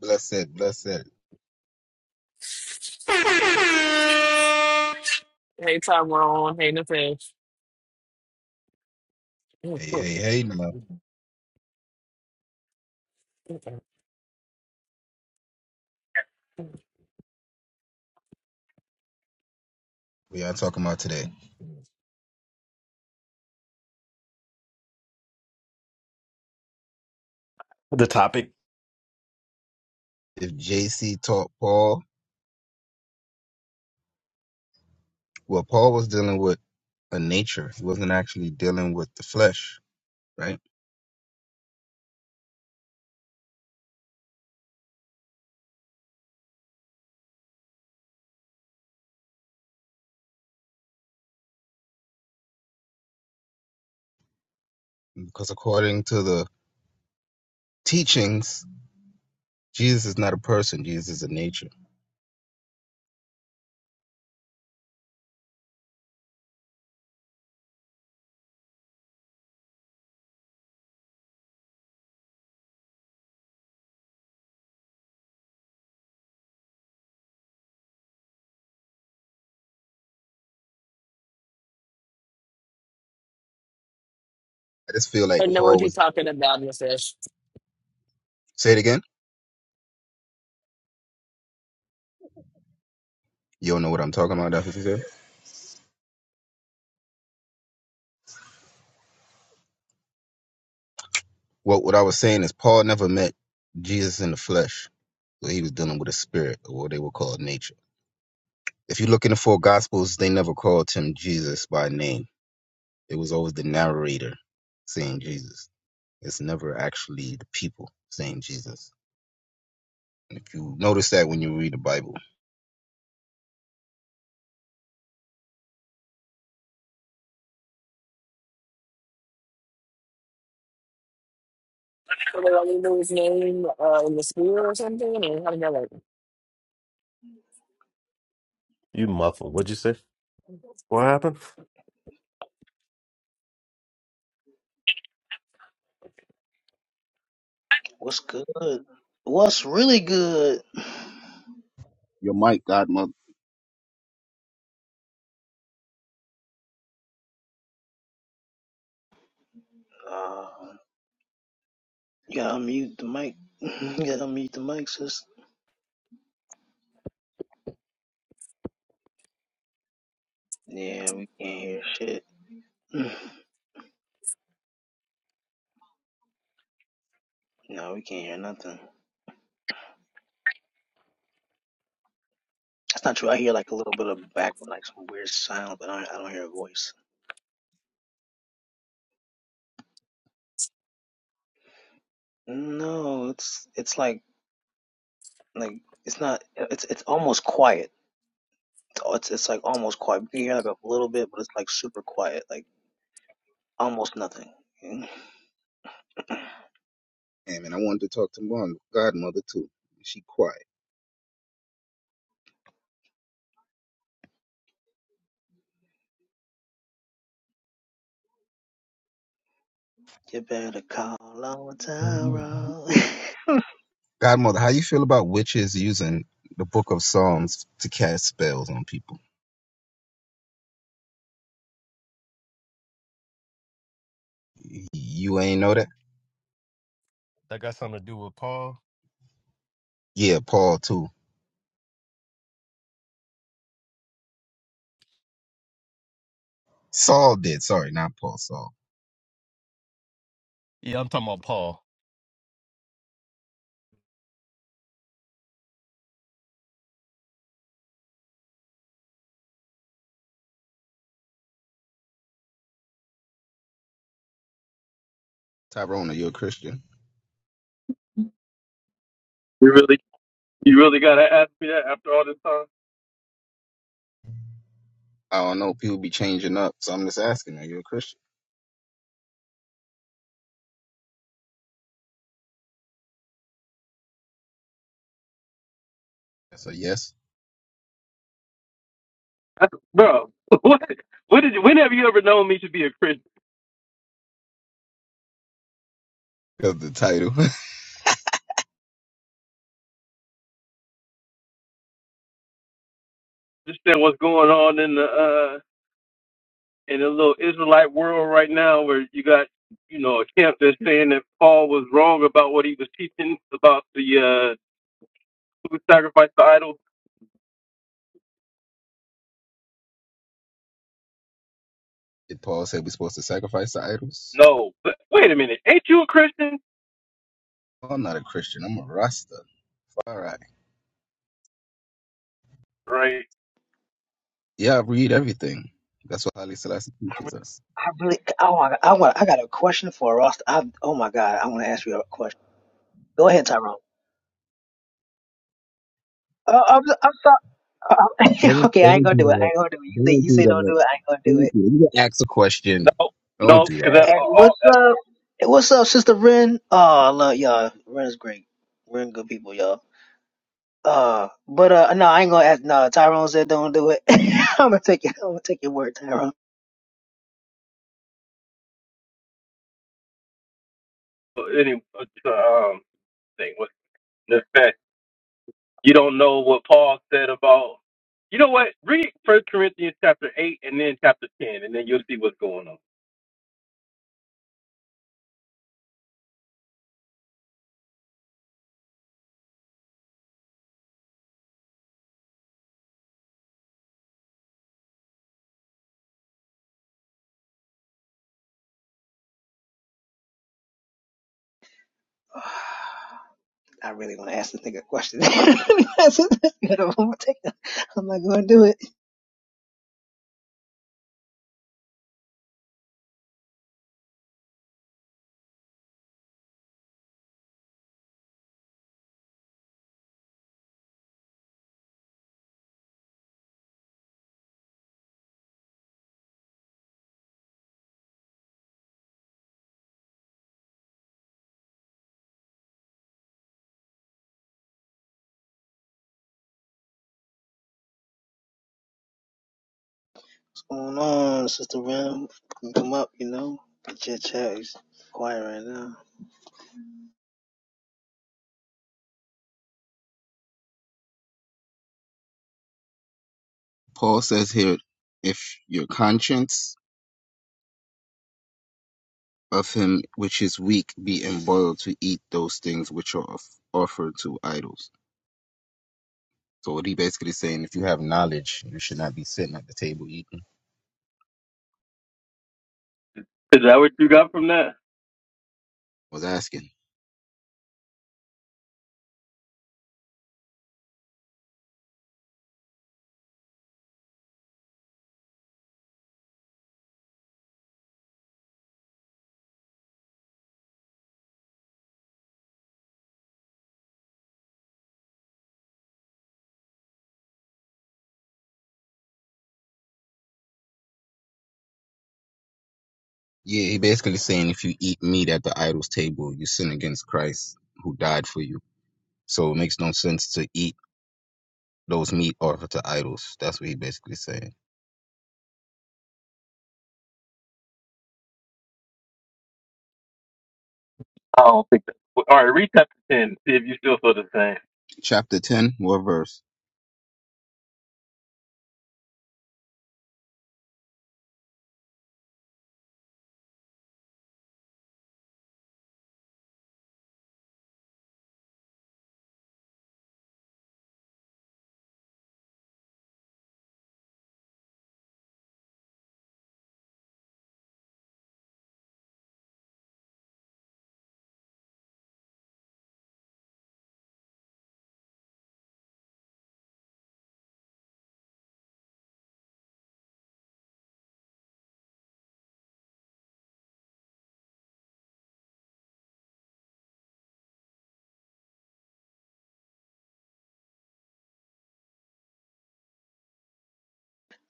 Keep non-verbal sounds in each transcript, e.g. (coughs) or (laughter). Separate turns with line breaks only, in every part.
Blessed, blessed.
Hey Tyrone, hey Nefesh. I
Hey, hey, hey, now we are talking about today.
The topic?
If JC taught Paul, well, Paul was dealing with a nature. He wasn't actually dealing with the flesh, right? Because according to the teachings, Jesus is not a person. Jesus is a nature. I just feel like
know what
Paul
you're
was.
talking about, Nefesh.
Say it again. You don't know what I'm talking about. That's what you said. What what I was saying is Paul never met Jesus in the flesh. So he was dealing with a spirit, or what they would call nature. If you look in the four Gospels, they never called him Jesus by name It was always the narrator saying Jesus. It's never actually the people saying Jesus. And if you notice that when you read the Bible.
So they only knew his name uh, in the school or something, or how did that work?
You muffled. What'd you say? What happened?
What's good? What's really good?
Your mic, Godmother.
Uh, you gotta mute the mic. (laughs) you gotta mute the mic, sis. Yeah, we can't hear shit. (sighs) no, we can't hear nothing. That's not true. I hear like a little bit of back, like some weird sound, but I don't, I don't hear a voice. No, it's it's like like it's not. It's it's almost quiet. It's it's like almost quiet. You can hear like a little bit, but it's like super quiet, like almost nothing. (laughs)
Amen. I wanted to talk to mom, Godmother too. She quiet.
You better call on
Godmother, how you
Tyrone.
feel
(laughs)
Godmother, how you feel about witches using the book of Psalms to cast spells on people? Y- You ain't know that?
That got something to do with Paul?
Yeah, Paul too. Saul did. Sorry, not Paul. Saul.
Yeah, I'm talking about Paul.
Tyrone, are you a Christian?
Uh,
I don't know. People be changing up, so I'm just asking. Are you a Christian? That's a yes.
I- bro, (laughs) what? What did? You- When have you ever known me to be a Christian?
Because the title. (laughs)
Understand what's going on in the uh in the little Israelite world right now, where you got you know a camp that's saying that Paul was wrong about what he was teaching about the uh food sacrifice to idols.
Did Paul say we're supposed to sacrifice to idols?
No, but wait a minute, ain't you a Christian?
I'm not a Christian. I'm a Rasta. All right.
Right?
Yeah, I read everything. That's what Haile Selassie teaches us.
I really, oh, I want, I want, I got a question for Ross. I, oh my God, I want to ask you a question. Go ahead, Tyrone. Uh, I'm, I'm sorry. (laughs)
Don't,
okay, I ain't
don't
gonna
do
do it. I
that.
ain't gonna do it. You say,
Don't
you
do
say
that.
don't do it. I ain't gonna do
Don't do
it.
that. You can ask a question.
No,
Don't
no,
do
because
that.
Hey,
all
what's
that's
up? Hey, what's up, Sister Ren? Oh, I love y'all. Ren is great. Ren good people, y'all. Uh, but uh, no, I ain't gonna ask. No, Tyrone said don't do it. (laughs) I'm gonna take it. I'm gonna take your word, Tyrone. (sighs)
uh, anyway. uh, Um, thing was. You don't know what Paul said about. You know what? Read First Corinthians chapter eight and then chapter ten, and then you'll see what's going on.
I really want to ask this nigga a question. (laughs) I'm gonna take it. I'm not gonna do it. going on, Sister Ram? You can Come up, you know. But your chat is quiet right now.
Paul says here, if your conscience of him which is weak be embroiled to eat those things which are of- offered to idols. So what he basically saying, if you have knowledge, you should not be sitting at the table eating.
Is that what you got from that?
I Was asking. Yeah, he basically saying if you eat meat at the idol's table, you sin against Christ who died for you. So it makes no sense to eat those meat offered to idols. That's what he basically saying.
I don't think that. All right, read chapter ten. See if you still feel the same.
Chapter 10, what verse?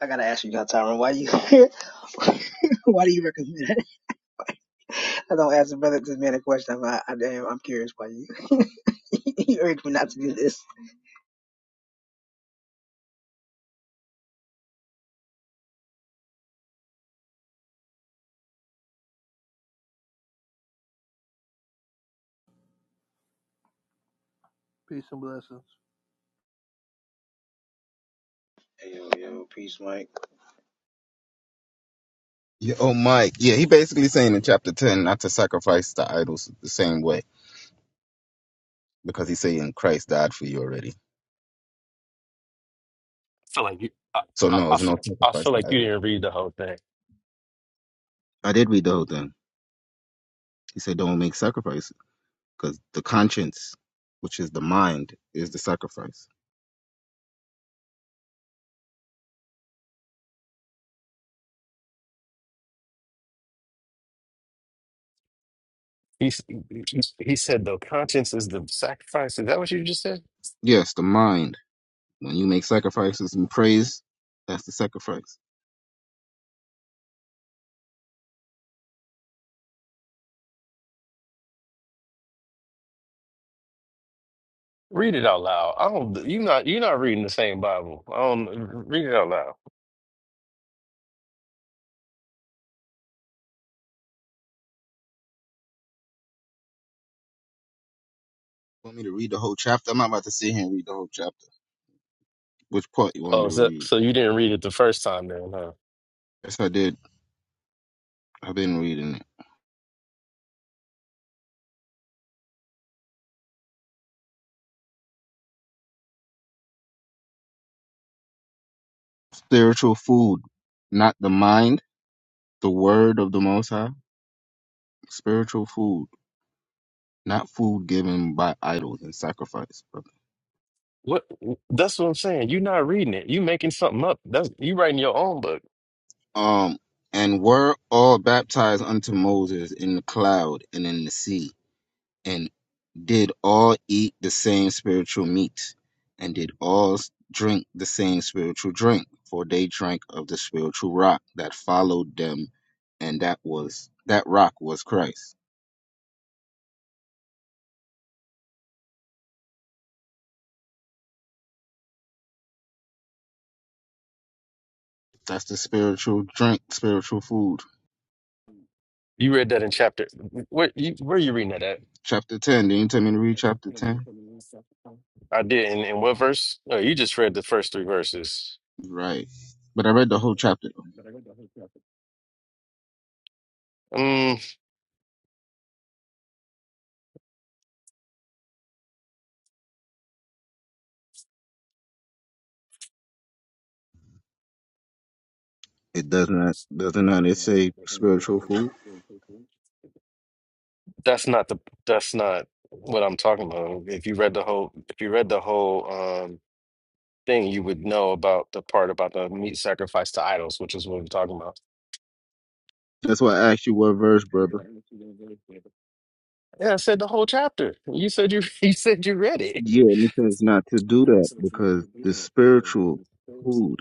I gotta ask you, Tyron, why you (laughs) why do you recommend it? I don't ask the brother this man a question. I'm, I, I, damn, I'm curious why you (laughs) you urged me not to do this.
Peace and blessings.
Hey, Yo, yo, peace, Mike.
Yeah, oh, Mike. Yeah, he basically saying in chapter 10 not to sacrifice the idols the same way because he's saying Christ died for you already.
feel like you, I,
So
I,
no,
I
it's
feel,
no
I
sacrifice
feel
to
like you
idols.
didn't read the whole thing.
I did read the whole thing. He said don't make sacrifices because the conscience, which is the mind, is the sacrifice.
He, s- he, he said, "The conscience is the sacrifice." Is that what you just said?
Yes, the mind When you make sacrifices and praise, that's the sacrifice.
Read it out loud. I don't. You not. You're not reading the same Bible. I don't read it out loud.
You Want me to read the whole chapter? I'm not about to sit here and read the whole chapter. Which part you want me
Oh,
to
so,
read?
so you didn't read it the first time then, huh?
Yes, I did. I've been reading it. Spiritual food, not the mind, the word of the Most High. Spiritual food, not food given by idols and sacrifice. brother.
What? That's what I'm saying. You're not reading it. You making something up. That's you writing your own book.
Um, and were all baptized unto Moses in the cloud and in the sea. and. did all eat the same spiritual meat, and did all drink the same spiritual drink, for they drank of the spiritual rock that followed them, and that was that rock was Christ. That's the spiritual drink, spiritual food.
You read that in chapter. Where you where you reading that at?
Chapter ten. Didn't you tell me to read chapter ten?
I did. And, In what verse? No, you just read the first three verses.
Right. But I read the whole chapter.
Um,
It doesn't doesn't not it say spiritual food?
that's not the. That's not what I'm talking about. If you read the whole, if you read the whole um thing, you would know about the part about the meat sacrifice to idols, which is what we're talking about.
That's why I asked you what verse, brother.
Yeah, I said the whole chapter. You said you. (laughs) You said you read it.
Yeah, it says not to do that because the spiritual food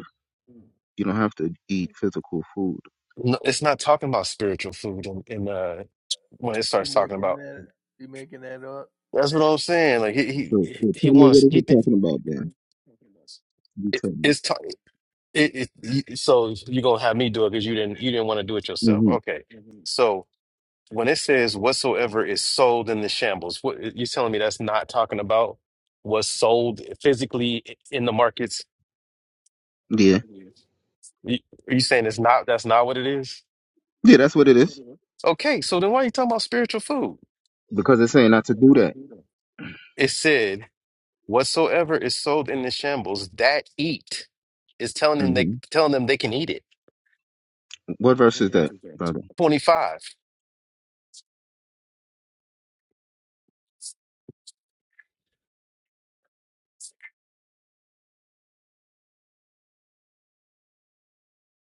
You don't have to eat physical food.
No, it's not talking about spiritual food in, in uh when it
He
starts talking
making
about.
that he making that up.
That's what I'm saying. Like he
So,
he
so tell
he
me what
wants
is
he
it
th
talking about then? You
it,
tell me.
it's ta- it, it you- so you're gonna have me do it because you didn't you didn't want to do it yourself.
hmm
Okay, so when it says whatsoever is sold in the shambles, what you're telling me that's not talking about what's sold physically in the markets.
Yeah.
You, are you saying it's not that's not what it is?
Yeah, that's what it is.
Okay, so then why are you talking about spiritual food?
Because it's saying not to do that.
It said, Whatsoever is sold in the shambles, that eat. It's telling them they
hmm
telling them they can eat it.
What verse is that, brother?
25.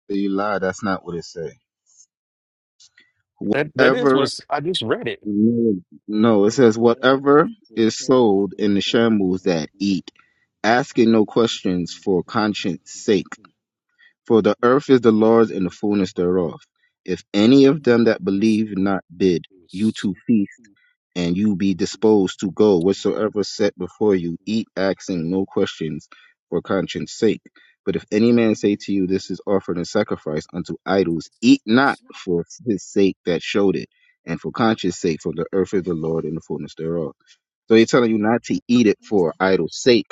Say You lie. That's not what it says.
That that is
Whatever.
was I just read it.
No, no, it says whatever is sold in the shambles that eat, asking no questions for conscience sake. For the earth is the Lord's and the fullness thereof. If any of them that believe not bid, you to feast and you be disposed to go whatsoever set before you, eat, asking no questions for conscience sake. But if any man say to you, This is offered in sacrifice unto idols, eat not for his sake that showed it, and for conscience sake, for the earth is the Lord and the fullness thereof. So he's telling you not to eat it for idol's sake.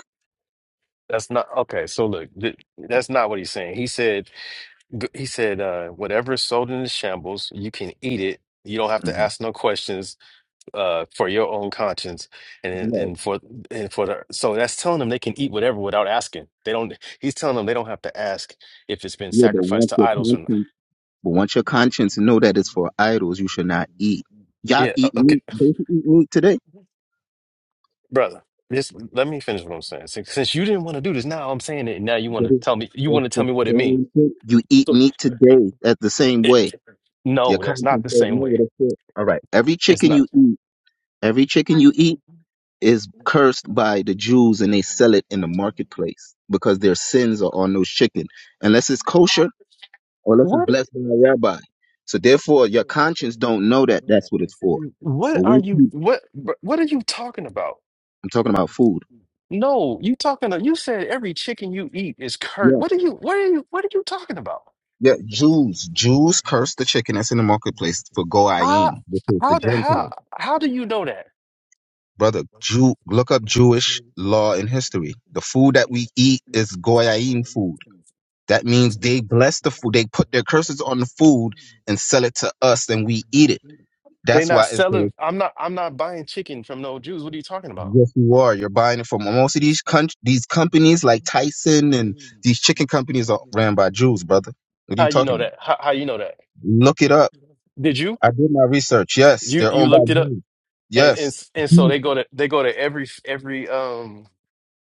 That's not okay. So look, th- that's not what he's saying. He said G- He said, uh, whatever is sold in the shambles, you can eat it. You don't have to
Mhm.
ask no questions uh, for your own conscience, and
Right.
and for and for the so that's telling them they can eat whatever without asking. They don't. He's telling them they don't have to ask if it's been
Yeah, but
sacrificed
once
to
your
idols or not.
conscience but once your conscience know that it's for idols, you should not eat. Y'all
Yeah, o-
eat
okay,
meat. They should eat meat today.
brother. Just let me finish what I'm saying. Since, since you didn't want to do this, now I'm saying it. and Now you want
But
to
it,
tell me. You
it's
want to tell
the
me what it means.
same thing. You eat
So,
meat today at the same
it,
way. Your
no, that's not
conscience
the
don't
same
know
way.
what it is. All right. Every
It's
chicken you
not.
eat, every chicken you eat is cursed by the Jews and they sell it in the marketplace because their sins are on those chicken. Unless it's kosher or unless it's
What
blessed by a rabbi. So therefore your conscience don't know that that's what it's for.
what
But
are
when
you
you,
what what are you talking about?
I'm talking about food.
No, you talking to, you said every chicken you eat is cursed.
Yeah.
What are you what are you what are you talking about?
Yeah. Jews. Jews curse the chicken that's in the marketplace for
How
Goyim, which is the
how the-
Gentiles.
how how do you know that?
brother. Jew, look up Jewish law and history. The food that we eat is goyim food. That means they bless the food. They put their curses on the food and sell it to us, and we eat it.
They're
That's
not
why it's
selling.
says,
I'm not. I'm not buying chicken from no Jews. What are you talking about?
"Yes, you are. You're buying it from most of these con- these companies, like Tyson and these chicken companies, are ran by Jews, brother. What are you
How you
talking
know
about?
that? How, how you know that?
Look it up.
Did you?
I did my research. Yes,
You
they're
you
owned
looked
by
it up,
Jews.
and and
Yes,
s- and so they go to they go to every every um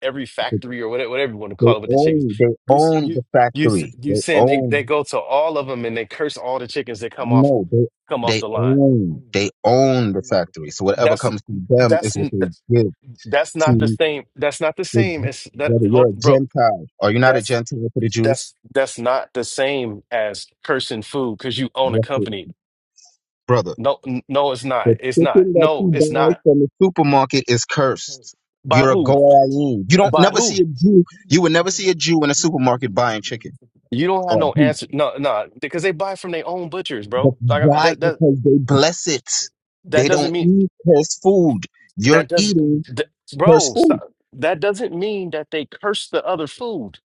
every factory or whatever whatever you want to
they
call it with the chickens.
own they
You s-
own
you
the
you s-
factory.
you
They
saying they they
own
go to all of them and they curse all the chickens that come off
No, they
come off
they
the line.
own they own the factory. So whatever
That's
comes to them
that's
is what they give
that's not the
to
same. That's not the
the
same
G-
as that.
whether you're
Hold,
a
bro.
Gentile. Are you not a Gentile to the Jews?
that's that's not the same as cursing food because you own a
Yes, it-
company.
brother.
No, n- no, it's not.
The
It's not.
chicken that
No,
you
it's
buy
not.
from the supermarket is cursed.
By
You're a
who?
Goyim. You don't
By
never
who?
see a Jew. You would never see a Jew in a supermarket buying chicken
You don't have
or
no
beef.
answer. No, no, because they buy from their own butchers,
But
bro. Like I-
why?
that that
Because they bless it.
that
They
doesn't
don't
mean
eat cursed food. You're
that does,
eating
that,
cursed
bro.
food.
Stop. That doesn't mean that they curse the other food.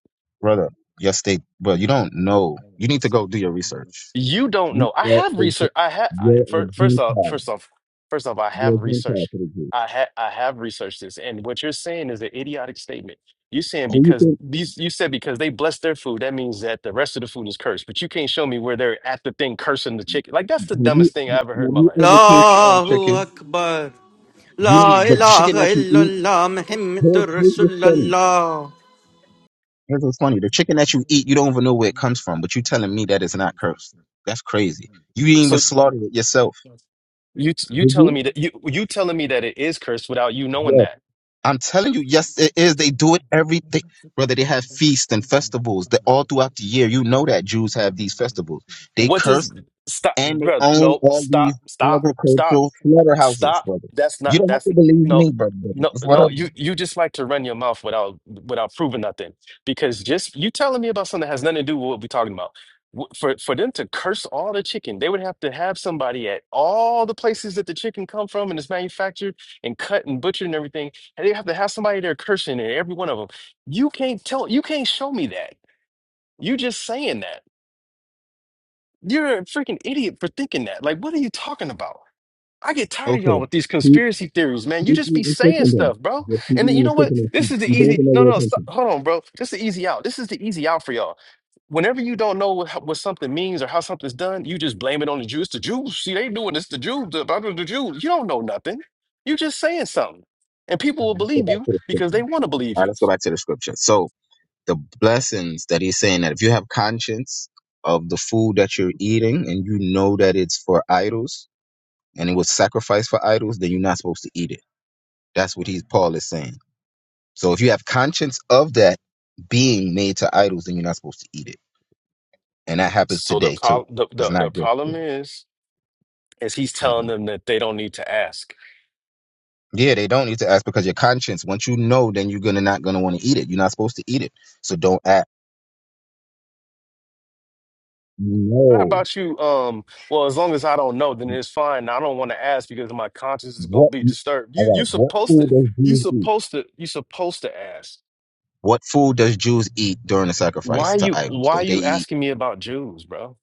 brother. Yes, they. But you don't know. You need to go do your research.
You don't
You
know. I
are
have
a,
research. I have
you're a
first off,
Gentile.
first off, first off, I
You're
have
a Gentile
researched.
for the Jews.
I ha I have researched this, and what you're saying is an idiotic statement. You're saying
Who you
because
think?
these you said because they bless their food, that means that the rest of the food is cursed. But you can't show me where they're at the thing cursing the chicken. Like that's
Have
the
you
dumbest thing I
have
ever heard in my
you
life.
ever cooked your own
Allahu
chicken?
Akbar.
You
La
don't. The chicken
ilaha
that you eat.
illallah.
Here's,
Muhammadur
here's what's funny.
Rasulallah.
Here's what's funny. The chicken that you eat, you don't even know where it comes from. But you telling me that it's not cursed? That's crazy. You didn't
So
even slaughter it yourself.
you you
Did
telling
you?
me that you you telling me that it is cursed without you
Yes.
knowing that.
I'm telling you, yes, it is. They do it every day. Brother, they have feasts and festivals that all throughout the year. You know that Jews have these festivals. They
What does
curse
stop,
and they
brother?
own
No,
all these
stop, stop, stop,
agricultural slaughterhouses,
stop.
brother.
That's
You
not.
don't have
That's
to believe
no,
me, brother. brother.
no,
It's
no.
whatever.
You you just like to run your mouth without without proving nothing because just you telling me about something that has nothing to do with what we're talking about. W- For for them to curse all the chicken, they would have to have somebody at all the places that the chicken come from and is manufactured and cut and butchered and everything. And they have to have somebody there cursing in every one of them. You can't tell. You can't show me that. You just saying that. You're a freaking idiot for thinking that. Like, what are you talking about? I get tired of y'all
Okay.
with these
Keep,
conspiracy theories, man. You
keep
just be
eating
saying
chicken then.
stuff, bro.
Just keep
And then,
eating
you
the
know what?
chicken and
This
keep,
is the
you don't even
easy.
know
No,
where it
no,
comes
stop.
from.
hold on, bro. This is the easy out. This is the easy out for y'all. Whenever you don't know what, how- what something means or how something's done, you just blame it on the Jews. The Jews, see, they doing this. The Jews, the, blah, blah, the Jews. You don't know nothing. You just saying something, and people
All
will
right, Let's go
believe
back
you
to the
because they
scripture.
want to believe
All right,
you.
let's go back to the scripture. So, the blessings that he's saying that if you have conscience of the food that you're eating and you know that it's for idols and it was sacrificed for idols, then you're not supposed to eat it. That's what he's Paul is saying. So if you have conscience of that being made to idols, then you're not supposed to eat it. And that happens
So the,
today too.
pro- the
It's
the the
not just
problem
then.
is, is he's telling
Mhm.
them that they don't need to ask.
Yeah, they don't need to ask because your conscience. Once you know, then you're gonna not gonna want to eat it. You're not supposed to eat it, so don't ask.
Not
No,
about you. Um, well, as long as I don't know, then it's fine. I don't want to ask because my conscience is gonna
what?
be disturbed. You
All
you
right, what
supposed to
food does
you
Jesus eat?
supposed to you supposed to ask.
What food does Jews eat during the
Why
sacrifice to
you
idols?
why
Don't they
you
eat?
asking me about Jews, bro?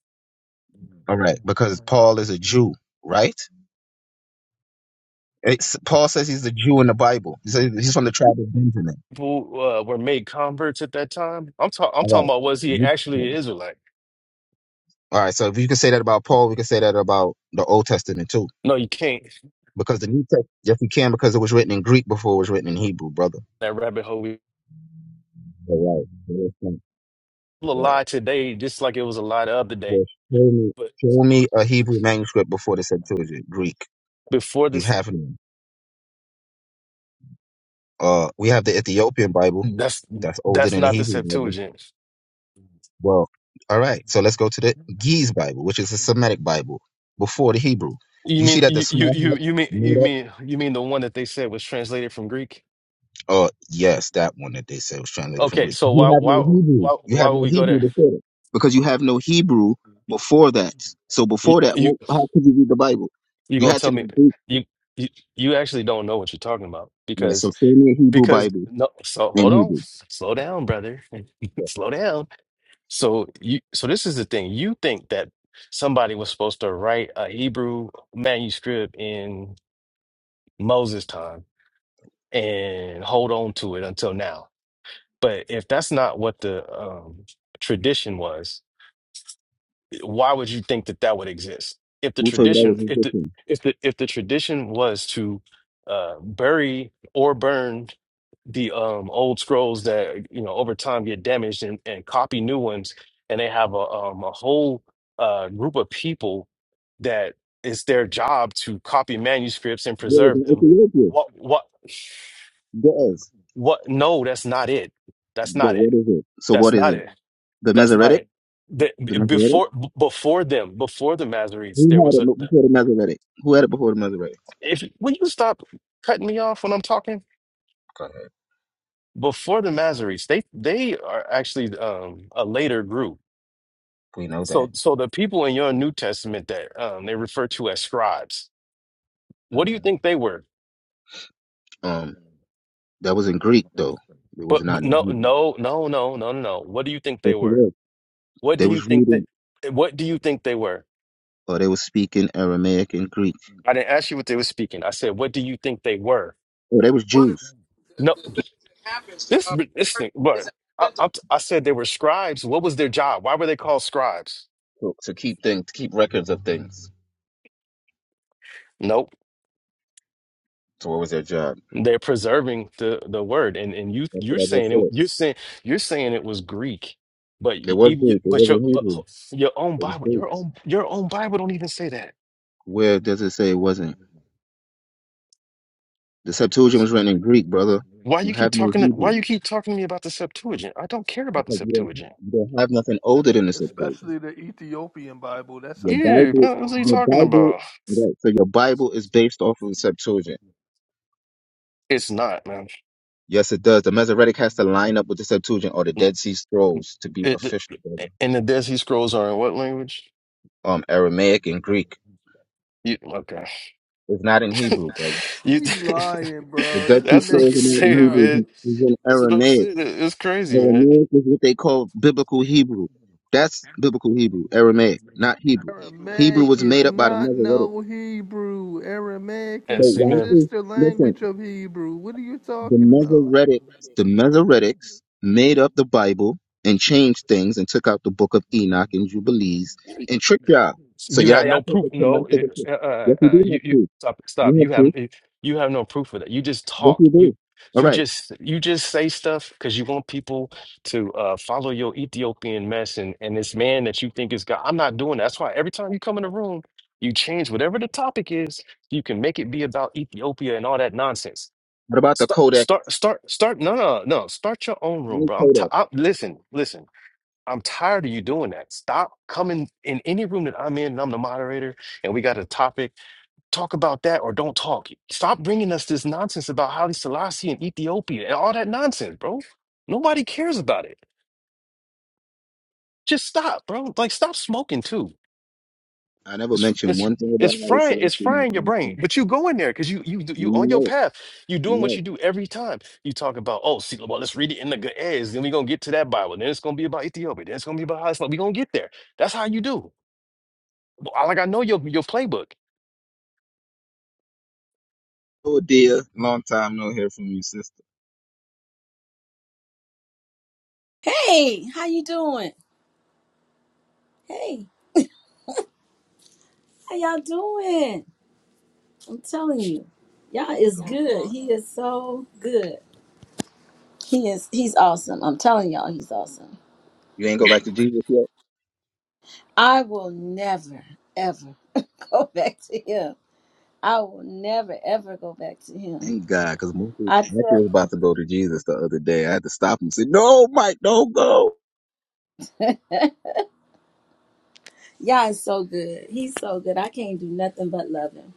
All right, because Paul is a Jew, right? It's, Paul says he's a Jew in the Bible. He says he's from the tribe of Benjamin.
Who uh, were made converts at that time? I'm talking I'm
All
talking
right.
about was he actually an Israelite?
All right. So if you can say that about Paul, we can say that about the Old Testament too,
No, you can't.
because the New Testament. Yes, we can, because it was written in Greek before it was written in Hebrew, brother.
That rabbit hole we
All right.
a
Right.
lie today, just like it was a lie the other day.
Well, show me,
But
show me a Hebrew manuscript before the Septuagint, Greek.
before
You
this,
have none. Uh, we have the Ethiopian Bible.
that's
That's older
that's
than the
not the
Hebrew Bible.
Septuagint.
Well, all right. So let's go to the Geese Bible, which is a Semitic Bible before the Hebrew.
You
Do you see
mean
that the
you you
small
you
hat
you mean you
made up?
mean you mean the one that they said was translated from Greek?
Oh, yes, that one that they said was translated from
Okay,
Greek.
so
You
why
have no
why
Hebrew.
why
You
why
have
would
no
we go
Hebrew
there?
before that because you have no Hebrew before that. So
You
before that,
you,
well, how could you read the Bible?
you
You
gonna
had to
tell me
know Greek.
you, you you actually don't know what you're talking about
Yeah, so
because
show me a Hebrew
because
Bible
no so hold
in
on
Hebrew.
slow down brother (laughs) slow down so you so this is the thing you think that somebody was supposed to write a Hebrew manuscript in Moses time and hold on to it until now But if that's not what the um, tradition was, why would you think that that would exist? If the
Who told you that
tradition,
was
if the
Egyptian?
if the if the tradition was to uh, bury or burn the um, old scrolls that you know over time get damaged and, and copy new ones, and they have a um, a whole uh, group of people that it's their job to copy manuscripts and
There was
preserve
an
them.
Ethiopia.
What what
Yes.
what? No, that's not it. That's
But
not it.
what is it? So
That's
what is
not
it?
it.
The
That's not
Masoretic?
it. The,
The Masoretic?
before b- before them, before the Masoretes, there
Who had
was
it
a. the-
before the Masoretic? Who had it before the Masoretic?
If will you stop cutting me off when I'm talking?
Go ahead.
Before the Masoretes, they they are actually um, a later group.
We know that.
So so the people in your New Testament that um, they refer to as scribes, what do you
hmm
think they were?
Um, that was in Greek though. It
But
was
but
not in
no
Hebrew.
no no no no no. no. What do you think they
That's
were?
correct.
What
They
do you
was
think that?
reading
What do you think they were?
or they was speaking Aramaic and Greek.
I didn't ask you what they were speaking. I said, what do you think they were?
Or they was Jews.
No, This this thing, but I, I, I said they were scribes. What was their job? Why were they called scribes?
To, to keep things, to keep records of things.
Nope,
So what was their job?
they're preserving the the word. And and you
That's
you're
what I just
saying it.
said.
You're saying you're saying it was Greek, but y-
It was
even y-
Greek. It
but your
wasn't
but
Hebrew.
ho- your own
It was
Bible,
Greek.
your own your own Bible don't even say that.
Where does it say it wasn't? The Septuagint
It's-
was written in Greek, brother.
Why
You
you keep
have no
talking? To, why
Hebrew
you keep talking to me about the Septuagint? I don't care about the
because you don't
Septuagint.
you don't have nothing older than the Septuagint.
Especially the Ethiopian Bible. That's
Your
Yeah,
jacked
Bible,
man, what are
all
you
your
up.
talking
Bible,
about?
right? So your Bible is based off of the Septuagint.
It's not, man.
Yes, it does. The Masoretic has to line up with the Septuagint or the Dead Sea Scrolls to be
It,
official,
it,
brother.
and the Dead Sea Scrolls are in what language?
Um, Aramaic and Greek.
You, okay.
It's not in Hebrew, brother.
You,
He lying,
The
bro.
(laughs)
Dead
This he
Sea
that's what I'm
Scrolls are
making
not
this
in
saying,
Hebrew.
up.
It's
man.
in, it's in
That's what I'm
Aramaic.
saying. It- It's crazy, man.
Aramaic is what they call biblical Hebrew. That's biblical Hebrew, Aramaic, not Hebrew. Hebrew
Aramaic
was
is
made up by the
not
Masoretic.
no Hebrew. Aramaic
So
And
is
see,
the Yes.
why
man,
is
sister
listen?
language of Hebrew. What are you
The
talking about?
Mesoretics, the Mesoretics made up the Bible and changed things and took out the book of Enoch and Jubilees and tricked y'all. So
you
y'all,
have
y'all
no
think
proof.
it's
No,
semantic.
it,
approach.
uh, uh,
Yes, we do
uh, you,
have
you
proof.
stop, stop.
You
You
have
have,
proof.
eh, you have no proof of that. You just
Yes,
talk.
we
You,
do. All
you
right.
just, you just say stuff because you want people to uh, follow your Ethiopian mess and and this man that you think is God. I'm not doing that. That's why every time you come in the room, you change whatever the topic is. You can make it be about Ethiopia and all that nonsense.
What about the
Start,
Codex?
start, start, start. No, no, no. Start your own room,
Any
bro. I'm, ti
Codex?
i listen, listen. I'm tired of you doing that. Stop coming in any room that I'm in and I'm the moderator and we got a topic. Talk about that or don't talk. Stop bringing us this nonsense about Haile Selassie and Ethiopia and all that nonsense, bro. Nobody cares about it. Just stop, bro. Like, stop smoking too.
I never
It's
mentioned
it's
one thing
it's
about Ali
frying
Selassie.
it's
in
frying your brain,
anything.
but you go in there because you you you on your
No,
path. You doing what
no.
you do every time. You talk about oh, see, well, let's read it in the good Then we gonna get to that Bible. Then it's gonna be about Ethiopia. Then it's gonna be about Islam. We gonna get there. That's how you do. I- Like I know your your playbook
Oh dear, long time no hear from you, sister.
Hey, how you doing? Hey, how y'all doing? I'm telling you, y'all is good. He is so good. He is. He's awesome. I'm telling y'all, he's awesome.
You ain't go back to Jesus yet.
I will never ever (laughs) go back to him. I will never ever go back to him.
Thank God, because Michael
I tell
was about to go to Jesus the other day. I had to stop him and say, "No, Mike, don't go."
y'all is so good. He's so good. I can't do nothing but love him.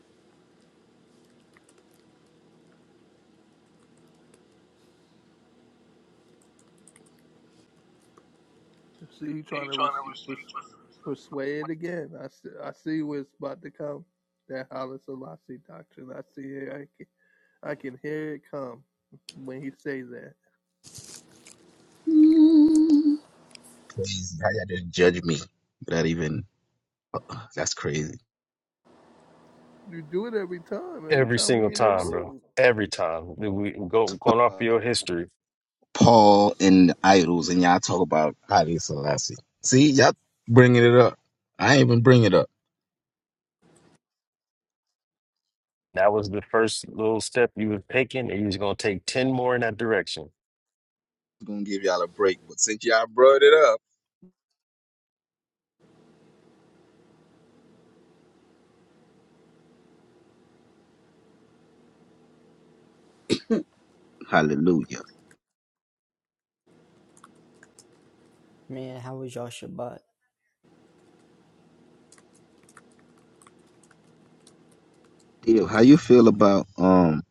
See, he trying to persuade again. I see, I see where it's about to come. That Haile Selassie doctrine. I see it. I can hear it come when he says that.
Mm.
Crazy how y'all just judge me without even. That's crazy.
You do it every time. Every
every
time
single
we in the
time, bro.
room.
Every time Then we go going off of your history.
Paul and the idols, and y'all talk about Haile Selassie. See, y'all bringing it up. I ain't even bring it up.
That was the first little step you were taking, and you was gonna take ten more in that direction.
I'm gonna give y'all a break, but since y'all brought it up, hallelujah.
Man, how was y'all Shabbat?
Deal. How you feel about um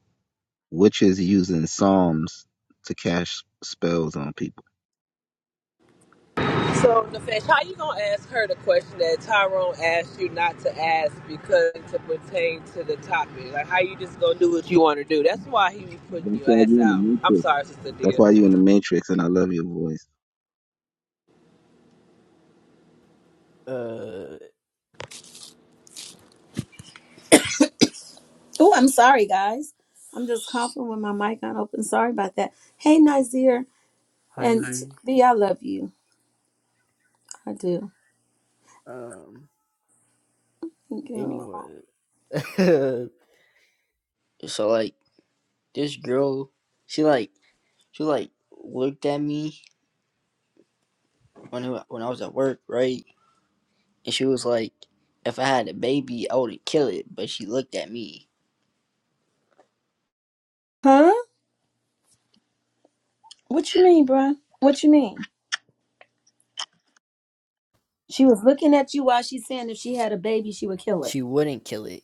witches using psalms to cast spells on people?
So, Nefesh, how you gonna ask her the question that Tyrone asked you not to ask because to pertain to the topic? Like, how you just gonna do what you want to do? That's why he be putting
That's
your
why
ass
you in the
out. I'm
matrix.
sorry, sister
That's
Dia.
why you in the matrix, and I love your voice.
Uh,
Oh, I'm sorry, guys. I'm just coughing with my mic on open. Sorry about that. Hey, Nazir and
Heidi.
B, I love you. I do.
Um,
Go.
anyway. (laughs) so like, this girl, she like, she like looked at me when when I was at work, right? And she was like, if I had a baby, I would kill it. But she looked at me.
Huh? What you mean, bruh? What you mean? She was looking at you while she's saying if she had a baby, she would kill it.
She wouldn't kill it.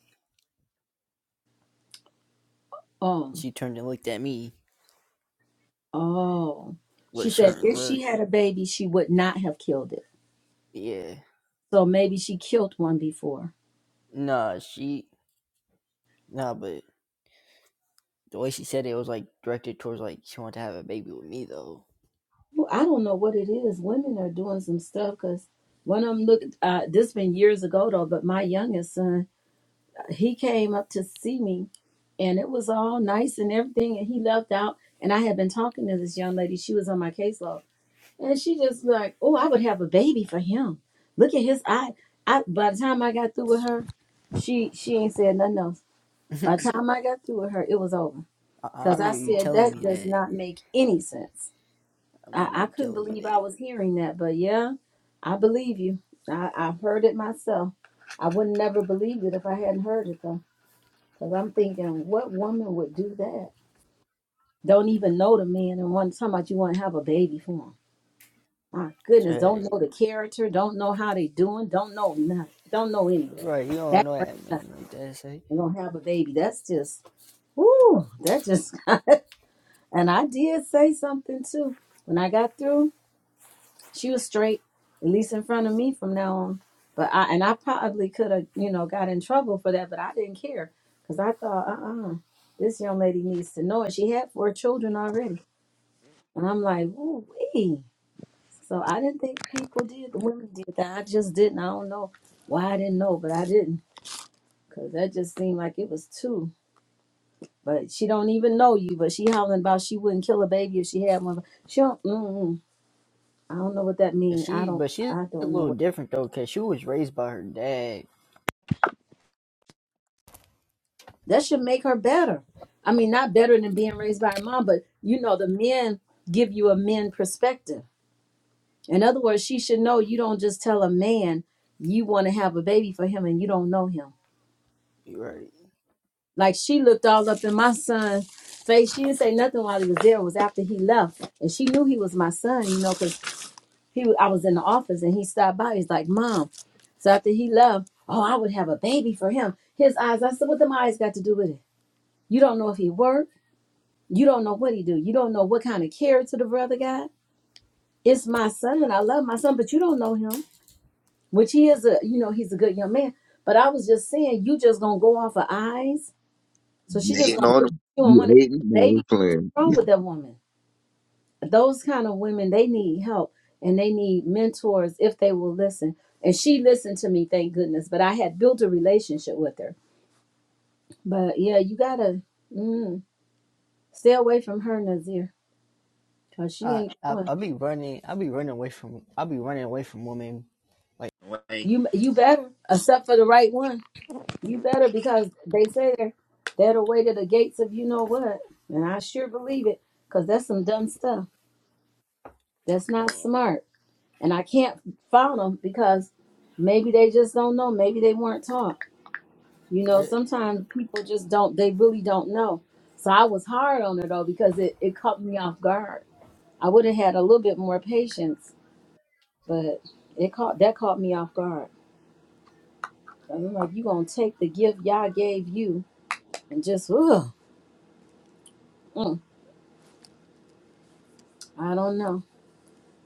Oh,
She turned and looked at me
oh.
with
She
a
said
certain
if she
look.
had a baby, she would not have killed it.
Yeah.
So maybe she killed one before.
Nah, she. Nah, but the way she said it was like directed towards like she wanted to have a baby with me though.
Well, I don't know what it is. Women are doing some stuff because one of them look. Uh, this been years ago though, but my youngest son, he came up to see me, and it was all nice and everything, and he left out. And I had been talking to this young lady. She was on my caseload. And she just like, oh, I would have a baby for him. Look at his eye. I by the time I got through with her, she she ain't said nothing else.
(laughs)
By the time I got through with her, it was over.
I, I
Cause I
remember you
said
telling
that
me
does
that.
not make any sense.
I
I,
remember
I
you
couldn't
telling me
believe I
that.
was hearing that, but yeah, I believe you. I, I've heard it myself. I would never believed it if I hadn't heard it though. Cause I'm thinking, what woman would do that? Don't even know the man and want to talk about you want to have a baby for him. My goodness, don't
Right,
know the character, don't know how they doing, don't know nothing, don't know anything.
right. You don't
That
know that man like that. Say
they gonna have a baby. That's just ooh, that just (laughs) and I did say something too. When I got through, she was straight, at least in front of me from now on. But I and I probably could have, you know, got in trouble for that, but I didn't care because I thought, uh-uh, this young lady needs to know it. She had four children already. And I'm like, ooh, wee. So I didn't think people did, the women did that. I just didn't. I don't know why I didn't know, but I didn't. Because that just seemed like it was two. But she don't even know you, but she howling about she wouldn't kill a baby if she had one. She don't, mm-mm. I don't know what that mean. I
she,
don't,
but she's
I
a
don't know
little
what.
different though, cause she was raised by her dad.
That should make her better. I mean, not better than being raised by her mom, but you know, the men give you a men perspective. In other words, she should know you don't just tell a man you want to have a baby for him and you don't know him
You right.
Like she looked all up in my son's face. She didn't say nothing while he was there. It was after he left, and she knew he was my son, you know, because he I was in the office and he stopped by. He's like, "Mom." So after he left, oh, I would have a baby for him. His eyes. I said, "What the eyes got to do with it? You don't know if he worked. You don't know what he do. You don't know what kind of character the brother got. It's my son. I love my son, but you don't know him, which he is a, you know, he's a good young man. But I was just saying, you just gonna go off of eyes. So
You
she just
hating
gonna look
on
at
them?
you and
You
want
hating? No,
to.
we playing.
wrong with that woman? Those kind of women, they need help and they need mentors if they will listen. And she listened to me, thank goodness. But I had built a relationship with her. But yeah, you gotta mm, stay away from her, Nazir, cause she
I,
ain't the
I
one.
I be running. I be running away from. I be running away from women. Like Way.
You you better except for the right one. You better because they say they're they're the way to the gates of you know what, and I sure believe it, cause that's some dumb stuff. That's not
um,
smart. and I can't fault them because maybe they just don't know. Maybe they weren't taught. You know,
yeah,
sometimes people just don't. They really don't know. So I was hard on her though because it it caught me off guard. I would have had a little bit more patience, but it caught that caught me off guard. I'm like, you gonna take the gift Yah gave you and just ugh, mm, I don't know.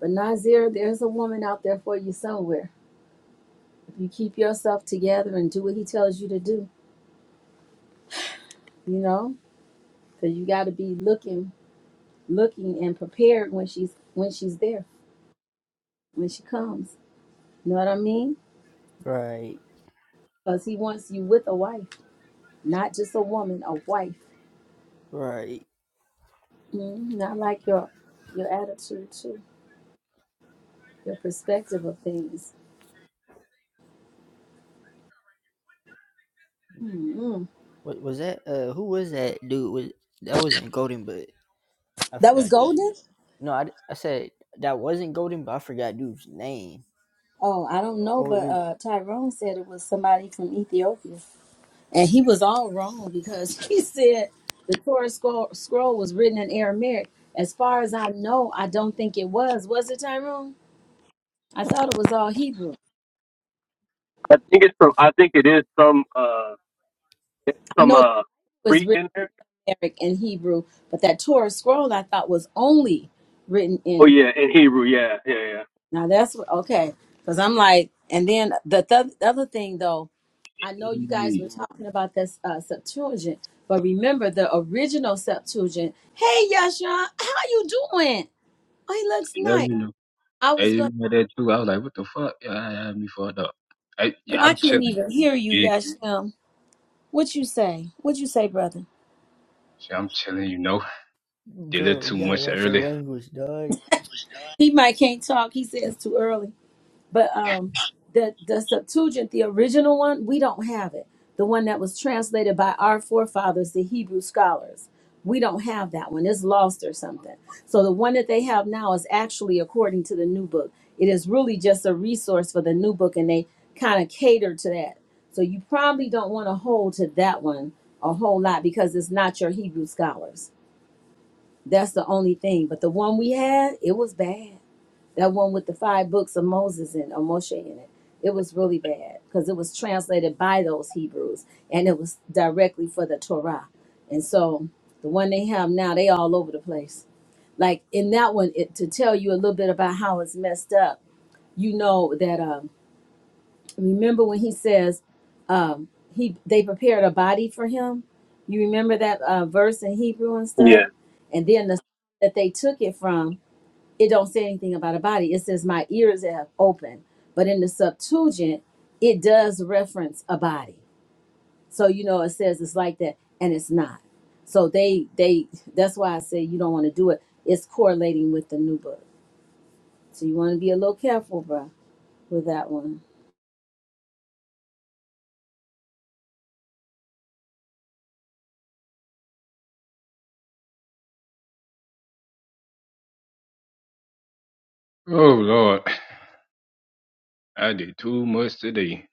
But Nazir, there's a woman out there for you somewhere. If you keep yourself together and do what he tells you to do, you know, because you got to be looking looking and prepared when she's when she's there when she comes you know what i mean
right,
because he wants you with a wife not just a woman a wife
right.
mm not like your your attitude too your perspective of things mm
What was that? Uh, who was that dude? Was that wasn't Golden, but I
that was
forgot dude's name.
golden
No, I, I said that wasn't Golden, but I forgot dude's name.
oh i don't know but
Or
uh tyrone said it was somebody from ethiopia and he was all wrong because (laughs) he said the torah scroll, scroll was written in aramaic as far as i know i don't think it was was it tyrone i thought it was all hebrew
I think it's from. I think it is some. Uh, it's
I
some
know it
uh
was
Greek
written
in there.
Eric in Hebrew, but that Torah scroll I thought was only written
Oh
in.
yeah, in Hebrew, yeah, yeah, yeah,
Now that's what okay, because I'm like, and then the, th- the other thing though, I know you guys
Mm,
were talking about this uh, Septuagint, but remember the original Septuagint. Hey, Yashan, how you doing? Oh, he looks
Yeah,
nice.
you know,
I
I
was going.
did that too. I was like, what the fuck? Yeah, I had me fucked up. I,
Oh,
yeah,
I
I'm
can't
chilling.
even hear you,
Yeah,
Yashan. What you say? What you say, brother?
shit, I'm chilling, you know. Did a little
Bro,
too
you gotta
much
watch your
early.
language, dog.
He might can't talk. He says too early. But um, the the Septuagint, the original one, we don't have it. The one that was translated by our forefathers, the Hebrew scholars, we don't have that one. It's lost or something. So the one that they have now is actually according to the new book. It is really just a resource for the new book, and they kind of cater to that. So you probably don't want to hold to that one a whole lot because it's not your Hebrew scholars. That's the only thing. But the one we had, it was bad. That one with the five books of Moses in, or Moshe in it. It was really bad because it was translated by those Hebrews and it was directly for the Torah. And so the one they have now, they all over the place. Like in that one, it, to tell you a little bit about how it's messed up, you know that, um, remember when he says, um, he they prepared a body for him. You remember that uh, verse in Hebrew and stuff?
yeah.
And then the that they took it from it don't say anything about a body. It says my ears have opened. But in the Septuagint, it does reference a body. So you know it says it's like that and it's not. So they they that's why I say you don't want to do it. It's correlating with the new book. So you want to be a little careful, bruh, with that one.
Oh, Lord. I did too much today.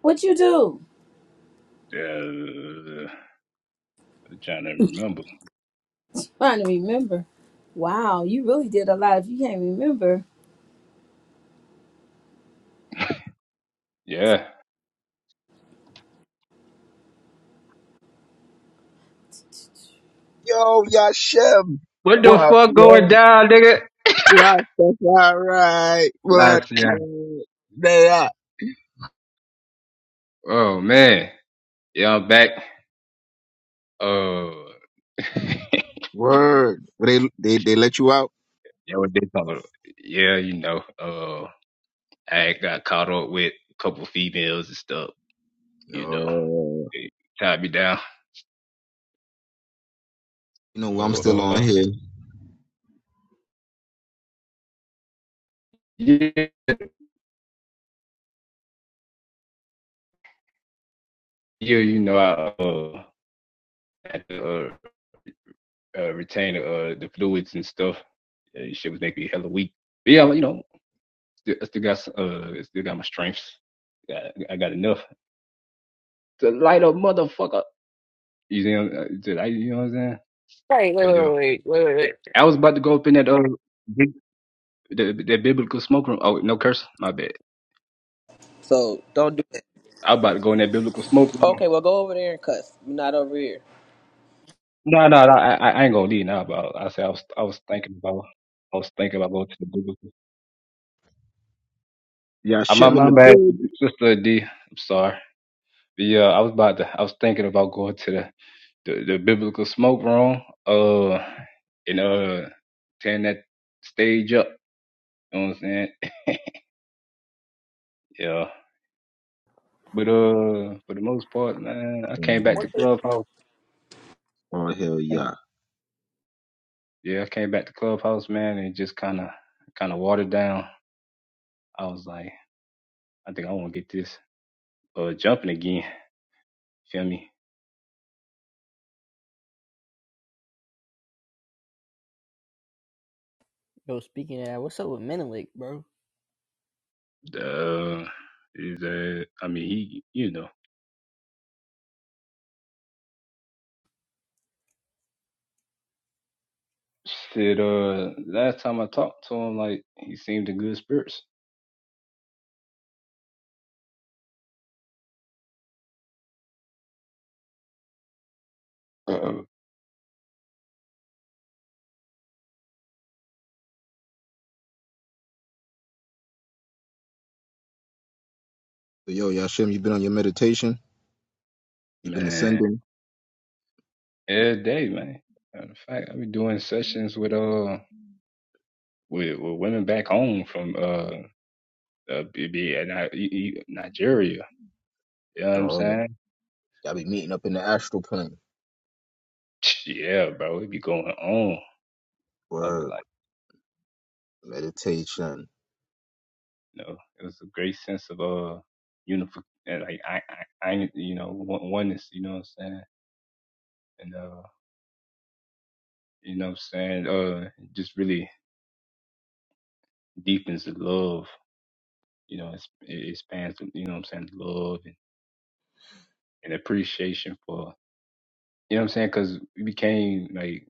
What you do?
Uh, I'm trying to remember.
Trying to remember. Wow, you really did a lot if you can't remember.
Yeah.
Yo, Yashem.
What the
What?
fuck going
Yo,
down, nigga?
Rastafari. What?
Last year.
They are.
Oh, man. Yeah, I'm back. Uh, (laughs)
Word. They, they, they let you out?
yeah, what they call it? Yeah, you know. Uh, I got caught up with a couple females and stuff. you know,
Oh,
it tied me down.
you know, I'm still
So,
on
uh,
here.
yeah, yeah, you know, I uh, had to uh, uh, retain uh, the fluids and stuff. Uh, shit was making me hella weak. But yeah, you know, still, I still got uh, I still got my strengths. Got- I got enough to light a motherfucker. You know, uh, you know what I'm saying?
Wait, wait,
But
wait,
yeah,
wait, wait, wait, wait.
I was about to go up in that uh, big- the, that biblical smoke room. Oh, no curse, my bad.
So don't do that.
I was about to go in that biblical smoke room.
Okay, well go over there and cuss. You're not over here.
No, no, no I, I I ain't gonna leave now, but I said I was, I was thinking about, I was thinking about going to the biblical. Uh, my
Yashem in
my
the
bad,
building.
sister D. I'm sorry. But yeah, I was about to, I was thinking about going to the, the, the biblical smoke room, uh, and uh, tearing that stage up. You know what I'm saying? (laughs) Yeah. But uh, for the most part, man, I came back
Mhm.
to clubhouse.
Oh, hell
and-
yeah.
Yeah, I came back to clubhouse, man, and just kind of, kind of watered down. I was like, I think I want to get this. uh jumping again. Feel me?
Yo, speaking of that, what's up with Menelik, bro?
Uh, is that I mean he you know said uh last time I talked to him like he seemed in good spirits. Uh,
So, yo, Yashem, you been on your meditation? you been
man,
ascending?
every day, man. Matter of fact, I be doing sessions with uh with, with women back home from uh, uh be- be- uh, Ni- E- E- Nigeria. You know what I'm
Oh,
saying?
y'all be meeting up in the astral plane.
(tsk) Yeah, bro, it be going on. I be
Word.
like.
Meditation.
you know, it was a great sense of uh unific and, like I, I I you know one- oneness, you know what I'm saying, and uh you know what I'm saying uh it just really deepens the love, you know, it's, it expands the, you know what I'm saying the love and, and appreciation for you know what I'm saying because we became like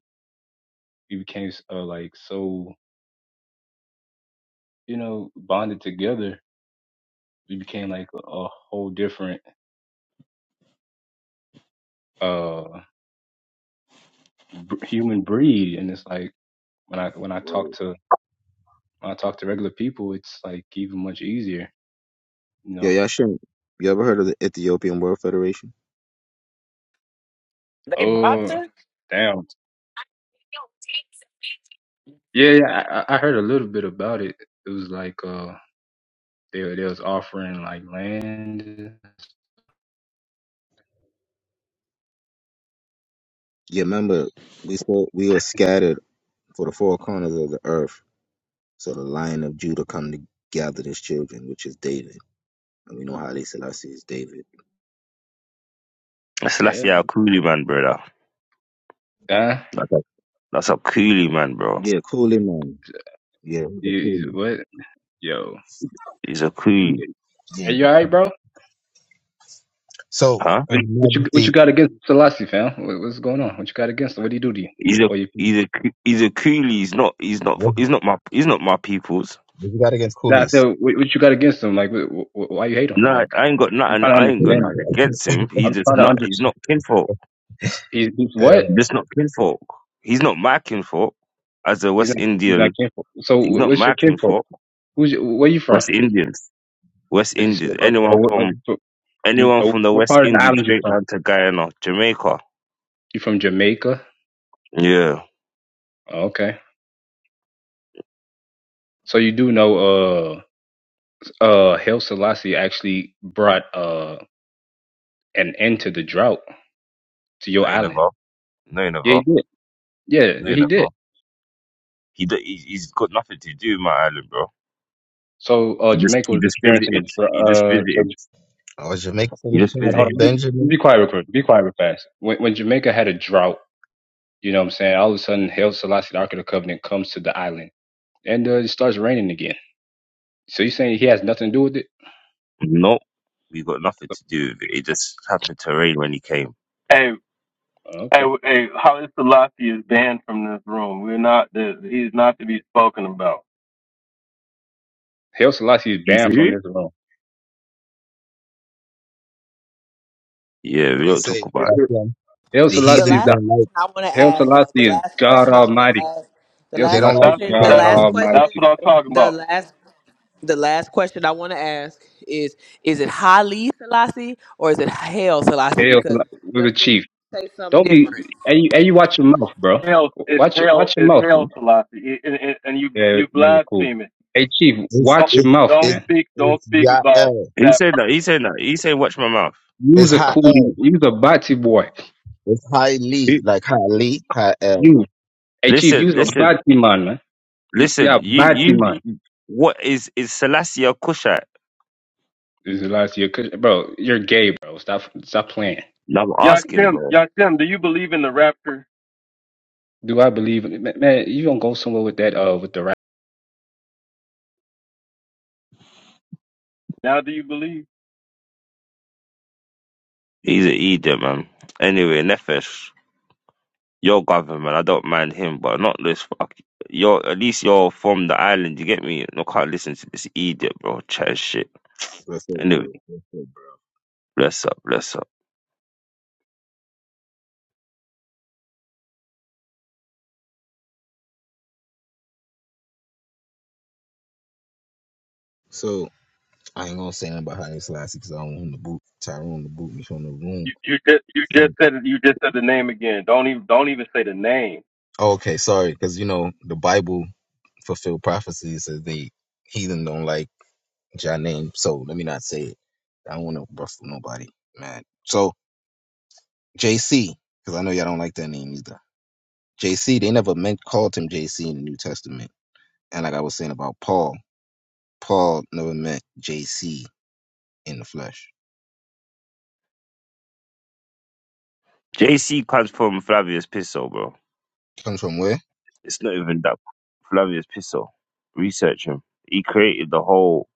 we became uh like so you know bonded together, we became like a, a whole different uh b- human breed, and it's like when I when I
Word.
talk to When I talk to regular people, it's like even much easier, you
Yo,
know.
Yashem, you ever heard of the Ethiopian World Federation?
They
Oh,
boxing?
damn. Yeah, yeah. I, I heard a little bit about it. It was like uh, they they was offering like land.
Yeah, remember we spoke, we were scattered for the four corners of the earth. So the lion of Judah come to gather his children, which is David. And we know Haile Selassie is David.
Yeah.
Selassie a coolie man, brother.
Huh?
That's a, that's a coolie man, bro.
Yeah, coolie man. Yeah, he's
You,
a
you-
coolie.
what? Yo.
He's a coolie,
Are
Yeah.
you all right, bro?
So,
huh?
What,
Her
what you what you
Majesty,
got against Selassie, fam? What, what's going on? What you got against him? What do you do to you?
He's a
Or you?
he's a coo- he's a coolie. He's not he's not
what,
fu- he's not my he's not my people's.
what you got against
Nah, I
coolies?
said, what, what you got against him? Like, wh wh why you hate him?
No,
Like,
I ain't got
I'm
nothing.
trying to
I ain't got
understand.
Uh,
nothing against him. He's
I'm
just
trying to
not. He's
understand.
not kinfolk.
He's, he's what?
He's just not kinfolk. He's not my kinfolk. As a
He's
West
not. He's not
Indian,
kinfolk. So
he's
wh-
not
what's
my
your kinfolk?
kinfolk.
Who's your, where you from?
West Indians, West
As you said,
Indians.
uh, uh,
Anyone
what,
from
uh, you
anyone
uh,
from the
what
West
part of the
Indies
island you
straight
from?
down to Guyana, Jamaica.
You from Jamaica?
Yeah.
Oh, okay. So you do know, uh, uh, Haile Selassie actually brought uh an end to the drought to
No,
your
you
island.
never. No, you
Yeah,
never.
he did. Yeah,
No, you
he
never.
did.
He, do- he he's got nothing to do, my island, bro.
So uh,
He just
Jamaica
he
was
just
experiencing a
visited.
drought.
He just
Uh, so
visited.
I was Jamaican from
He
the
just
tribe
hold
visited.
of
on, be,
Benjamin.
be quiet real quick. Be quiet real fast. When when Jamaica had a drought, you know what I'm saying? All of a sudden, Haile Selassie, the Ark of the Covenant, comes to the island and uh, it starts raining again. So you're saying he has nothing to do with it?
No, we got nothing to do with it. It just happened to rain when he came.
Hey,
Oh,
hey,
Okay.
hey, Haile Selassie is banned from this room. We're not. The, he's not to be spoken about.
Hail Selassie is
He's
banned from
who?
this room.
Yeah,
So
we
they
don't talk
say
about.
that's them.
Hail
The
The
Selassie
heathen
is
last
the
don't like.
question I want to
Hail
ask, though,
Selassie
the
is
last
God
question I want to
Almighty.
ask, the
Hail
They
last
don't
Selassie
like
is
That's
question, the
God
that
that.
last
name.
question,
That's
Almighty.
what I'm talking
the
about.
last, the last question I want to ask is: Is it Haile Selassie or is it Hail Selassie?
Hail
Because
Selassie we're
the
the
fifth
chief.
say something
Don't be
different.
and you, and you watch your mouth, bro.
Hell, it's
Watch your-
hell.
watch your
It's
mouth, bro.
hell, Selassie, and, and, and you
Yeah,
you
you're cool.
blaspheming.
Hey chief,
It's
Don't
watch your
it's
mouth,
don't
it's
man.
speak. Don't
it's
speak about
Yael.
It. He
that.
said that. He said that. He said, "Watch my mouth."
It's
Use a coolie,
Ha'el.
use a bati boy.
It's High Lee.
He,
Like High Lee, High That's
You hey chief,
listen,
use a
listen,
bati man, man. Y- Yeah,
listen. You
bati man.
you. What is is Selassie or Kushite?
This is the last year, bro. You're gay, bro. Stop, stop playing.
I'm asking,
Yashim,
bro.
Yashim, do you believe in the rapture?
Do I believe, man? You don't go somewhere with that. Uh, with the
Now, do you believe?
He's an Edom, man. Anyway, Nefesh. your government. I don't mind him, but not this fuck. You're at least you're from the island. You get me? I can't listen to this idiot, bro. Chat shit.
so
Anyway,
good.
bless up, bless up.
So I ain't gonna say nothing about Haile Selassie because I don't want him to boot Tyrone to boot me from the room.
You, you just you just
So
said it- you just said the name again. Don't even don't even say the name.
okay, sorry, because you know the Bible fulfilled prophecies that the heathen don't like Jah name. So let me not say it. I don't want to ruffle nobody, man. So JC, because I know y'all don't like that name either. JC, they never meant called him JC in the New Testament. And like I was saying about Paul, Paul never meant JC in the flesh.
JC comes from Flavius Piso, bro.
Comes from where?
It's not even that. Flavius Piso. Research him. He created the whole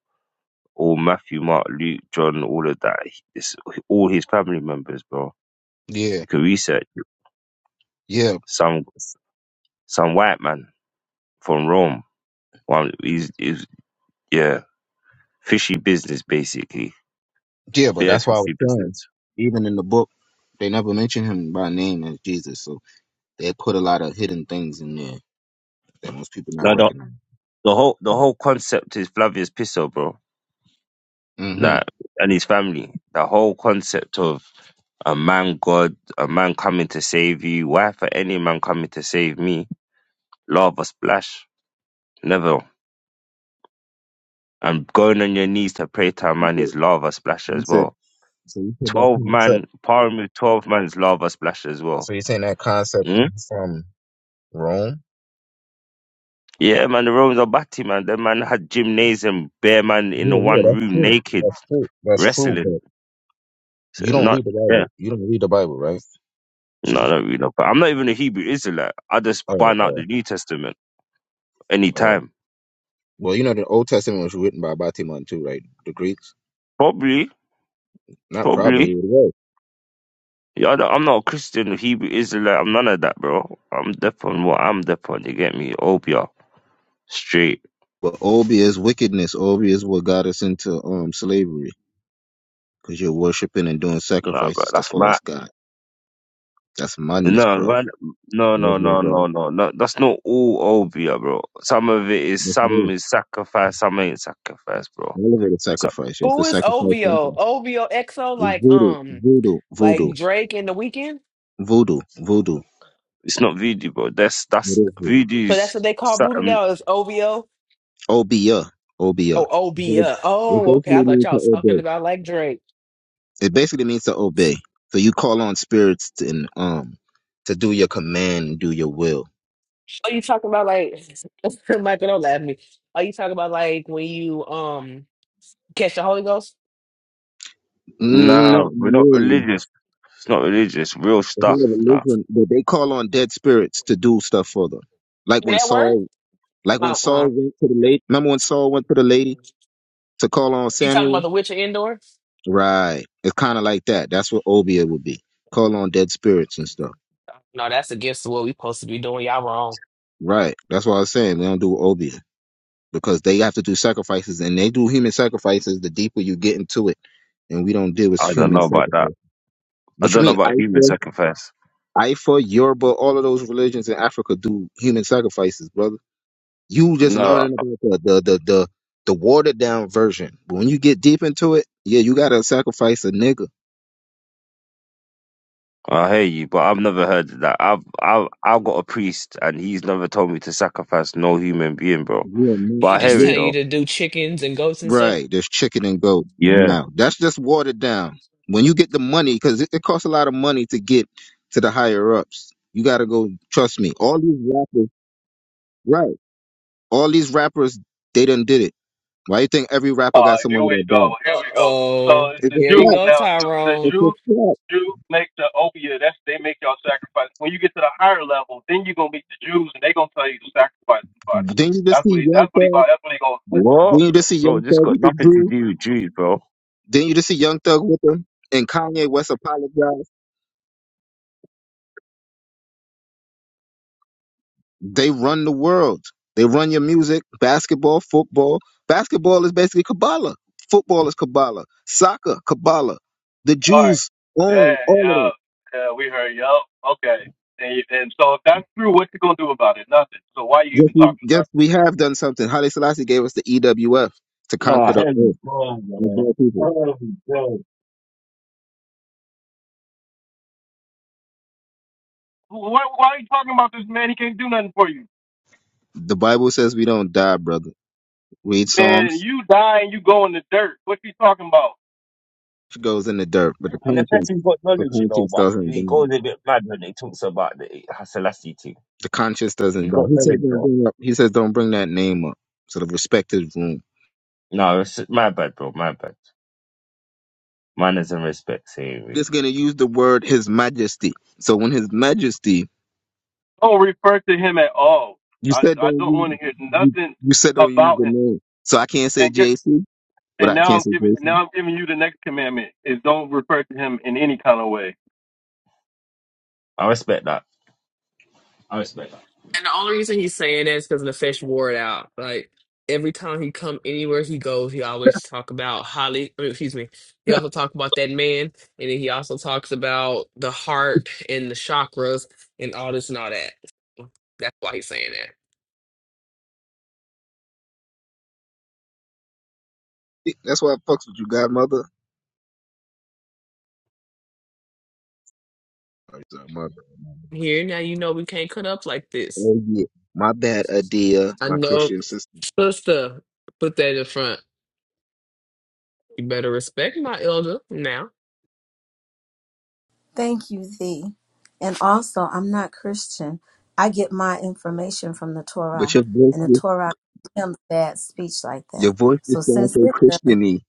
all Matthew, Mark, Luke, John, all of that. He- It's all his family members, bro.
Yeah,
You can research it.
yeah.
some some white man from Rome. One, he's, he's yeah, fishy business basically
Yeah, but
beer
that's
for
why I was
super
saying, even in the book, they never mention him by name as Jesus. So they put a lot of hidden things in there that most people not
No, the,
recognize.
the whole the whole concept is Flavius Pisso, bro.
Mm-hmm.
Like and his family. The whole concept of a man God, a man coming to save you. Why for any man coming to save me? Lava splash. Never. And going on your knees to pray to a
You
man
said,
is lava splash
you
as
said
well.
so you said that
Twelve
concept.
man, powering with twelve man's is lava splash as well.
So you're saying that concept
Mm?
from Rome?
Yeah, man, the Romans are batty, man. That man had gymnasium, bare man in the
Yeah, yeah,
one
that's
room,
true.
naked,
That's true. That's true,
wrestling.
but
So
you don't
not,
read the
yeah.
Bible. You don't read the Bible, right,
No, I
Chief?
don't read no. But I'm not even a Hebrew Israelite. I just
Oh,
find out the
oh,
New Testament
uh,
anytime.
well, you know the Old Testament was written by Batiman too, right? The Greeks.
Probably,
Not
probably.
probably it was.
Yeah, I don't- I'm not a Christian, a Hebrew Israelite. I'm none of that, bro. I'm deaf on what I'm deaf on. You get me? Obia, straight.
But Obi is wickedness. Obi is what got us into um slavery because you're worshiping and doing
Nah, bro.
sacrifices to
That's mad.
false god. That's madness,
No,
bro.
man. No, no,
Yeah,
no,
bro.
no, no, no. That's not all Obia, bro. Some of it is
That's
some
real.
is sacrifice, some ain't sacrifice, bro.
Elevated
So
sacrifice. You have to
Who is
sacrifice
OVO?
something.
OVO EXO
It's
like
voodoo,
um
voodoo, voodoo,
like Drake in the weekend?
voodoo, voodoo.
it's not voodoo, bro. That's
It
that's
is voodoo.
So that's what
voodoo's.
they call voodoo now is OVO.
Obia, obia.
Oh
It's like
OBO.
it
Oh, okay. I
basically
thought
means
y'all
to
was talking
obey.
about like Drake.
It basically means to obey. So you call on spirits to, and um to do your command, do your will.
Are you talking about like (laughs) Michael? Don't laugh at me. Are you talking about like when you um catch the Holy Ghost?
Not
Nah, we're not
really.
religious. It's not religious. Real
the
stuff.
whole
Nah,
religion that they call on dead spirits to do stuff for them. Like
Can
when
that work?
Saul, like when
Uh uh
Saul went to the lady. Remember when Saul went to the lady to call on
You talking
Samuel?
about the Witcher indoor?
Right. It's kind of like that. That's what Obia would be. Call on dead spirits and stuff.
No, that's against what we supposed to be doing. Y'all wrong.
Right. That's what I was saying. We don't do Obia because they have to do sacrifices and they do human sacrifices. The deeper you get into it, and we don't deal with
I don't
human
know about that.
sacrifice.
I
What you
don't know
mean,
about human
Ifa,
sacrifice.
Ifa, Yoruba, all of those religions in Africa do human sacrifices, brother. You just
No,
learning about the the the the, the watered down version. But when you get deep into it, yeah, you gotta sacrifice a nigga.
I hear you, but I've never heard of that. I've I've I've got a priest, and he's never told me to sacrifice no human being, bro.
Yeah,
But
man.
He
I
just
hear it
tell
yeah.
you
though.
to do chickens and goats and stuff.
Right. There's chicken and goat
Yeah.
now. That's just watered down. When you get the money, because it, it costs a lot of money to get to the higher ups. You gotta go. Trust me. All these rappers, right? All these rappers, they done did it. Why you think every rapper got
Uh, here
someone
we
that
go.
died?
Here
Uh
we go.
oh,
So it's
It's
the
a
here you
Jews
fact.
go,
now. too. The
Tyrone.
It's a
Jews,
fact.
Jews make the opiate. That's they make y'all sacrifice. When you get to the higher level, then you are gonna meet the Jews, and they gonna tell you to sacrifice somebody.
Then you just
That's
see
what he.
Young
That's what he.
Thug.
That's what he gonna say.
What,
Then you just see
bro?
Young
This
Thug
got
with the
nothing to
jewel.
do with Jews, bro.
Then you just see Young Thug with him and Kanye West apologize. They run the world. They run your music, basketball, football. Basketball is basically Kabbalah. Football is Kabbalah. Soccer, Kabbalah. The
All right.
Jews own
Yeah.
all of
Yeah.
that.
Yeah. We heard. Yup. Okay. And, you- and so if that's true, what you gonna do about it? Nothing. So why you
Yes,
even
we,
talking about?
yes, we have done something. Haile Selassie gave us the EWF to
Oh,
conquer the
hell,
earth
bro,
with
man.
black people.
Hell, bro.
It? Wh- Why, why are you talking about this man? He can't do nothing for you,
The Bible says we don't die, brother. Read
man.
Psalms.
You die and you go in the dirt. What you talking about?
It goes in the dirt, but the
And the
conscience,
person's got
the
knowledge, you know,
conscience
but
doesn't
he
die.
goes a bit mad when he talks about the Selassie thing.
The conscience
He
doesn't die.
got
He says
knowledge,
don't
bro.
bring up. He says don't bring that name up. Sort of respect his room.
No, it's my bad, bro. My bad. Man, Manners and respect, Savory.
Just gonna use the word His Majesty. So when His Majesty,
don't refer to him at all.
you
I,
said
I
don't
don't
use
want to hear
you,
nothing
you said don't use
about
the
him.
name. So I can't say
And get
JC. What
and
I
now I'm
can't say
giving now
JC.
I'm giving you the next commandment is don't refer to him in any kind of way.
I respect that. I respect that. (laughs)
And the only reason he's saying that is because the fish wore it out. Like every time he come anywhere he goes, he always talk about Holly. I mean, excuse me. He also talk about that man, and then he also talks about the heart and the chakras and all this and all that. That's why he's saying that.
That's why I fucks with you, Godmother. Oh, you said mother.
Here now, you know we can't cut up like this.
Oh yeah. My bad, Adia,
I
my
know,
Christian sister.
sister. Put that in front. You better respect my elder now.
Thank you, thee. And also, I'm not Christian. I get my information from the
But
Torah,
your voice,
and the
just-
Torah condemns bad speech like that.
your voice
So
just sounds
since
so
it does,
Christiany.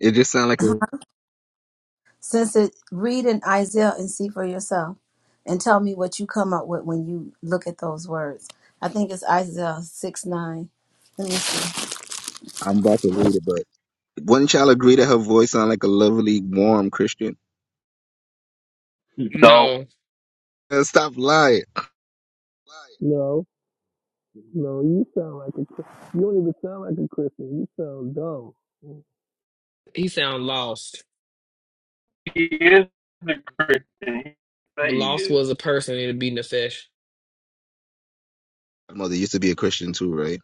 It just sounds like a.
since it read in Isaiah and see for yourself, and tell me what you come up with when you look at those words. I think it's Isaiah six nine. Let me see.
I'm about to read it, but Wouldn't y'all agree that her voice sound like a lovely, warm Christian?
Hmm.
So
No,
And stop lying.
No, no, you sound like a Chris- you don't even sound like a Christian. You sound dumb. There
he sound lost.
he is the Christian. He
If
say he
lost
is.
was a person, it'd be the fish.
My mother used to be a Christian too, right?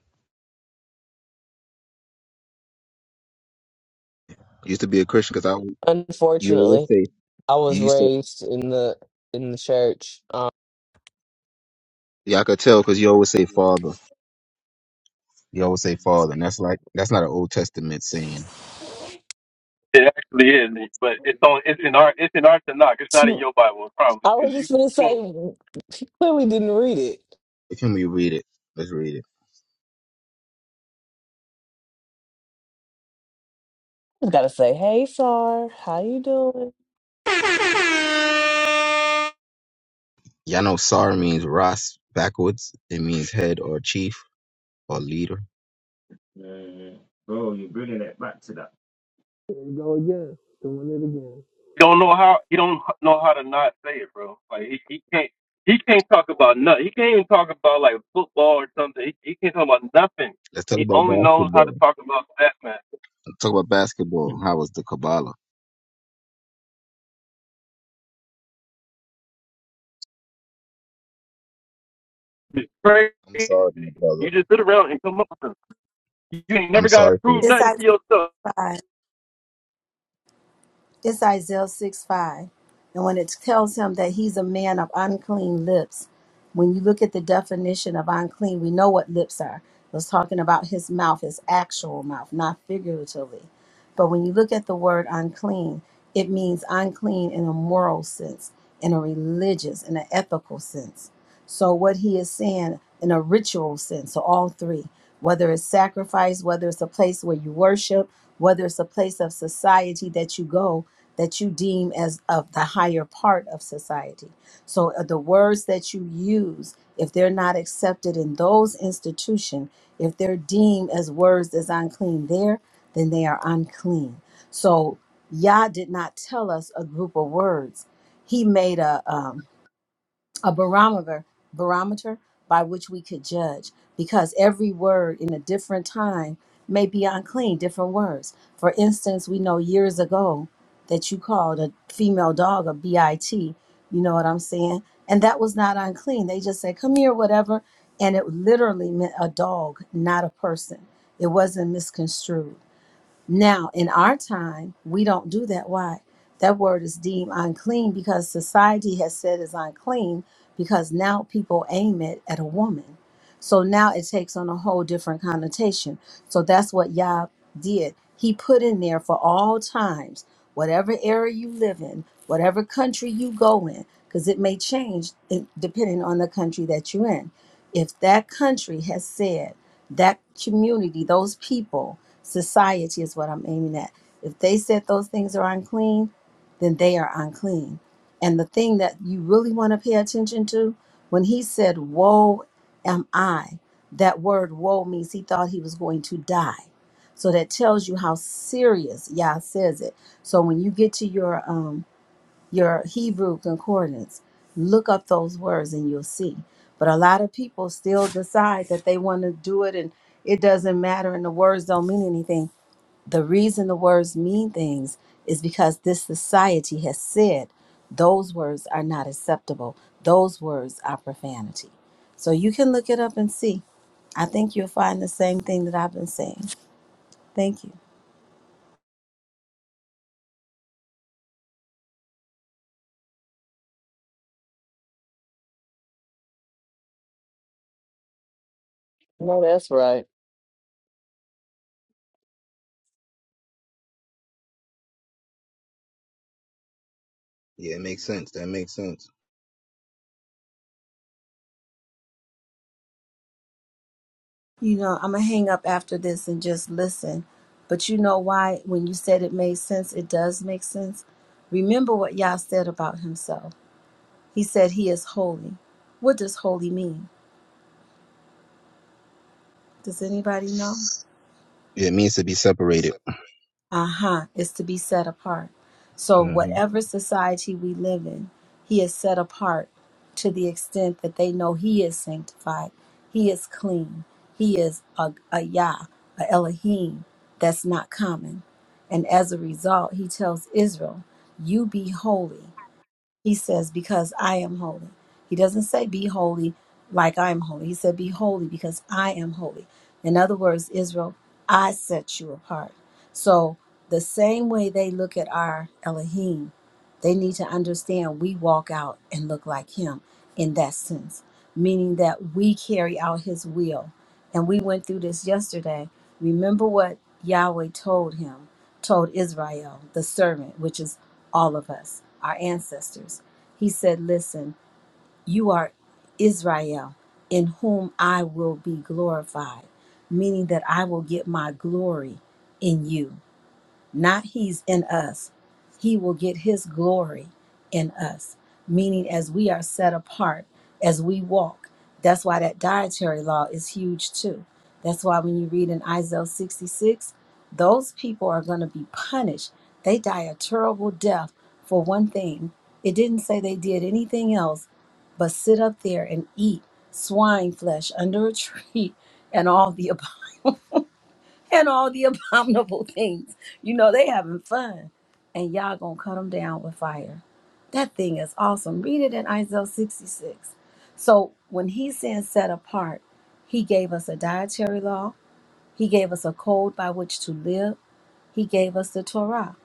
Used to be a Christian because I, you always
Unfortunately.
say,
I was
you used to,
raised in the in the church. Um,
y'all could tell because you always say father. You always say father. And that's like, that's not an Old Testament saying.
It actually is, but it's on. It's in our. It's in our Tanakh. It's not in your Bible, probably,
I was
because
just gonna
you.
say she clearly didn't read it.
If you me read it, let's read it.
Just gotta say, hey Sar, how you doing?
Y'all know Sar means Ras backwards. It means head or chief or leader.
Yeah, yeah, yeah. Bro, you're bringing it back to that.
you go again, doing it again.
He don't know how. He don't know how to not say it, bro. Like he, he can't. He can't talk about nothing. He can't even talk about like football or something. He, he can't talk about nothing.
Let's talk
He
about
only knows how to
basketball.
talk about that man.
Let's talk about
(laughs)
basketball. How was the Kabbalah?
It's crazy.
I'm sorry, my brother.
You just sit around and come up with them. You ain't
I'm
never got to
sorry for it.
prove
It's
nothing to
Isaiah
yourself.
five. It's Isaiah 6 5. And when it tells him that he's a man of unclean lips, when you look at the definition of unclean, we know what lips are. It was talking about his mouth, his actual mouth, not figuratively. But when you look at the word unclean, it means unclean in a moral sense, in a religious, in an ethical sense. So what he is saying in a ritual sense, so all three, whether it's sacrifice, whether it's a place where you worship, whether it's a place of society that you go that you deem as of the higher part of society. So uh, the words that you use, if they're not accepted in those institutions, if they're deemed as words as unclean there, then they are unclean. So Yah did not tell us a group of words. He made a um, a barometer barometer by which we could judge because every word in a different time may be unclean different words for instance we know years ago that you called a female dog a bit you know what i'm saying and that was not unclean they just said come here whatever and it literally meant a dog not a person it wasn't misconstrued now, in our time, we don't do that. Why? That word is deemed unclean because society has said it's unclean because now people aim it at a woman. So now it takes on a whole different connotation. So that's what Yah did. He put in there for all times, whatever area you live in, whatever country you go in, because it may change eh, depending on the country that you're in. If that country has said, that community, those people, society is what I'm aiming at. If they said those things are unclean, then they are unclean. And the thing that you really want to pay attention to, when he said, Woe am I, that word woe means he thought he was going to die. So that tells you how serious Yah says it. So when you get to your um your Hebrew concordance, look up those words and you'll see. But a lot of people still decide that they want to do it and it doesn't matter and the words don't mean anything the reason the words mean things is because this society has said those words are not acceptable. Those words are profanity. So you can look it up and see. I think you'll find the same thing that I've been saying. Thank you.
No, that's right.
Yeah, it makes sense. That makes sense.
You know, I'm going to hang up after this and just listen. But you know why? When you said it made sense, it does make sense. Remember what Yah said about himself. He said he is holy. What does holy mean? Does anybody know?
It means to be separated.
Aha, is to be set apart. So,
hmm
whatever society we live in, he is set apart to the extent that they know he is sanctified, he is clean, he is a, a Yah, a Elohim that's not common. And as a result, he tells Israel, You be holy. He says, Because I am holy. He doesn't say, Be holy like I am holy. He said, Be holy because I am holy. In other words, Israel, I set you apart. So, the same way they look at our Elohim, they need to understand we walk out and look like him in that sense, meaning that we carry out his will. And we went through this yesterday. Remember what Yahweh told him, told Israel, the servant, which is all of us, our ancestors. He said, Listen, you are Israel, in whom I will be glorified, meaning that I will get my glory in you not he's in us. He will get his glory in us, meaning as we are set apart, as we walk. That's why that dietary law is huge too. That's why when you read in Isaiah 66, those people are going to be punished. They die a terrible death for one thing. It didn't say they did anything else but sit up there and eat swine flesh under a tree (laughs) and all the and all the (laughs) abominable things. You know, they having fun. And y'all gonna cut them down with fire. That thing is awesome. Read it in Isaiah 66. So when he says set apart, he gave us a dietary law. He gave us a code by which to live. He gave us the Torah.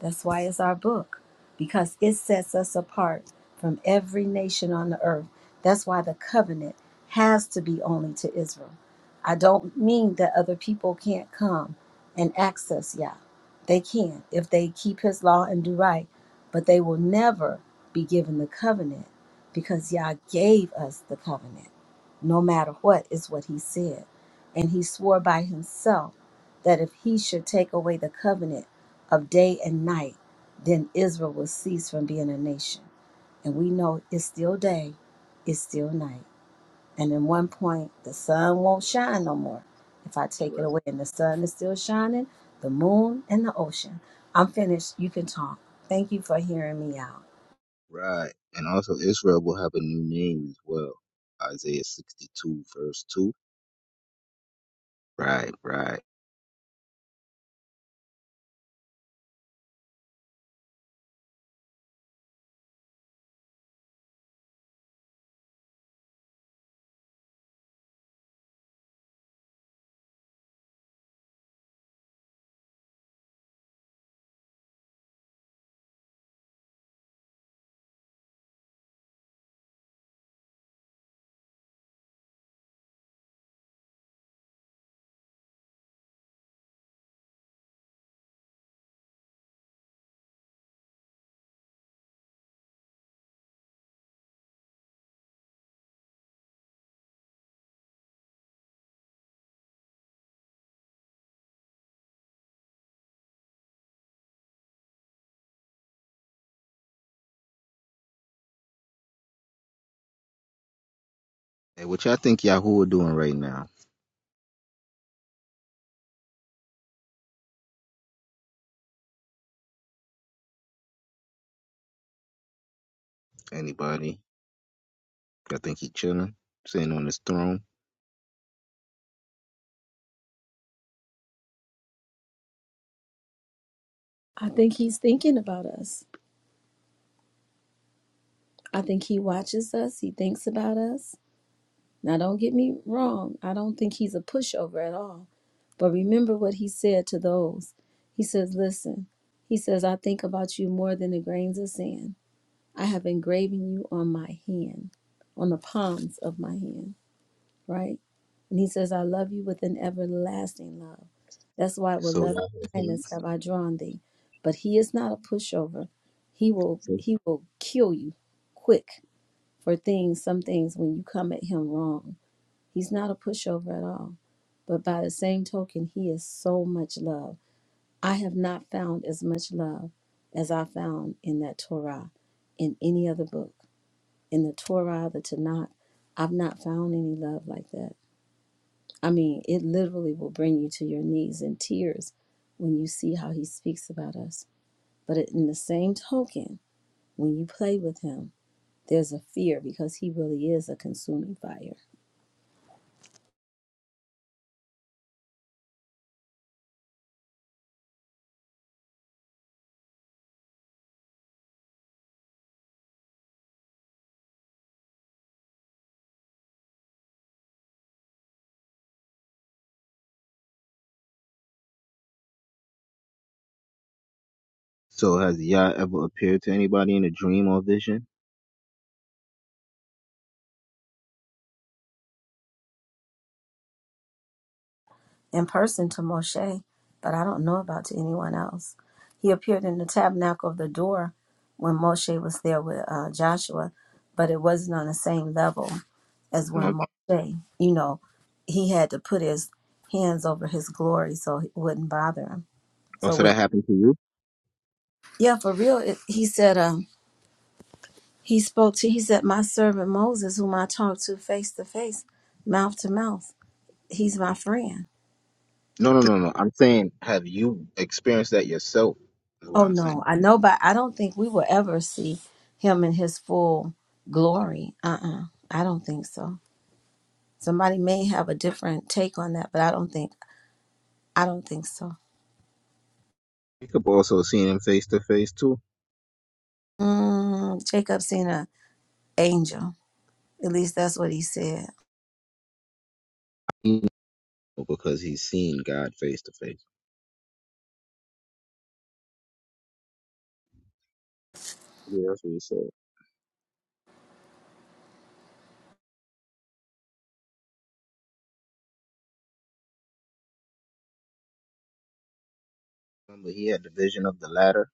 That's why it's our book, because it sets us apart from every nation on the earth. That's why the covenant has to be only to Israel. I don't mean that other people can't come and access Yah. They can if they keep his law and do right, but they will never be given the covenant because Yah gave us the covenant. No matter what, is what he said. And he swore by himself that if he should take away the covenant of day and night, then Israel will cease from being a nation. And we know it's still day, it's still night. And in one point, the sun won't
Right,
shine no more if I take it
right,
away. And the sun is still shining, the moon and the ocean. I'm finished. You can talk. Thank you for hearing me out.
right. And also Israel will have a new name as well. Isaiah 62, verse 2. Right, right. Hey, what y'all think Yahoo doing right now? Anybody? Y'all think he chilling, sitting on his throne?
I think he's thinking about us. I think he watches us. He thinks about us. Now, don't get me wrong, I don't think he's a pushover at all. But remember what he said to those. He says, Listen, he says, I think about you more than the grains of sand. I have engraven you on my hand, on the palms of my hand, right? And he says, I love you with an everlasting love. That's why with
So
love
y'all
and kindness
hands?
have I drawn thee. But he is not a pushover. He will
So,
he will kill you quick for things, some things when you come at him wrong He's not a pushover at all. But by the same token, he is so much love. I have not found as much love as I found in that Torah, in any other book. In the Torah, the Tanakh, I've not found any love like that. I mean, it literally will bring you to your knees in tears when you see how he speaks about us. But in the same token, when you play with him, there's a fear because he really is a consuming fire.
so has Yah ever appeared to anybody in a dream or vision?
in person to Moshe, but I don't know about to anyone else. He appeared in the tabernacle of the door when Moshe was there with uh, Joshua, but it wasn't on the same level as when
No.
Moshe, you know, he had to put his hands over his glory so it wouldn't bother him.
Oh,
So,
so
it would,
that happened to you?
yeah, for real, it, he said, um, he spoke to, he said, my servant Moses, whom I talked to face to face, mouth to mouth, he's my friend
No, no, no, no. I'm saying, have you experienced that yourself? Is what
Oh
I'm saying.
no, I know, but I don't think we will ever see him in his full glory. Uh-uh. I don't think so. Somebody may have a different take on that, but I don't think I don't think so.
Jacob also seen him face to face too.
Mm, Jacob seen an angel. At least that's what he said.
He know because he's seen God face to face. Yeah, that's what he said. Remember, he had the vision of the ladder,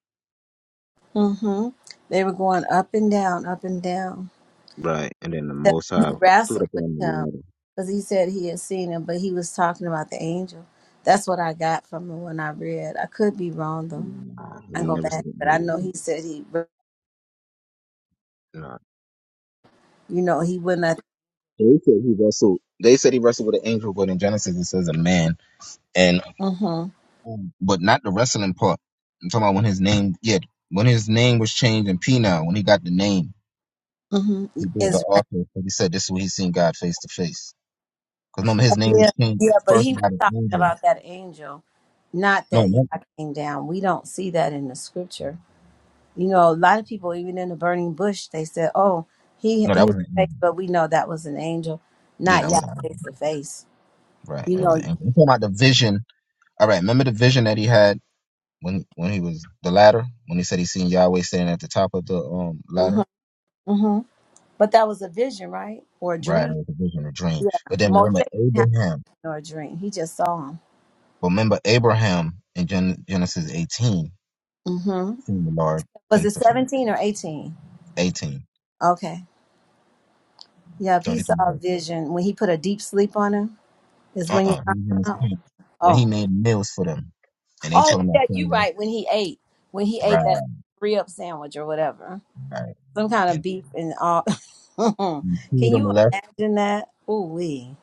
Mm-hmm. They were going up and down, up and down.
right? And then the
That
Most
he
High stood
wrestled
up
with
on the
him
ladder.
because he said he had seen him, but he was talking about the angel. That's what I got from him when I read. I could be wrong though.
Nah, he
I
ain't
go
never
back,
seen an
but I
angel.
know he said he.
Nah.
You know, he wouldn't. Have,
They said he wrestled. They said he wrestled with an angel, but in Genesis it says a man. and.
mm-hmm.
Um, but not the wrestling part. I'm talking about when his name, yeah, when his name was changed in Pina, when he got the name,
Mm-hmm.
he built the
Israel.
altar. But he said this is when he seen God face to face. Because remember, his name was
Yeah,
changed
yeah, but
first
he was
by
talking
the angel.
about that angel, not
No,
that
no,
I came down. We don't see that in the scripture. You know, a lot of people, even in the burning bush, they said, "Oh, he
no,
he
that
was
was an
fake,"
angel.
but we know that was an angel,
Yeah,
not
that
Yah
was an
face
angel.
to face.
Right,
You
that was
know.
an angel. I'm talking about the vision. All right, remember the vision that he had when when he was the ladder, when he said he seen Yahweh standing at the top of the um ladder.
Mm-hmm. Mm-hmm. But that was a vision, right, or a
Right,
dream?
it was a vision, a dream.
Yeah,
But then
Moshe
remember
didn't have
Abraham.
or a dream. He just saw him.
Remember Abraham in Gen- Genesis 18.
Mm-hmm.
seen the Lord
Was it
face to face.
seventeen or eighteen?
18,
Okay. Yep, he saw
33
a
verse.
vision when he put a deep sleep on him. Is when you
Uh-uh. He was in his
oh
tent when he
oh
made meals for them. And they
oh
told him that
yeah,
they
you
were
right. When he ate, when he ate that three up sandwich or whatever,
right.
some kind of
And
beef and all. (laughs)
two of
Can
them
you
left.
imagine that? Ooh wee.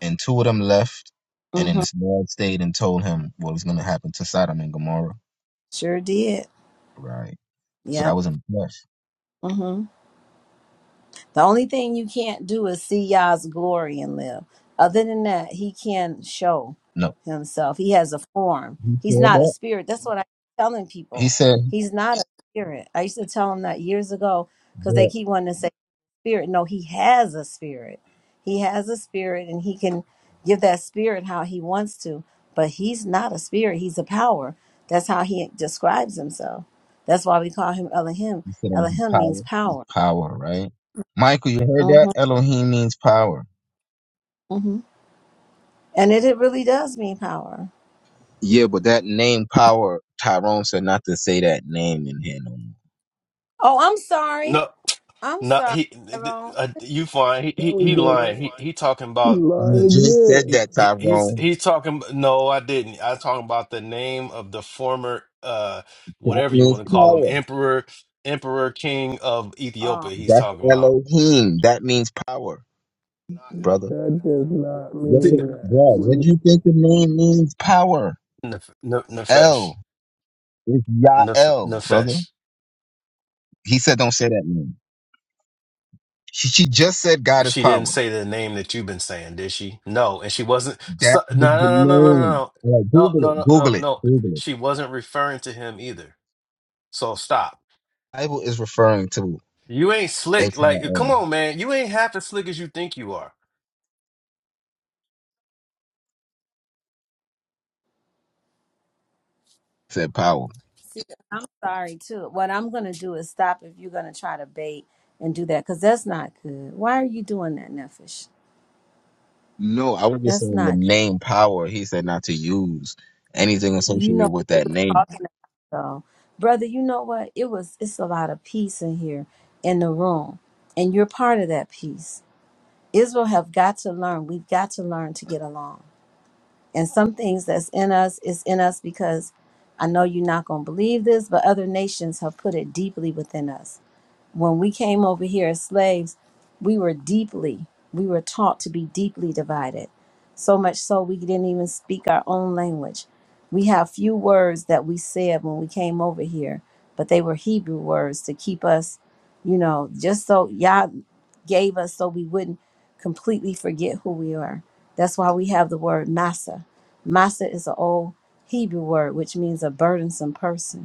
And two of them left. And then
hmm
this Lord stayed and told him what was going to happen to Sodom and Gomorrah.
Sure did.
Right. So that
Yep.
was in the flesh.
Mm-hmm. The only thing you can't do is see Yah's glory and live. Other than that, he can show
No.
himself. He has a form.
He
He's
said
not a
that.
spirit. That's what I'm telling
He
people.
said
He's not a spirit. I used to tell them that years ago because they
that.
keep wanting to say spirit. No, he has a spirit. He has a spirit and he can give that spirit how he wants to, but he's not a spirit. He's a power. That's how he describes himself. That's why we call him Elohim.
He said it was in
Elohim means
power.
power.
Power, right? Michael, you heard that?
hmm
Elohim means power.
hmm And it, it really does mean power.
Yeah, but that name power, Tyrone said not to say that name in here no more.
Oh, I'm sorry.
No.
I'm
Not
sorry,
he.
Tyrone.
Uh, you fine. He, he
No, he
he
didn't.
lying. He he talking
He
about
You
lying
the.
just said
again.
He,
that,
he he's
Tyrone.
he's talking. No, I didn't. I talking about the name of the former uh
That
whatever you want
means
to call him
power.
emperor emperor king of
Oh,
Ethiopia. He's
That's
talking about
Elohim. That means power, brother.
That does not
Yes,
Th-
it,
mean that.
bro.
When
What do you
he's
think the name means? Power.
Nef- Nef- Nefesh
El. It's
Nef-
Yael, brother.
Nefesh.
He said don't say that name. She, she just said God is
She didn't
power.
say the name that you've been saying, did she? No, and she wasn't.
That
So,
is
no
the
no no no
name. All
no
right,
no no
Google
no
it.
no no
Google it.
no.
Google it.
She wasn't referring to him either. So stop.
Bible is referring to
You ain't slick. Like,
H-I-L.
come on, man. You ain't half as slick as you think you are.
Said power.
see, I'm sorry too. What I'm going to do is stop if you're going to try to bait and do that because that's not good. Why are you doing that, Nefesh?
No, I was just
That's
saying the
not good.
name power. He said not to use anything
You
associated
know
with that
what I'm
name.
talking about, though. Brother, you know what? It was, it's a lot of peace in here in the room, and you're part of that peace. Israel have got to learn. We've got to learn to get along. And some things that's in us is in us because I know you're not going to believe this, but other nations have put it deeply within us when we came over here as slaves, we were deeply, we were taught to be deeply divided. So much so we didn't even speak our own language. We have few words that we said when we came over here, but they were Hebrew words to keep us, you know, just so Yah gave us so we wouldn't completely forget who we are. That's why we have the word massa. Massa is an old Hebrew word which means a burdensome person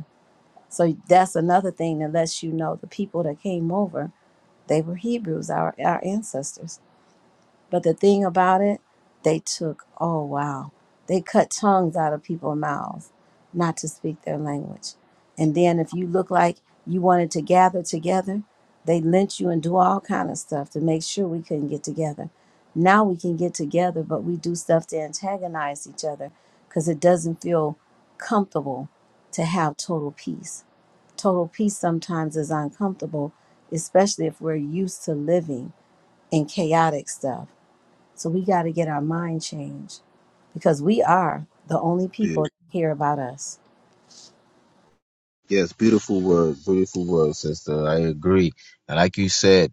so that's another thing that lets you know the people that came over, they were Hebrews, our, our ancestors. But the thing about it, they took, oh wow, they cut tongues out of people's mouths not to speak their language. And then if you look like you wanted to gather together, they lynch you and do all kind of stuff to make sure we couldn't get together. Now we can get together, but we do stuff to antagonize each other because it doesn't feel comfortable to have total peace Total peace sometimes is uncomfortable, especially if we're used to living in chaotic stuff. So we got to get our mind changed because we are the only
Yeah.
people that hear about us.
Yes, beautiful word, beautiful word, sister. I agree. And like you said,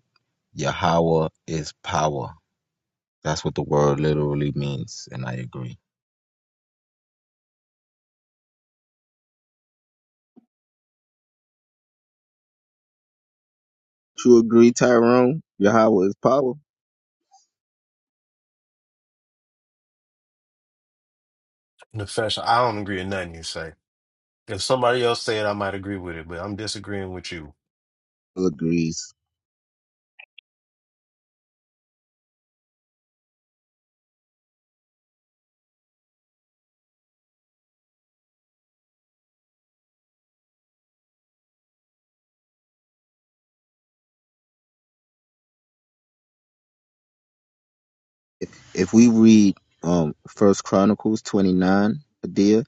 Yahweh is power. That's what the word literally means, and I agree. You agree, Tyrone? Yahweh is power.
That's you.
Agrees. If we read um First Chronicles twenty nine, Adia,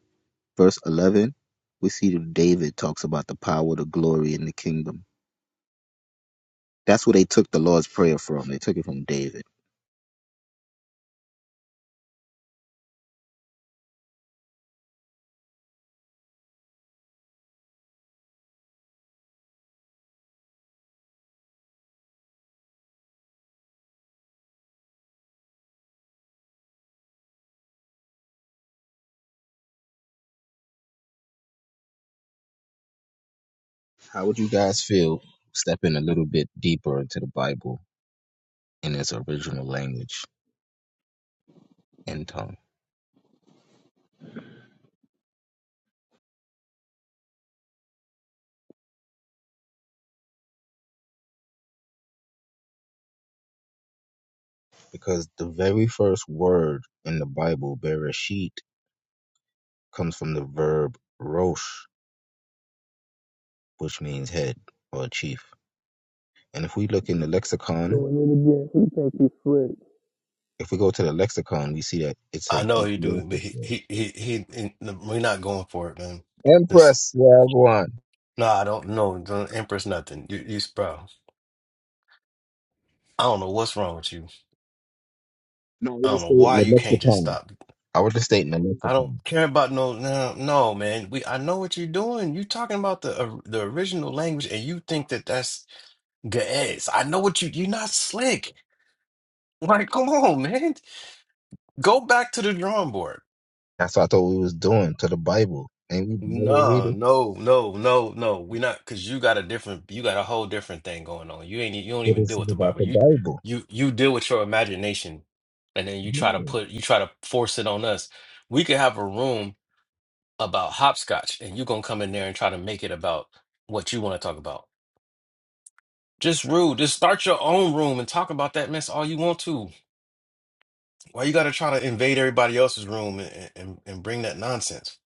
verse eleven, we see that David talks about the power, the glory, and the kingdom. That's where they took the Lord's Prayer from. They took it from David. How would you guys feel stepping a little bit deeper into the Bible in its original language and tongue? Because the very first word in the Bible, Bereshit, comes from the verb rosh, which means head or chief. And if we look in the lexicon,
doing it again, he thinks he's slick.
If we go to the lexicon, we see that it's
I
a
know he do, but
Ethiopic
he
word.
he he, he, he we're not going for it, man. Just
Empress, yeah, go on.
no, I don't know. Don't Empress nothing. You you bro. I don't know what's wrong with you.
No, I
I don't
was
know
stating
why
the
you can't just
lexicon.
stop.
I was just stating the
I don't
lexicon.
care about no no no man. We I know what you're doing. You talking about the uh, the original language, and you think that that's gaez. I know what you. You're not slick. Like, come on, man. Go back to the drawing board.
That's what I thought we was doing to the Bible. And we never read
No,
it,
no, no, no, no. We're not because you got a different, you got a whole different thing going on. You ain't, you don't
but
even deal
it's
with the
about
Bible.
the
You,
Bible.
you, you deal with your imagination, and then you try to
Yeah.
put, you try to force it on us. We could have a room about hopscotch, and you gonna come in there and try to make it about what you want to talk about. Just rude. Just start your own room and talk about that mess all you want to. Why you gotta try to invade everybody else's room and, and, and bring that nonsense?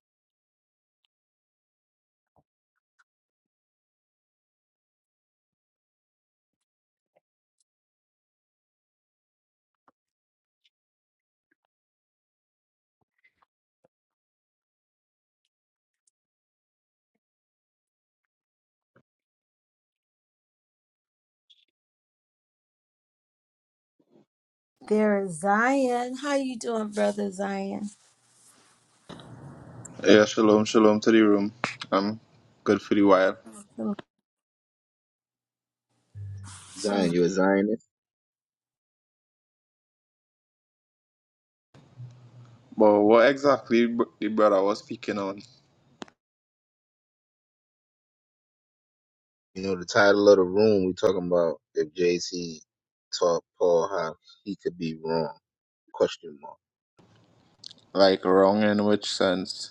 There is Zion. How you doing, brother Zion?
Yeah, shalom, shalom to the room. I'm good for the while.
Zion, you're a Zionist.
But what exactly br- the brother was speaking on?
You know, the title of the room, we talking about if JC taught Paul how he could be wrong, question mark.
Like, wrong in which sense?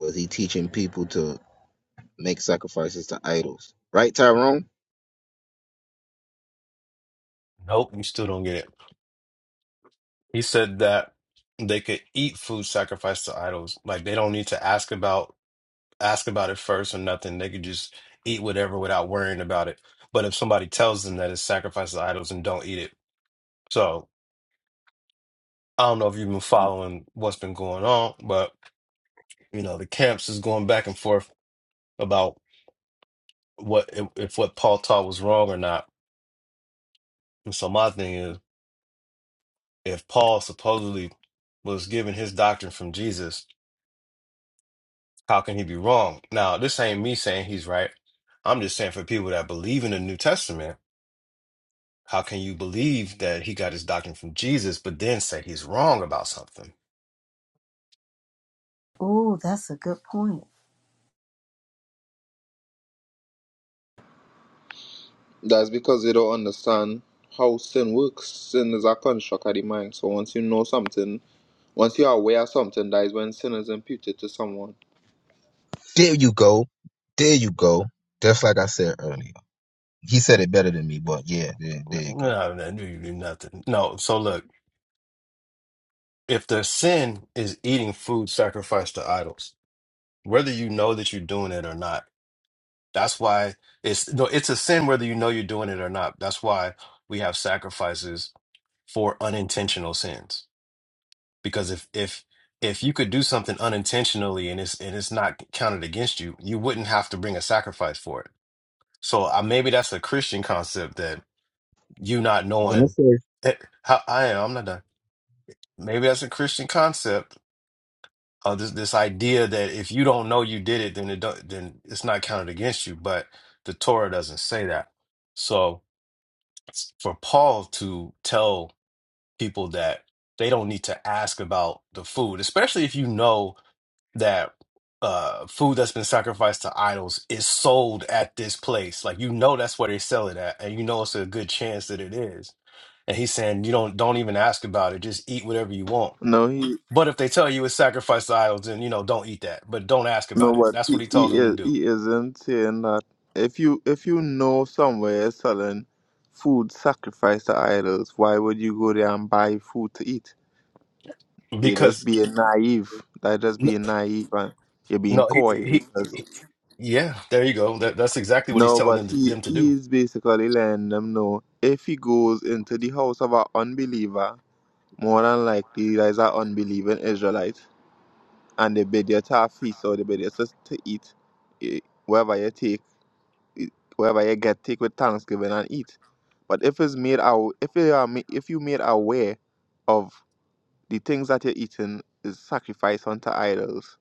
Was he teaching people to make sacrifices to idols? Right, Tyrone?
Nope, you still don't get it. He said that they could eat food sacrificed to idols. Like they don't need to ask about ask about it first or nothing. They could just eat whatever without worrying about it. But if somebody tells them that it's sacrifice to idols and don't eat it, so I don't know if you've been following what's been going on, but you know the camps is going back and forth about what if, if what Paul taught was wrong or not. And so my thing is, if Paul supposedly was given his doctrine from Jesus, how can he be wrong? Now this ain't me saying he's right. I'm just saying for people that believe in the New Testament How can you believe that he got his doctrine from Jesus, but then say he's wrong about something?
Oh, that's a good point.
That's because they don't understand how sin works. Sin is a construct of the mind. So once you know something, once you're aware of something, that is when sin is imputed to someone.
There you go. There you go. Just like I said earlier. He said it better than me, but yeah, there,
No,
there you go.
no, no, you do nothing. No, so look, if the sin is eating food sacrificed to idols, whether you know that you're doing it or not. That's why it's no, it's a sin whether you know you're doing it or not. That's why we have sacrifices for unintentional sins. Because if if if you could do something unintentionally and it's and it's not counted against you, you wouldn't have to bring a sacrifice for it. So uh, maybe that's a Christian concept that you not
When it
knowing
says,
eh, how I am. I'm not done. Maybe that's a Christian concept of this this idea that if you don't know you did it, then it don't, then it's not counted against you. But the Torah doesn't say that. So for Paul to tell people that they don't need to ask about the food, especially if you know that uh, food that's been sacrificed to idols is sold at this place. Like you know that's where they sell it at, and you know it's a good chance that it is. And he's saying you don't don't even ask about it; just eat whatever you want.
No, he
But if they tell you it's sacrificed to idols, then you know don't eat that. But don't ask
no,
about it.
but
That's what
he,
he told
he
them to
is
do
he isn't saying that. If you if you know somewhere is selling food sacrificed to idols, why would you go there and buy food to eat? You're just
because
being naive. That just
no,
being naive and you're being
no he,
coy
he,
because
he yeah, there you go. That, that's exactly what he's
no,
telling
but
them to,
he
them to
he
do.
is basically letting them know if he goes into the house of an unbeliever, more than likely there's an unbelieving Israelite and they bid you to a feast or they bid you just to eat eh, wherever you take eh, wherever you get take with thanksgiving and eat. But if it's made out if you are ma- if you made aware of the things that you're eating is sacrifice unto idols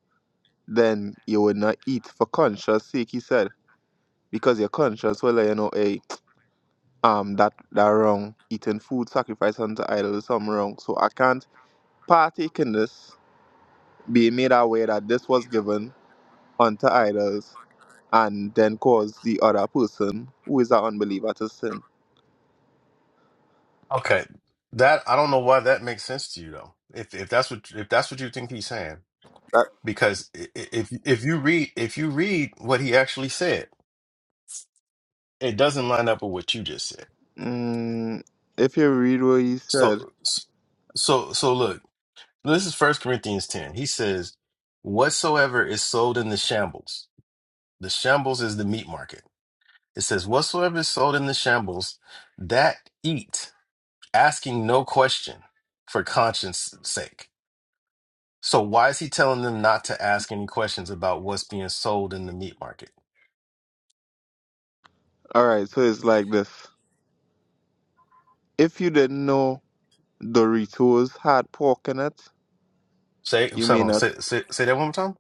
then you would not eat for conscience sake, he said, because your conscience will let you know, hey, (tsk) um, that, that wrong, eating food sacrificed unto idols, some wrong. So I can't partake in this, being made aware that this was given unto idols, and then cause the other person who is an unbeliever to sin.
Okay. That I don't know why that makes sense to you though. If if that's what if that's what you think he's saying,
That,
because i- i- if if you read if you read what he actually said, it doesn't line up with what you just said.
mm, if you read what he
So
said,
so so look, this is First Corinthians ten. He says, "Whatsoever is sold in the shambles, the shambles is the meat market." It says, "Whatsoever is sold in the shambles, that eat, asking no question for conscience' sake." So why is he telling them not to ask any questions about what's being sold in the meat market?
all right, so it's like this. If you didn't know Doritos had pork in it,
Say,
you
hold
may
on,
not.
say, say, say that one more time.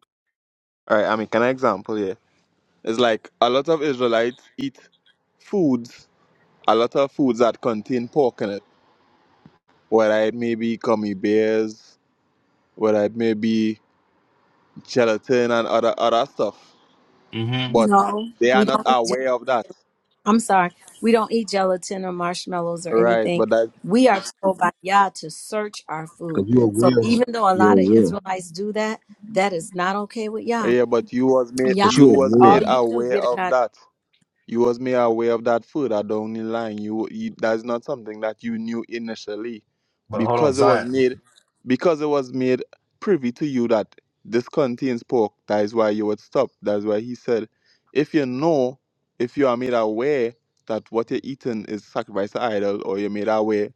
All right, I mean, can I example here? It's like a lot of Israelites eat foods, a lot of foods that contain pork in it, whether it may be gummy bears, whether it may be gelatin and other other stuff.
hmm
But
No,
they are
we
not
don't.
aware of that,
I'm sorry, we don't eat gelatin or marshmallows or
right?
anything.
But that
We are told by Yah to search our food.
because you're
So
aware of it,
even though a
you're
lot of
aware.
Israelites do that, that is not okay with Yah.
yeah, but you was made
Yah
But you're
you
says,
was
"For
aware.
all
made
you do,
aware
get it
of
out.
that. You was made aware of that further down the line. You, you that's not something that you knew initially,
But hold on,
because it was
Zion.
made, because it was made privy to you that this contains pork. That is why you would stop. That's why he said, if you know, if you are made aware that what you're eating is sacrificed to idol, or you're made aware,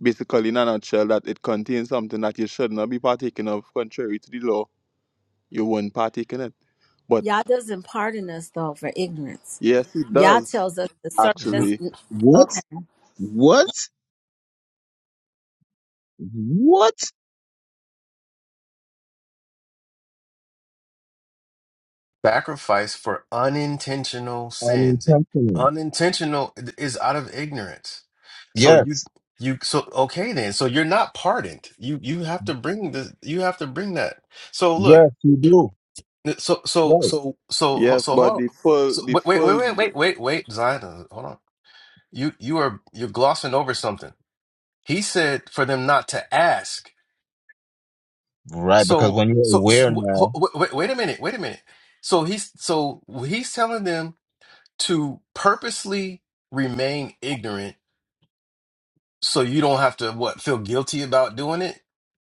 basically in a nutshell, that it contains something that you should not be partaking of, contrary to the law, you won't partake in it. But
Yah doesn't pardon us though for ignorance.
yes, it
Yah
does
tells us to search
N-
actually.
What?
us.
What? What?
Sacrifice for unintentional sins.
Unintentional.
Unintentional is out of ignorance. So you,
Yes.
you, so okay then. So you're not pardoned. You, you have to bring this. You have to bring that. So look.
Yes, you do.
So, so,
Right.
so, so,
Yes,
so hold
but
on.
the full,
So
the
wait, wait, wait,
full,
wait, wait, wait, wait, Zion. Hold on. You you are you're glossing over something. He said for them not to ask.
Right, because
So
when you're
so,
aware
so
now,
wait, wait, wait a minute, wait a minute. So he's so he's telling them to purposely remain ignorant so you don't have to what feel guilty about doing it.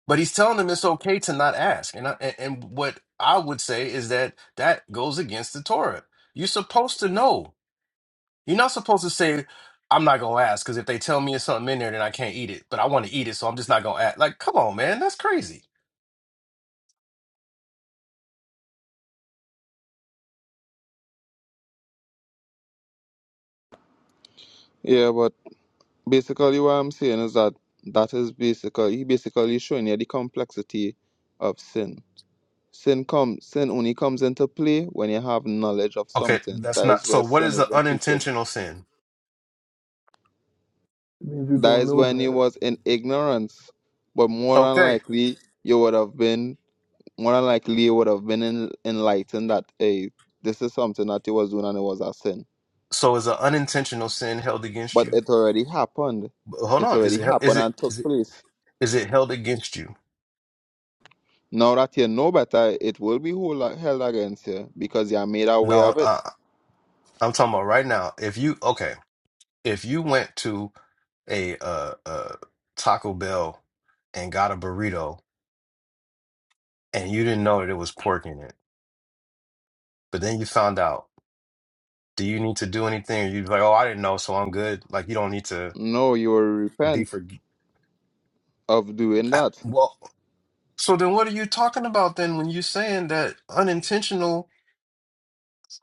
But he's telling them it's okay to not ask. And I, and, and what I would say is that that goes against the Torah. You're supposed to know. You're not supposed to say, I'm not gonna ask, because if they tell me it's something in there, then I can't eat it. But I want to eat it, so I'm just not gonna ask. Like, come on, man, that's crazy.
yeah. But basically, what I'm saying is that that is basically he basically showing you the complexity of sin. Sin come, sin only comes into play when you have knowledge of
Okay,
something.
that's
That
not
is
so
where
what
sin
is an
is imputed.
unintentional sin?
It means you
That
don't
is
know
when he
better.
was in ignorance. But more than
Okay.
likely, you would have been more than likely you would have been en- enlightened that hey, this is something that he was doing and it was a sin.
So is an unintentional sin held against
But
you?
it already happened.
But Hold
It
on. Is
already
it is
happened
it
and took
is it
place.
is it held against you?
Now that you know better, it will be hol- held against you because you are made aware
No,
of it.
I, I'm talking about right now. If you okay. if you went to a uh, uh, Taco Bell and got a burrito and you didn't know that it was pork in it, but then you found out, do you need to do anything? Or you be like, oh, I didn't know, so I'm good. Like, you don't need to
No, you will
be
repent
for.
of doing
(laughs)
that.
Well, so then what are you talking about then when you're saying that unintentional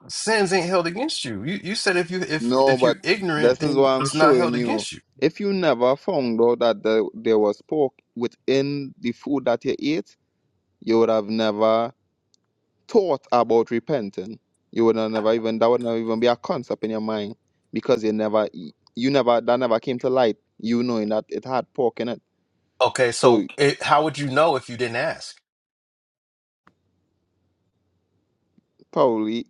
sins ain't held against you? You you said if you if
No,
if you're
but
ignorant,
this is
then
what I'm
it's not
showing
held
you.
against you.
If you never found out that there, there was pork within the food that you ate, you would have never thought about repenting. You would have never even that would not even be a concept in your mind because you never you never that never came to light. You knowing that it had pork in it,
Okay,
so
so it, how would you know if you didn't ask?
probably.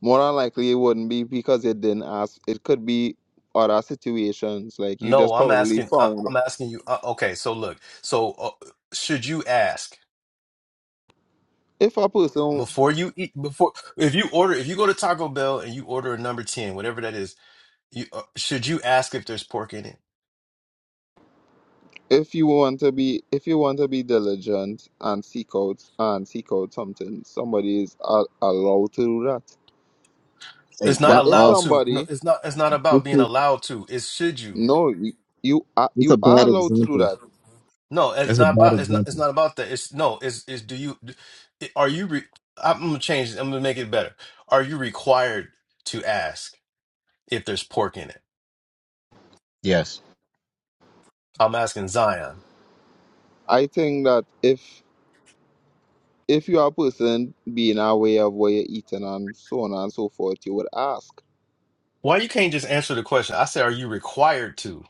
More than likely, it wouldn't be because it didn't ask. It could be other situations. Like you
No,
just
I'm
probably
asking. I,
found.
I'm asking you. Uh, okay, so look. So uh, should you ask
If a person,
before you eat? Before if you order, if you go to Taco Bell and you order a number ten, whatever that is, you uh, should you ask if there's pork in it?
if you want to be, if you want to be diligent and seek out and seek out something, somebody is a- allowed to do that.
hey,
It's not
But
y'all
if
allowed
off.
to. No,
somebody,
it's not. It's not about
This
being
is,
allowed to. It's should you?
no, you you are
this a
you are
bad
allowed to do
example.
that.
No, it's
It's a
not
bad
about. It's not. It's
example.
not about that. It's no. It's. It's do you? Are you? Re, I'm gonna change. it. I'm gonna make it better. Are you required to ask if there's pork in it?
Yes.
I'm asking Zion.
I think that if if you are a person being aware of what you're eating and so on and so forth, you would ask.
Why you can't just answer the question? I said, are you required to?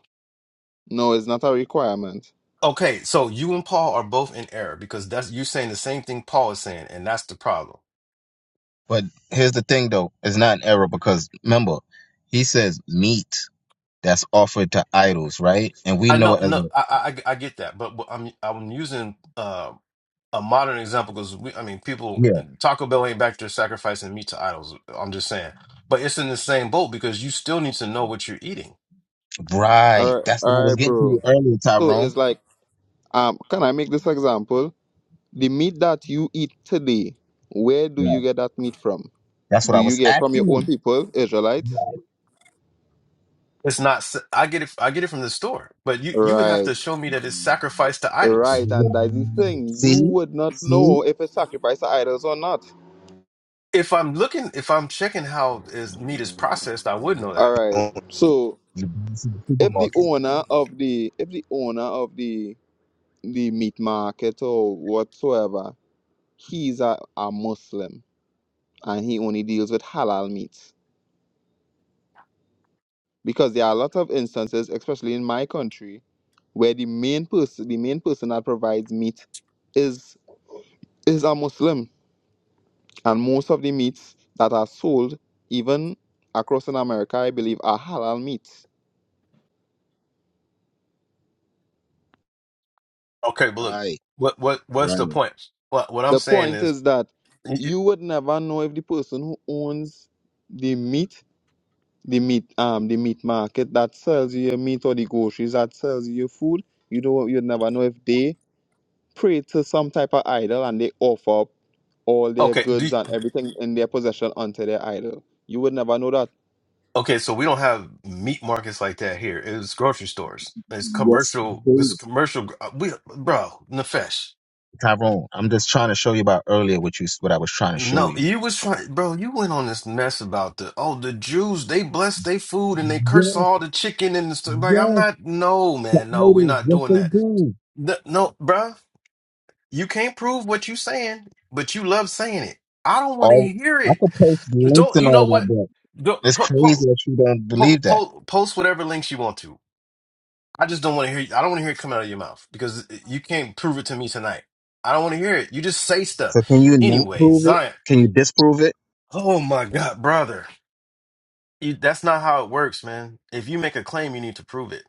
No, it's not a requirement.
Okay, so you and Paul are both in error because that's you're saying the same thing Paul is saying, and that's the problem.
But here's the thing though, it's not an error because remember, he says meat. that's offered to idols, right? And we
I
know
know,
it as a,
no, I I, I get that, but, but I'm I'm using uh a modern example because we, I mean, people
yeah,
Taco Bell ain't back there sacrificing meat to idols. I'm just saying, but it's in the same boat because you still need to know what you're eating.
All
right.
right,
That's what I
all
was
right,
getting to
bro.
you earlier,
So
Tyrone.
it's like, um, can I make this example? The meat that you eat today, where do you
Right.
get that meat from?
That's what
Do
I
you
was
get from your
asking
own
him.
people, Israelites?
Right.
It's not. s- I get it. I get it from the store, but you you would have
Right,
to show me that it's sacrificed to idols.
right, and that's the
Right.
thing. You
See,
would not know
see,
if it's sacrificed to idols or not.
If I'm looking, if I'm checking how is meat is processed, I would know
All
that.
right.
oh,
So
you buy this in the
if the
supermarket.
owner of the if the owner of the the meat market or whatsoever, he's a, a Muslim and he only deals with halal meat. because there are a lot of instances, especially in my country, where the main person, the main person that provides meat, is is a Muslim, and most of the meats that are sold, even across in America, I believe, are halal meats.
Okay, but look,
Right,
what what what's the
right.
point? What what I'm
The
saying
point
is,
is that
y- y-
you would never know if the person who owns the meat, the meat, um, the meat market that sells you your meat or the groceries that sells you your food, you don't, you'd never know if they pray to some type of idol and they offer up all their
okay, do
goods and everything in their possession onto their idol. You would never know that.
okay, so we don't have meat markets like that here. It's grocery stores. It's
Yes,
commercial. This
indeed.
commercial. uh, We, bro, Nefesh.
Tyrone. I'm just trying to show you about earlier what you what I was trying to show
No,
you.
you was trying, bro. You went on this mess about the oh, the Jews. They bless they food and they curse
Yes,
all the chicken and the stuff. Like I'm
yes,
not. No,
the
man. No, we're
idols.
not
Yes,
doing
they
that.
do.
No, no, bruh. You can't prove what you saying, but you love saying it. I don't want to
Oh,
hear
I
it.
could post links
Don't
and
you
all
know
of that,
what? Go,
but it's
po,
crazy
po,
that you don't
po,
believe that.
po, post whatever links you want to. I just don't want to hear. I don't want to hear it coming out of your mouth because you can't prove it to me tonight. I don't want to hear it. You just say stuff.
So can you not
Anyway,
prove it?
Zion.
Can you disprove it?
Oh my God, brother. You, that's not how it works, man. If you make a claim, you need to prove it.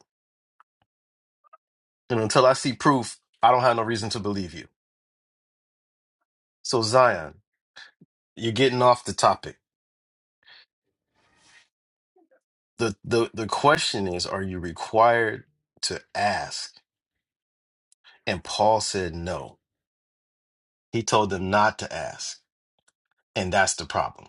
And until I see proof, I don't have no reason to believe you. So Zion, you're getting off the topic. the the the question is are you required to ask and paul said no he told them not to ask and that's the problem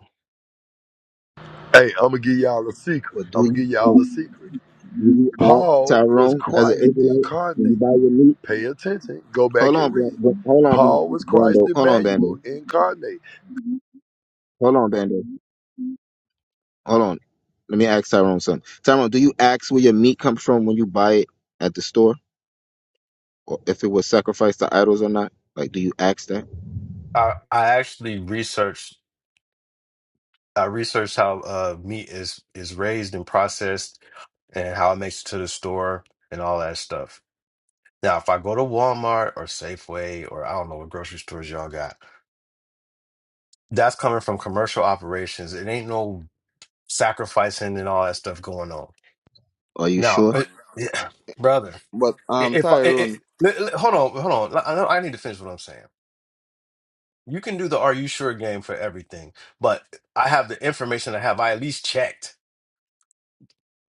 Hey, I'm gonna give y'all a secret.
Or
I'm
do
gonna
you
give y'all
uh,
a secret.
do you act
Paul was
Tyrone as an
Christ
Israelite when you
incarnate.
buy your meat?
Pay attention. Go
Hold
back and
on, Bla-
read.
Bla- hold on,
Paul
Bla-
was Christ
Bando. Hold on, Bando.
Emmanuel incarnate.
Hold on, Bando. Hold on. Let me ask Tyrone something. Tyrone, do you ask where your meat comes from when you buy it at the store? or if it was sacrificed to idols or not? Like, do you ask that?
i i actually researched i researched how uh meat is is raised and processed and how it makes it to the store and all that stuff Now, if I go to Walmart or Safeway or I don't know what grocery stores y'all got, that's coming from commercial operations. It ain't no sacrificing and all that stuff going on.
Are you
Now,
sure?
it, yeah, (clears throat) brother,
But
i-
um
if I, it, it,
Tyrone,
li- li- hold on, hold on, I, know- I need to finish what I'm saying. You can do the "Are you sure?" game for everything, but I have the information I have. I at least checked.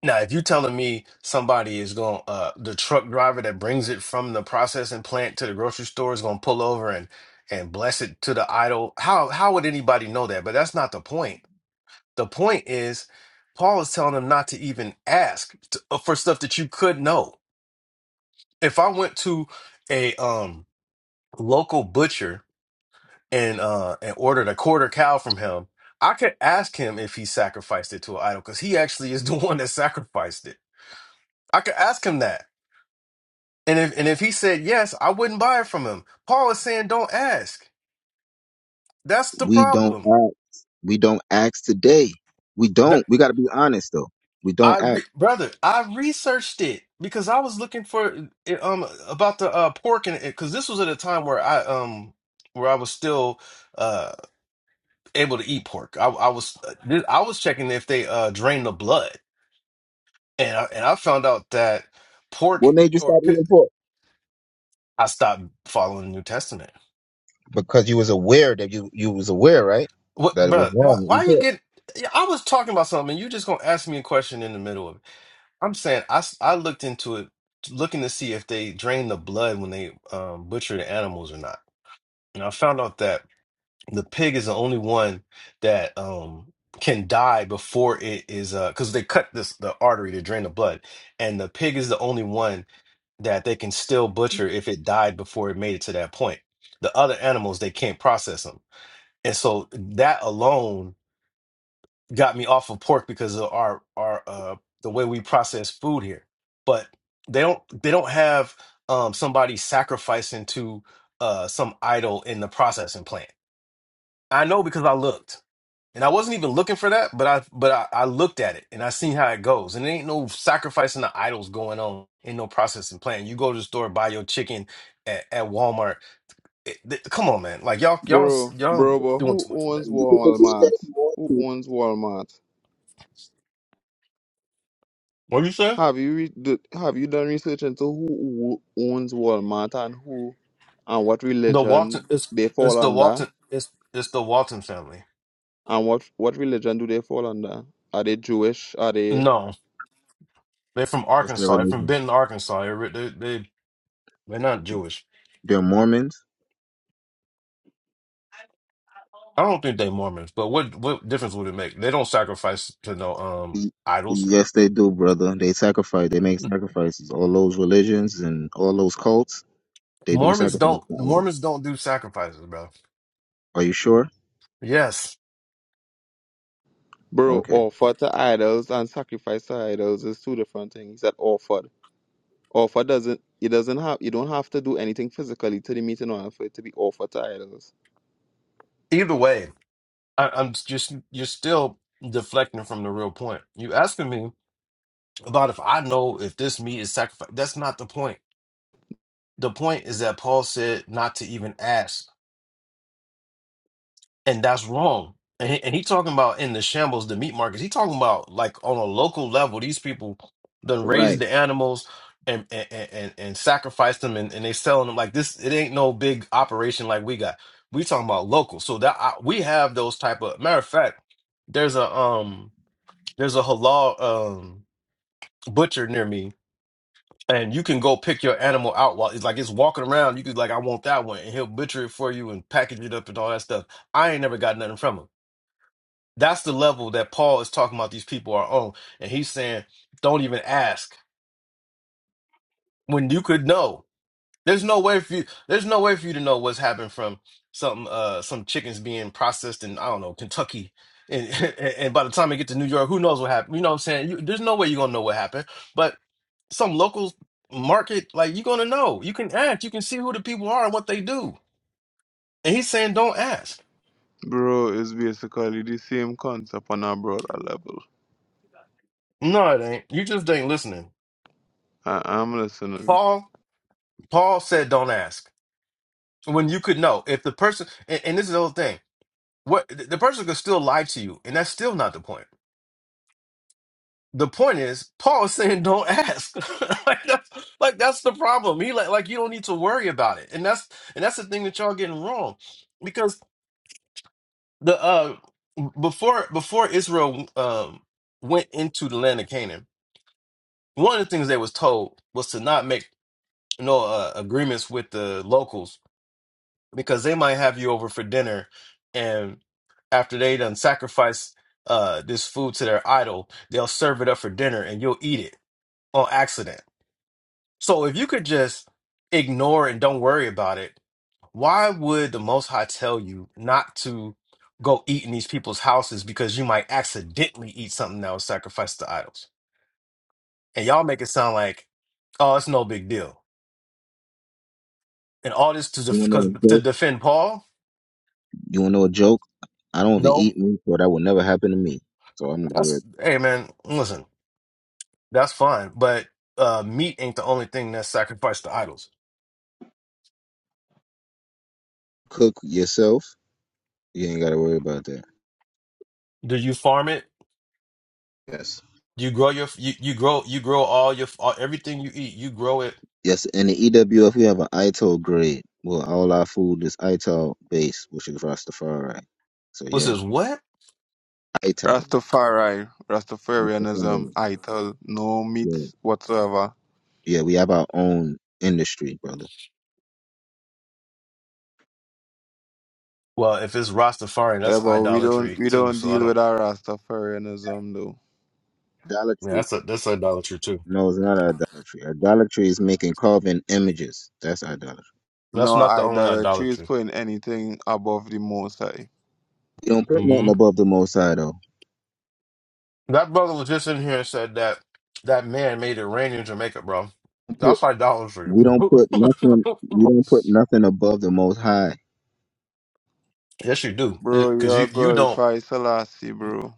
Now, if you're telling me somebody is going, uh, the truck driver that brings it from the processing plant to the grocery store is going to pull over and and bless it to the idol, how how would anybody know that? But that's not the point. The point is, Paul is telling them not to even ask to, uh, for stuff that you could know. If I went to a um local butcher and uh and ordered a quarter cow from him, I could ask him if he sacrificed it to an idol because he actually is the (laughs) one that sacrificed it. I could ask him that. And if and if he said yes, I wouldn't buy it from him. Paul is saying don't ask. That's the
We don't
problem.
ask. We don't ask today. We
That-
don't. We got to be honest though. We
I
don't ask.
re- brother, I researched it because I was looking for it, um about the uh, pork and because this was at a time where I um where I was still uh able to eat pork. I, I was I was checking if they uh drain the blood, and I, and I found out that pork
What made you
or
stop
pi-
eating pork?
I stopped following the New Testament
Because you was aware that you you was aware, right?
What,
That it was
bro? Why,
wrong. that You
why you
did.
get? yeah, I was talking about something, and you just gonna ask me a question in the middle of it. I'm saying I, s- I looked into it, looking to see if they drain the blood when they um, butcher the animals or not, and I found out that the pig is the only one that um can die before it is uh because they cut this the artery to drain the blood, and the pig is the only one that they can still butcher if it died before it made it to that point. The other animals, they can't process them. And so that alone got me off of pork because of our our uh the way we process food here. But they don't they don't have um somebody sacrificing to uh some idol in the processing plant. I know because I looked. And I wasn't even looking for that, but I but I, I looked at it and I seen how it goes. And there ain't no sacrificing the idols going on in no processing plant. You go to the store, buy your chicken at, at Walmart. It- th- come on, man. Like y'all y'all
bro,
y'all
bro, bro.
doing
who
too much with that.
owns
You could believe
Walmart?
that if you want
Who
to.
owns Walmart?
What you say?
Have you re- do, have you done research into who, who owns Walmart and who and what
The Walton
religion
it's
they
it's
fall
the
under
Walton it's it's the Walton family.
and what what religion do they fall under? Are they Jewish? Are they
No, they're from
What's their
Arkansas. They're from
religion?
Benton, Arkansas. They're, they they they're not Jewish.
They're Mormons.
I don't think they're Mormons. But what what difference would it make? They don't sacrifice to no um
Y-
idols.
Yes, they do, brother. They sacrifice. They make sacrifices. All those religions and all those cults, they do
Mormons
sacrifice
don't
to
Mormons
idols.
don't do sacrifices, bro.
Are you sure?
Yes.
bro
Okay.
offer to idols and sacrifice to idols is two different things. That offer Offer doesn't it doesn't have you don't have to do anything physically to the meet in order for it to be offer titles.
Either way, I, I'm just you're still deflecting from the real point. You asking me about if I know if this meat is sacrificed. That's not the point. The point is that Paul said not to even ask and that's wrong. And he, and he talking about in the shambles, the meat markets. He talking about like on a local level, these people done raise
Right.
the animals and and and, and sacrifice them, and, and they selling them like this. It ain't no big operation like we got. We talking about local, so that I, we have those type of matter of fact. There's a um there's a halal um butcher near me, and you can go pick your animal out while it's like it's walking around. You could like I want that one, and he'll butcher it for you and package it up and all that stuff. I ain't never got nothing from him. That's the level that Paul is talking about these people are on. And he's saying, don't even ask when you could know. There's no way for you there's no way for you to know what's happened from some uh some chickens being processed in, I don't know, Kentucky. And, (laughs) and by the time they get to New York, who knows what happened? You know what I'm saying? You, there's no way you're gonna know what happened. But some local market, like you're gonna know. You can ask, you can see who the people are and what they do. And he's saying, Don't ask.
Bro, it's basically the same concept on a broader level.
No, it ain't. You just ain't listening.
I- I'm listening.
Paul, Paul said, Don't ask. when you could know if the person and, and this is the whole thing what the the person could still lie to you and that's still not the point the point is paul is saying don't ask (laughs) like, that's, like that's the problem he like, like you don't need to worry about it and that's and that's the thing that y'all getting wrong because the uh before before israel um went into the land of canaan one of the things they was told was to not make no uh, agreements with the locals because they might have you over for dinner and after they done sacrifice uh this food to their idol they'll serve it up for dinner and you'll eat it on accident so if you could just ignore and don't worry about it why would the most high tell you not to go eat in these people's houses because you might accidentally eat something that was sacrificed to idols and y'all make it sound like oh it's no big deal and all this to
You
def-
wanna know
cause,
a
to
joke?
defend paul
You wanna know a joke? I don't even
no
eat meat, so that will never happen to me. So I'm gonna go
that's
ahead.
hey man listen That's fine, but uh, meat ain't the only thing that's sacrificed to idols.
Cook yourself. You ain't gotta worry about that.
Do you farm it?
Yes.
Do You grow your you, you grow you grow all your all, everything you eat. You grow it.
Yes, in the EWF we have an ITO grade. Well, all our food is ital based, which is Rastafari. So
What's
yeah,
this? What?
ital.
Rastafari, Rastafarianism,
Rastafari.
ITIL, no
Yeah.
meats whatsoever.
Yeah, we have our own industry, brother.
Well, if it's Rastafarian,
Yeah,
that's
but we don't
idolatry
we
too.
don't
So I
deal
don't.
with our Rastafarianism though.
Yeah,
Idolatry.
that's a, that's idolatry too.
No, it's not idolatry. Idolatry is making carving images. That's idolatry.
That's
No
not the only
idolatry is
idolatry.
putting anything above the Most High.
We don't put
hmm
nothing above the Most High, though.
That brother was just in here and said that that man made it rain in Jamaica, bro. That's idolatry. (clears throat)
We don't put nothing. We don't put nothing above the Most High.
Yes, you do,
Bro,
because
you're
you you don't.
glorify Selassie, bro.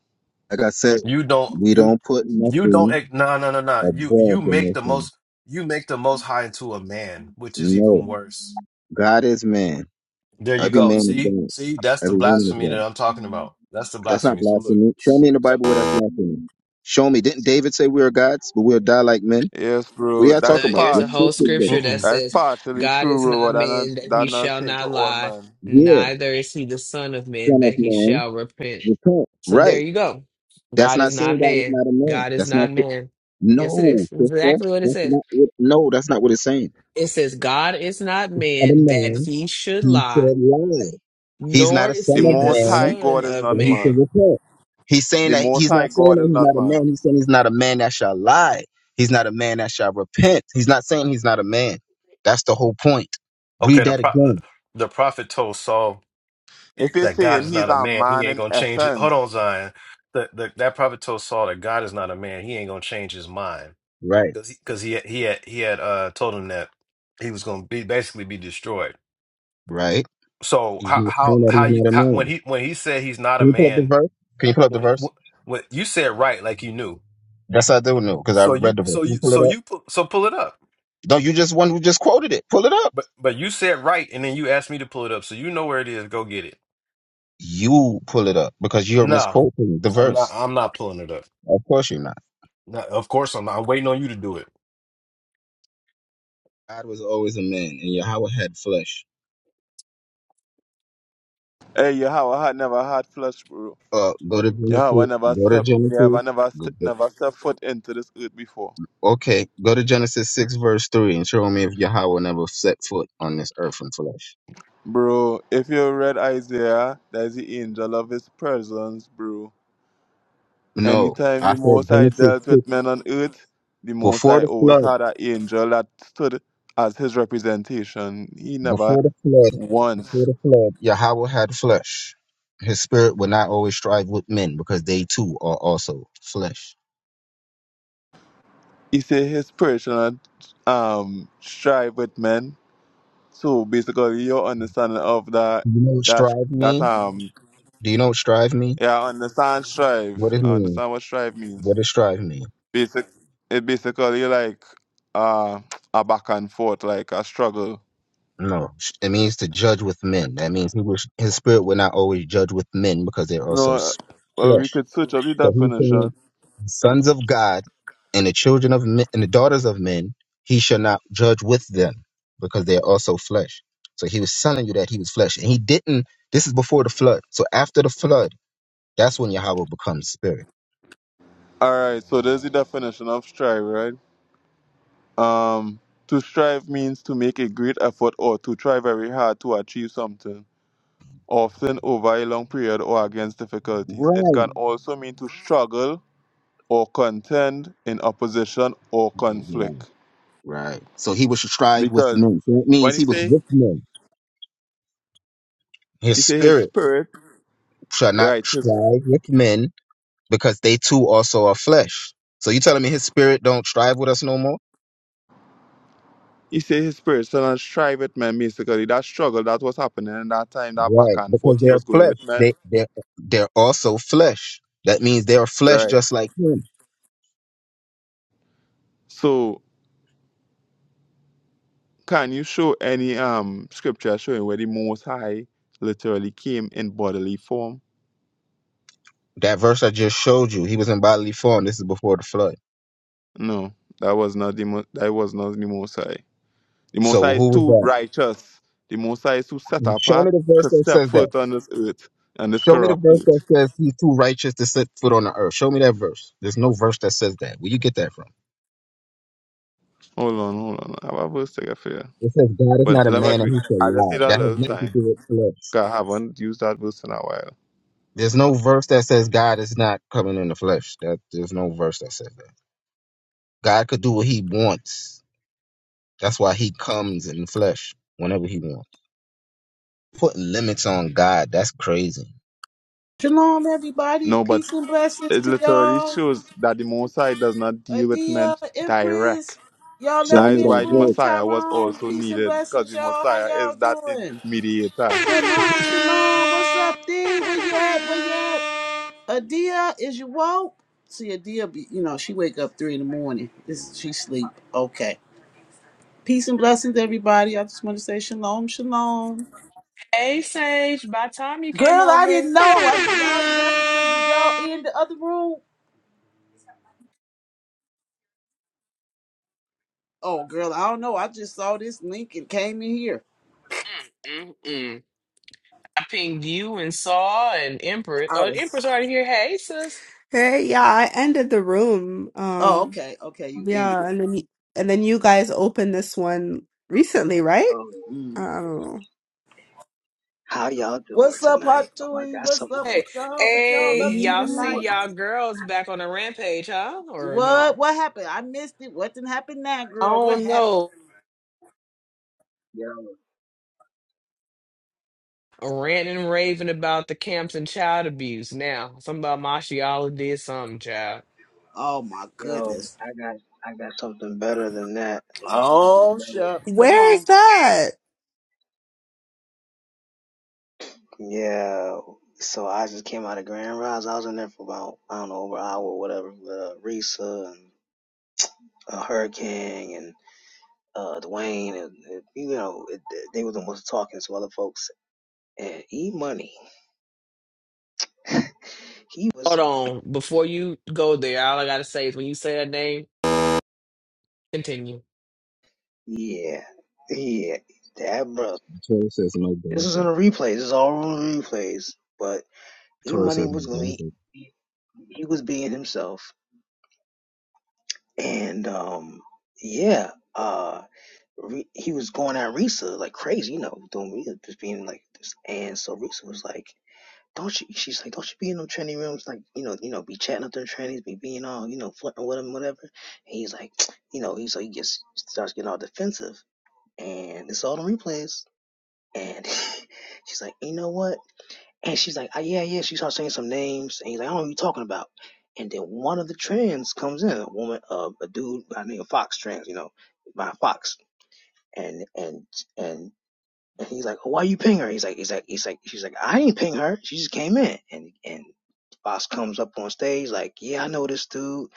Like I said,
You don't
we
you
don't put
you don't
nothing
act- no no no no. You you
above the
make
Most
the
High.
most you make the most high into a man, which is
No,
even worse.
God is man.
There you
Every
go.
man is
See?
God.
See, that's the
Every woman is
blasphemy that
God.
I'm talking about. That's the
That's not
blasphemy. So look.
blasphemy. Show me in the
So
Bible where that's blasphemy. Show me. Didn't David say we are gods, but we'll die like men?
Yes,
What
bro.
are y'all
That's
talking
The-
about?
There's
Your
a
partial.
whole
scriptures say that.
scripture that
mm-mm.
That is
says,
partially
God
true,
is not
Robert, and
man
I-
that he
that not
shall
saying to
not
all
lie,
men.
Yeah,
neither is he the son of man
son
that
of
he
man,
shall repent.
repent.
So there
Right.
you go.
That's
God is
not saying
not
God is
man.
not a man.
God is
That's
not
not.
man. Yes, it
No,
is.
sister.
Exactly what it
That's
says.
not. What, no, that's not what it's saying.
It says, God is not
Of a
man that
man,
he should
he
lie,
should lie. He's not
nor
a
is
The
son
he
of
the
Most High
man,
son
God is
of
so
not
he should
man.
man.
repent. He's saying
The
that
Most
he's
High
not saying
God
that
is
he's
not
not a
man.
man. He's saying he's not a man that shall lie. He's not a man that shall repent. He's not saying he's not a man. That's the whole point. Read
okay, the
that
pro the,
again.
the prophet told Saul
If you're
that God
saying
is
he's
not a
a
man. He
man
ain't
in
gonna change it. Hold on,
essence,
Zion. The, the, that prophet told Saul that God is not a man. He ain't gonna change his mind
Right.
because he because he had- he had he had uh told him that he was gonna be basically be destroyed.
Right.
So
He's
how
not
how
saying that
how
he's
you
not a
how, when
man.
he when he said he's not a
Can you pull up the
man
verse? Can you pull up the
when
verse?
when you said right like you knew
Yes, I do know because I
so you
read the verse.
so
Can you
you
pull it
so
up?
you pu- so pull it up
No, you just one who just quoted it. Pull it up.
but but you said right and then you asked me to pull it up so you know where it is go get it
You pull it up because you're
no
misquoting the
I'm not
verse.
I'm not pulling it up
Of course you're not.
Not- of course I'm not I'm waiting on you to do it
God was always a man, and Yahweh had flesh.
hey, you have a heart, never had flesh, bro.
Uh, go to
You have a
Genesis.
never
Go to
step,
Genesis.
never, never,
Go-
step,
go-
never step foot into this earth before.
Okay, go to Genesis six verse three and show me if Yahweh never set foot on this earth in flesh.
Bro, if you read Isaiah, there's the angel of his presence, bro.
No,
Anytime
I
the
said
Most High
Genesis
dealt with
six
men on earth, the Most
before
High
the
always
flood.
had an angel that stood as his representation. He never
Before the flood, before
once.
the flood, Yahweh had flesh. His spirit will not always strive with men because they too are also flesh.
He said his personal um strive with men. So basically, your understanding of that
Do You know what
that
strive
that
mean?
um
Do you know what strive mean?
yeah, I understand strive.
What it
I
mean?
understand what strive means.
What does strive mean?
Basic. It basically like uh a back and forth, like a struggle.
No, it means to judge with men. That means he was, his spirit will not always judge with men because they're also
No,
s-
well, we
flesh.
could switch up the
So he's
definition.
saying sons of God and the children of men, and the daughters of men, he shall not judge with them because they are also flesh. So he was telling you that he was flesh. And he didn't, this is before the flood. So after the flood, that's when Yahweh becomes spirit.
All right, so there's the definition of strive, right? Um, to strive means to make a great effort or to try very hard to achieve something, often over a long period or against difficulties. It
Right.
can also mean to struggle or contend in opposition or conflict.
Right. right. So he was strive with
Because
men. So it
when
means
you
he was
say
with men. His
you say his
spirit
spirit,
shall not
right? His,
strive with men because they too also are flesh. So you telling me his spirit don't strive with us no more?
you say his spirit, so and strive it, man. Basically, that struggle that was happening in that time, that back
Right,
and
because
forth he
they're
was going
flesh.
with, man.
They they're they're also flesh. That means they're flesh
Right.
just like him.
So Can you show any um scripture showing where the Most High literally came in bodily form?
That verse I just showed you, he was in bodily form. This is before the flood.
No, that was not the mo- that was not the Most High. The Most High
So
is
who was
too
that?
righteous. The Most High is too set
Show
apart
me the verse
to
that
step
says that.
foot on this earth on this
Show me the
corrupt
verse that
earth.
says he's too righteous to set foot on the earth. Show me that verse. There's no verse that says that. Where you get that from?
Hold on, hold on. I have a verse to get for you.
It says God is
But
not a
let me
man and
agree.
he shall
I just need
lie.
a
That has
little
nothing to
time.
do with flesh.
'cause I haven't used that verse in a while.
There's no verse that says God is not coming in the flesh. That there's no verse that says that. God could do what he wants That's why he comes in the flesh whenever he wants. Putting limits on God, that's crazy.
Shalom, everybody.
No, but
Peace and blessings
it
to
literally
y'all.
shows that the Most High does not deal with men
Adia,
direct
Empress, y'all
Show
left
That
me
me
is
in the
why
that
the
verse.
room.
Messiah was
Tyrone,
also
peace and
needed, because
blessings,
the
y'all. How
Messiah
y'all
is that in-
doing?
mediator.
Shalom, shalom. What's up, D? Where you at? Where you at? Adia, is you woke? See, Adia, be, you know, she wake up three in the morning. This, she sleep. Okay. Peace and blessings, everybody. I just want to say shalom, shalom.
Hey, Sage, by the time you came
Girl, I
over,
didn't know. I, y'all done left me in. Did y'all in the other room? Oh, girl, I don't know. I just saw this link and came in here.
Mm-mm-mm. I pinged you and Saw and Empress.
I
Oh,
was
Empress already here. Hey, sis.
Hey, yeah, I ended the room.
Oh,
Um,
okay, okay, you ended it.
yeah, and then y- and then you guys opened this one recently, right?
Yo,
Mm.
I don't know.
how y'all doing
What's up,
tonight? Oh, I
Hatui?
got
What's
something.
up with
Hey,
y'all? What y'all
hey,
up to
y'all see
Ooh,
tonight?
y'all girls back on the rampage, huh? Or
What?
no?
What happened? I missed it. What didn't happen now,
I
girl? What
don't
happened?
know.
yo,
Ranting and raving about the camps and child abuse. Now, something about Mashiala did something, child.
Oh my
yo,
goodness.
I got I got something better than that. I got something
oh
better.
shucks, come
Where is
on.
that?
Yeah. So I just came out of Grand Rise. I was in there for about I don't know over an hour or whatever. With, uh, Risa and uh, Hurricane and uh, Dwayne and, and, you know it, they were the ones talking to other folks and E Money. (laughs) he
Hold
was
on. Before you go there, all I gotta say is when you say that name, continue.
yeah yeah that bro.
The Torah says no
This
benefit.
is in the
The
replays. This is all on the replays. But E
Torah
Money
says
was
no
gonna be
benefit.
he was being himself and um yeah uh, Re- he was going at Risa like crazy, you know, doing Risa just being like this. And so Risa was like, "Don't you?" She's like, "Don't you be in them tranny rooms? Like, you know, you know, be chatting up them trannies, be being all, you know, flirting with them, whatever." And he's like, (tsk) you know, he's like, he gets starts getting all defensive, and it's all the replays. And (laughs) she's like, "You know what?" And she's like, "Ah, "Yeah, yeah." She starts saying some names, and he's like, "I don't know what you talking about." And then one of the trans comes in, a woman, uh, a dude by the name of Fox Trans, you know, by Fox, and and and and he's like, oh, why you ping her? He's like, he's like, he's like, she's like, I ain't ping her. She just came in. And, and Boss comes up on stage like, yeah, I know this dude.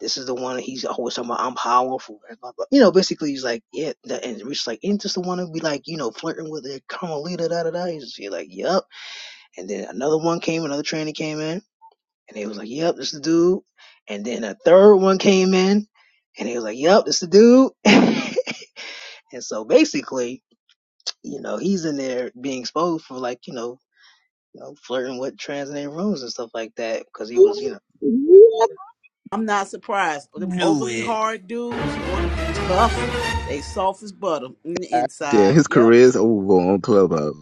This is the one that he's always talking about. I'm powerful. and blah, blah. You know, basically he's like, yeah. That, and Rich like, ain't this the one who be like, you know, flirting with the Carmelita, da, da, da. He's just, he's like, yep. And then another one came, another trainee came in and he was like, yep, this is the dude. And then a third one came in and he was like, yep, this is the dude. (laughs) and so basically you know, he's in there being exposed for like, you know, you know, flirting with trans and rooms and stuff like that because he was, you know,
(laughs)
I'm not surprised. Them
Knew
overly
it.
hard dudes who want to be tough, they soft as butter in the
Yeah,
inside.
his
Yep.
career is over on Clubhouse.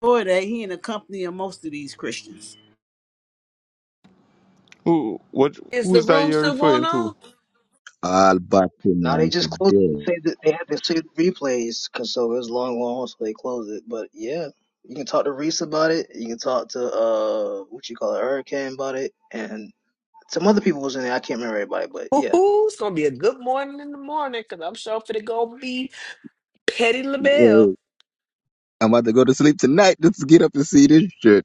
Boy, they he in the company of most of these Christians.
Who what
Is
who
the
is that
room
you're
still going
referring to?
on?
I'll about him
now they
on
just closed it and
today.
say that they had to see the replays because so it was long, long, so they closed it. But yeah, you can talk to Reese about it. You can talk to uh, what you call it, Hurricane about it, and some other people was in there. I can't remember everybody, but yeah.
Woohoo! It's gonna be a good morning in the morning because I'm sure for it gonna be Petty
Well,
LaBelle.
I'm about to go to sleep tonight. Let's get up and see this shit. It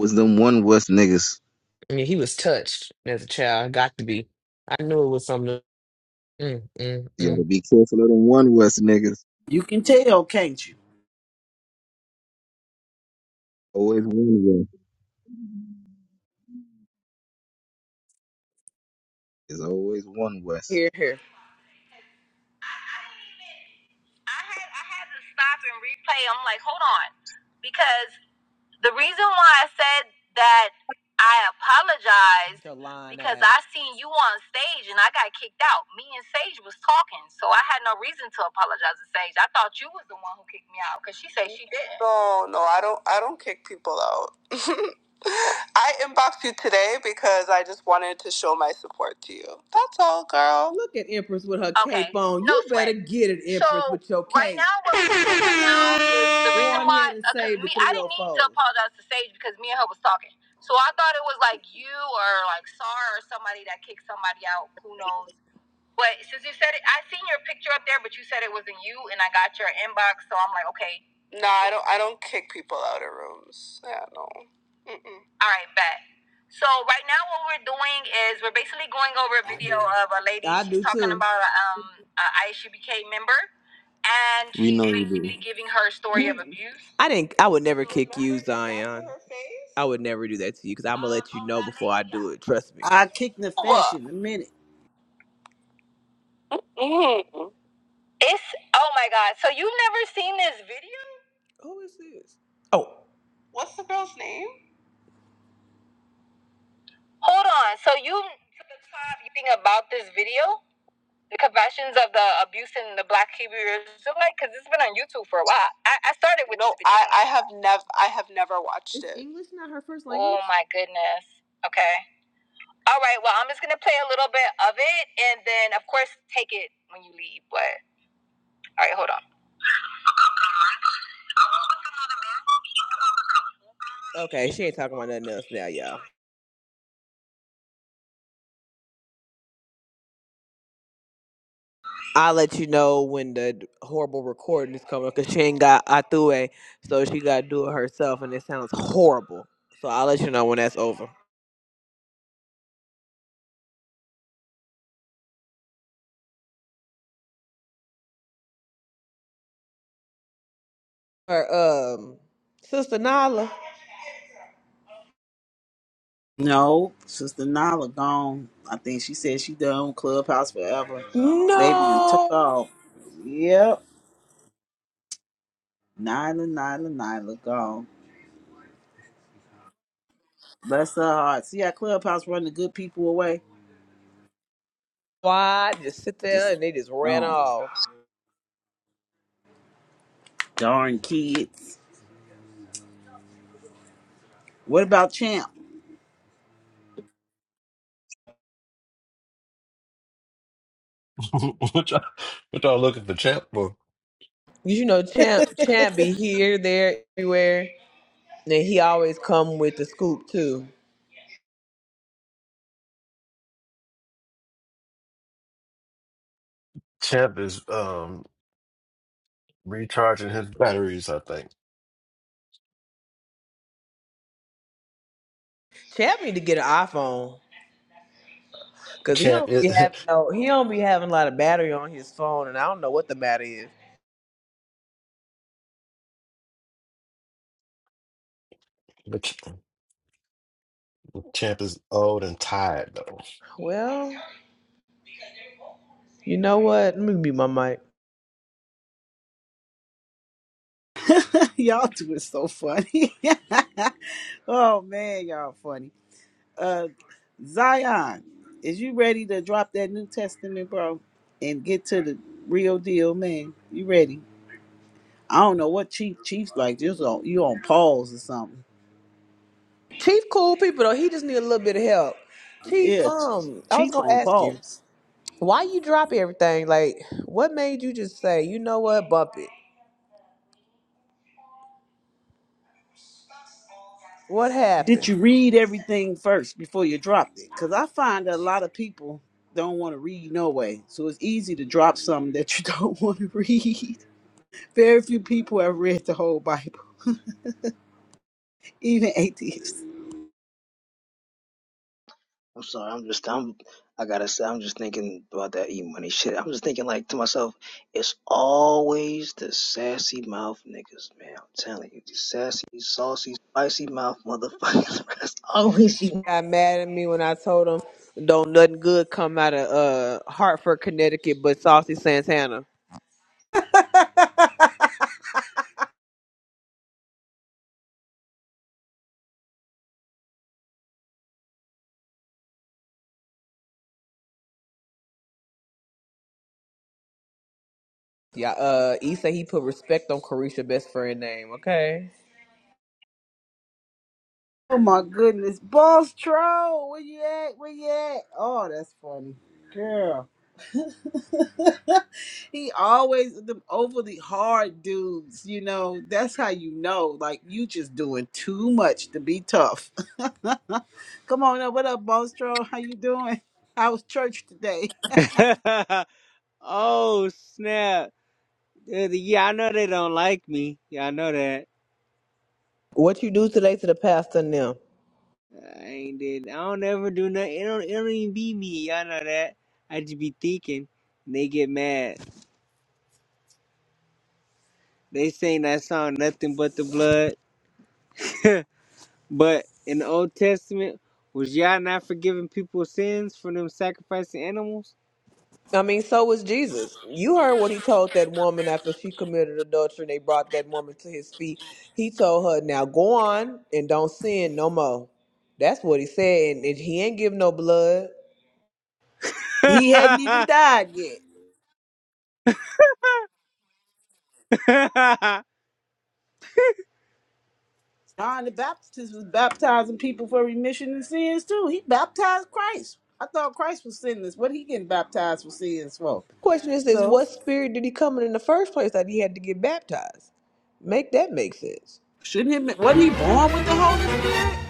was them one West niggas.
Yeah, he was touched as a child. Got to be. I knew it was something. Mm, mm,
You gotta
mm.
be careful of them one West niggas.
You can tell, can't you?
Always one West. There's always one West.
Here, here. I, I didn't even. I had I had to stop and replay. I'm like, hold on, because the reason why I said that I apologize because ass. I seen you on stage and I got kicked out. Me and Sage was talking, so I had no reason to apologize to Sage. I thought you was the one who kicked me out because she said she did. Oh, look at Empress with her Okay, cape on. no You sweat. better get it, So Empress, so with your right cape. Right now, what we doing right now is the reason why ahead me I didn't need to apologize to Sage because me and her was talking. So I thought it was like you or like Sar or somebody that kicked somebody out. Who knows? Wait, since you said it, I seen your picture up there, but you said it wasn't you, and I got your inbox, so I'm like, okay. No, I don't. I don't kick people out of rooms. Yeah, no. All right, bet. So right now, what we're doing is we're basically going over a video of a lady. I She's do talking too. about a, um a ISUBK member, and
We know
she's
you do.
basically giving her story of (laughs) abuse. I didn't. I would never kick you, Zion. I would never do that to you because I'm gonna let you know before I do it. Trust me.
I kicked the fish
What?
in a minute.
Hmm. It's oh my god. So you've never seen this video? Who is this? Oh. What's the girl's name? Hold on. So you to the top you think about this video? The confessions of the abuse in the black Hebrew Israelite? Because it's been on YouTube for a while. I, I started with No, I, I have never I have never watched It's it. English language? Oh my goodness. Okay. All right, well I'm just gonna play a little bit of it and then of course take it when you leave, but all right, hold on. Okay, she ain't talking about nothing else now, y'all. I'll let you know when the horrible recording is coming because she ain't got Atue, so she got to do it herself, and it sounds horrible. So I'll let you know when that's over. Her um sister Nala.
No, Sister Nala gone. I think she said she done with Clubhouse forever. Baby and took
No,
off. Yep. Nyla, Nyla, Nyla gone. Bless her heart. See how Clubhouse run the good people away?
why just sit there
Just
and they just ran
gone.
off?
Darn kids. What about Champ?
(laughs) what y'all what y'all looking for champ for
You know, Champ Champ be here, there, everywhere, and he always come with the scoop too.
champ is um recharging his batteries I think
Champ need to get an iPhone. Cause he don't be having no, he don't be having a lot of battery on his phone, and I don't know what the matter is. Well, you know what? Let me mute my mic.
(laughs) Y'all two is so funny. (laughs) oh man, y'all funny. Uh, Zion, is you ready to drop that New Testament, bro, and get to the real deal, man? You ready? I don't know what Chief Chief's like. Just on you on pause or something.
Chief, cool people though. He just need a little bit of help. Chief,
Yeah, Ch-
um, I was
Chief
gonna
on
ask him
pause.
why you drop everything. Like, what made you just say, you know what, bump it? What
Did
happened?
you read everything first before you dropped it? Cause I find that a lot of people don't want to read no way. So it's easy to drop something that you (laughs) don't want to read. Very few people have read the whole Bible, even atheists.
I'm sorry. I'm just I'm I gotta say I'm just thinking about that e money shit. I'm just thinking like to myself, it's always the sassy mouth niggas, man. I'm telling you, the sassy, saucy, spicy mouth motherfuckers. (laughs) It's always you
Got mad at me when I told him, don't nothing good come out of uh Hartford, Connecticut, but Saucy Santana. Yeah, uh, he said he put respect on Carisha best friend name. Okay.
Oh my goodness, boss troll, where you at? Where you at? Oh, that's funny, girl. (laughs) he always them overly hard dudes. You know, that's how you know. Like you just doing too much to be tough. (laughs) Come on up. What up, boss troll? How you doing? I was church today?
(laughs) oh snap! Uh, Yeah, I know they don't like me. Yeah, I know that.
What you do today to the pastor and them?
I ain't did. I don't ever do nothing. It don't. It don't even be me. Y'all know that. I just be thinking. and They get mad. They sing that song "Nothing But the Blood," but in the Old Testament, was y'all not forgiving people's sins for them sacrificing animals?
I mean, so was Jesus. You heard what he told that woman after she committed adultery and they brought that woman to his feet. He told her, Now go on and don't sin no more. That's what he said. And, and he ain't give no blood.
He hadn't
(laughs)
even died John the Baptist was baptizing people for remission of sins too. He baptized Christ. I thought Christ was sinless. What he getting baptized for sins for?
Question is this
So
what spirit did he come in in the first place that he had to get baptized? Make that make sense.
shouldn't he? Wasn't he born with the Holy Spirit?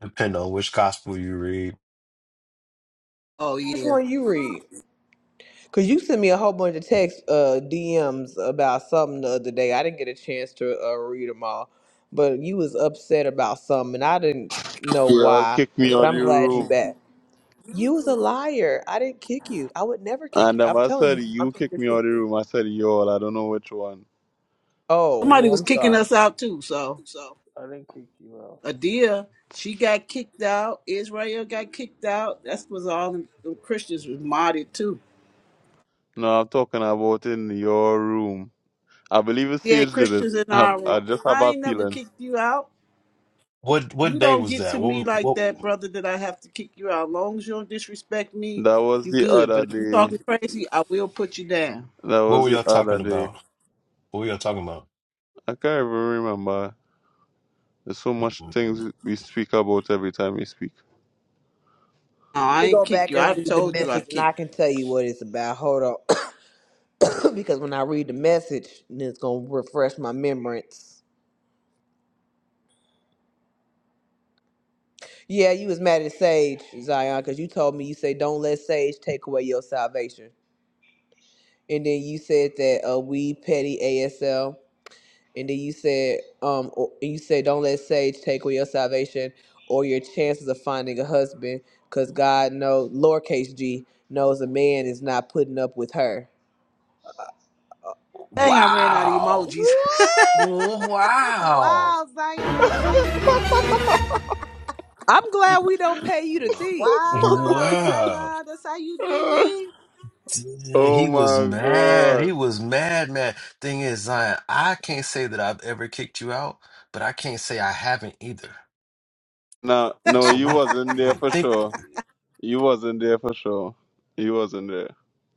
depending on which gospel you read
Oh
Which
yeah.
one you read? Cause you sent me a whole bunch of text uh, DMs about something the other day. I didn't get a chance to uh, read them all, but you was upset about something, and I didn't know
They all
why.
kicked me
But
out of
I'm
the
glad you
room.
back. You was a liar. I didn't kick you. I would never kick you.
And um,
I'm
I
telling you.
said
I'm
you
telling you
kicked
the
me out
truth.
of the room. I said y'all, I don't know which one.
Oh,
Somebody
well,
was
I'm
kicking
sorry.
us out too. So
I didn't kick you
Adia, she got kicked out. Israel got kicked out. That was all the Christians was modded too.
No, I'm talking about in your room. I believe it's
Yeah,
Sage did it.
Christians in
(laughs) I,
our
I
room.
just have
I
a
ain't never
feeling.
kicked you out.
What
You
what day
don't
was
get to
that? What
me
was
like
what
that, brother, that I have to kick you out. As long as you don't disrespect me,
That was
you
the
good.
other
But if you
day.
talking crazy, I will put you down.
That
what
was
were y'all
the other
talking
day.
about? What were y'all talking about?
I can't even remember. There's so much things we speak about every time we speak.
No,
Let
I
me
ain't
go
kick
back
you. I
and read the
told you I
message, and I
kicked you.
can tell you what it's about. Hold on, (coughs) because when I read the message, then it's gonna refresh my memories. Yeah, you was mad at Sage, Zion, because you told me you say don't let Sage take away your salvation. And then you said that uh, we petty ASL. And then you said um or, you said don't let Sage take away your salvation or your chances of finding a husband, because God knows lowercase G knows a man is not putting up with her.
Dang, I ran out of
Wow.
emojis.
What?
(laughs)
Wow.
wow, Zion, that's how you do me.
I'm glad we don't pay you to think because uh,
Wow,
Wow.
Zion, that's how you do
(laughs)
me.
Dang,
Oh
he was
my
mad. He
god.
was mad, man. Thing is, Zion, I can't say that I've ever kicked you out, but I can't say I haven't either.
No, no,
So
you
what
wasn't
I
there
mean,
for
think
sure. You wasn't there for sure. You wasn't there.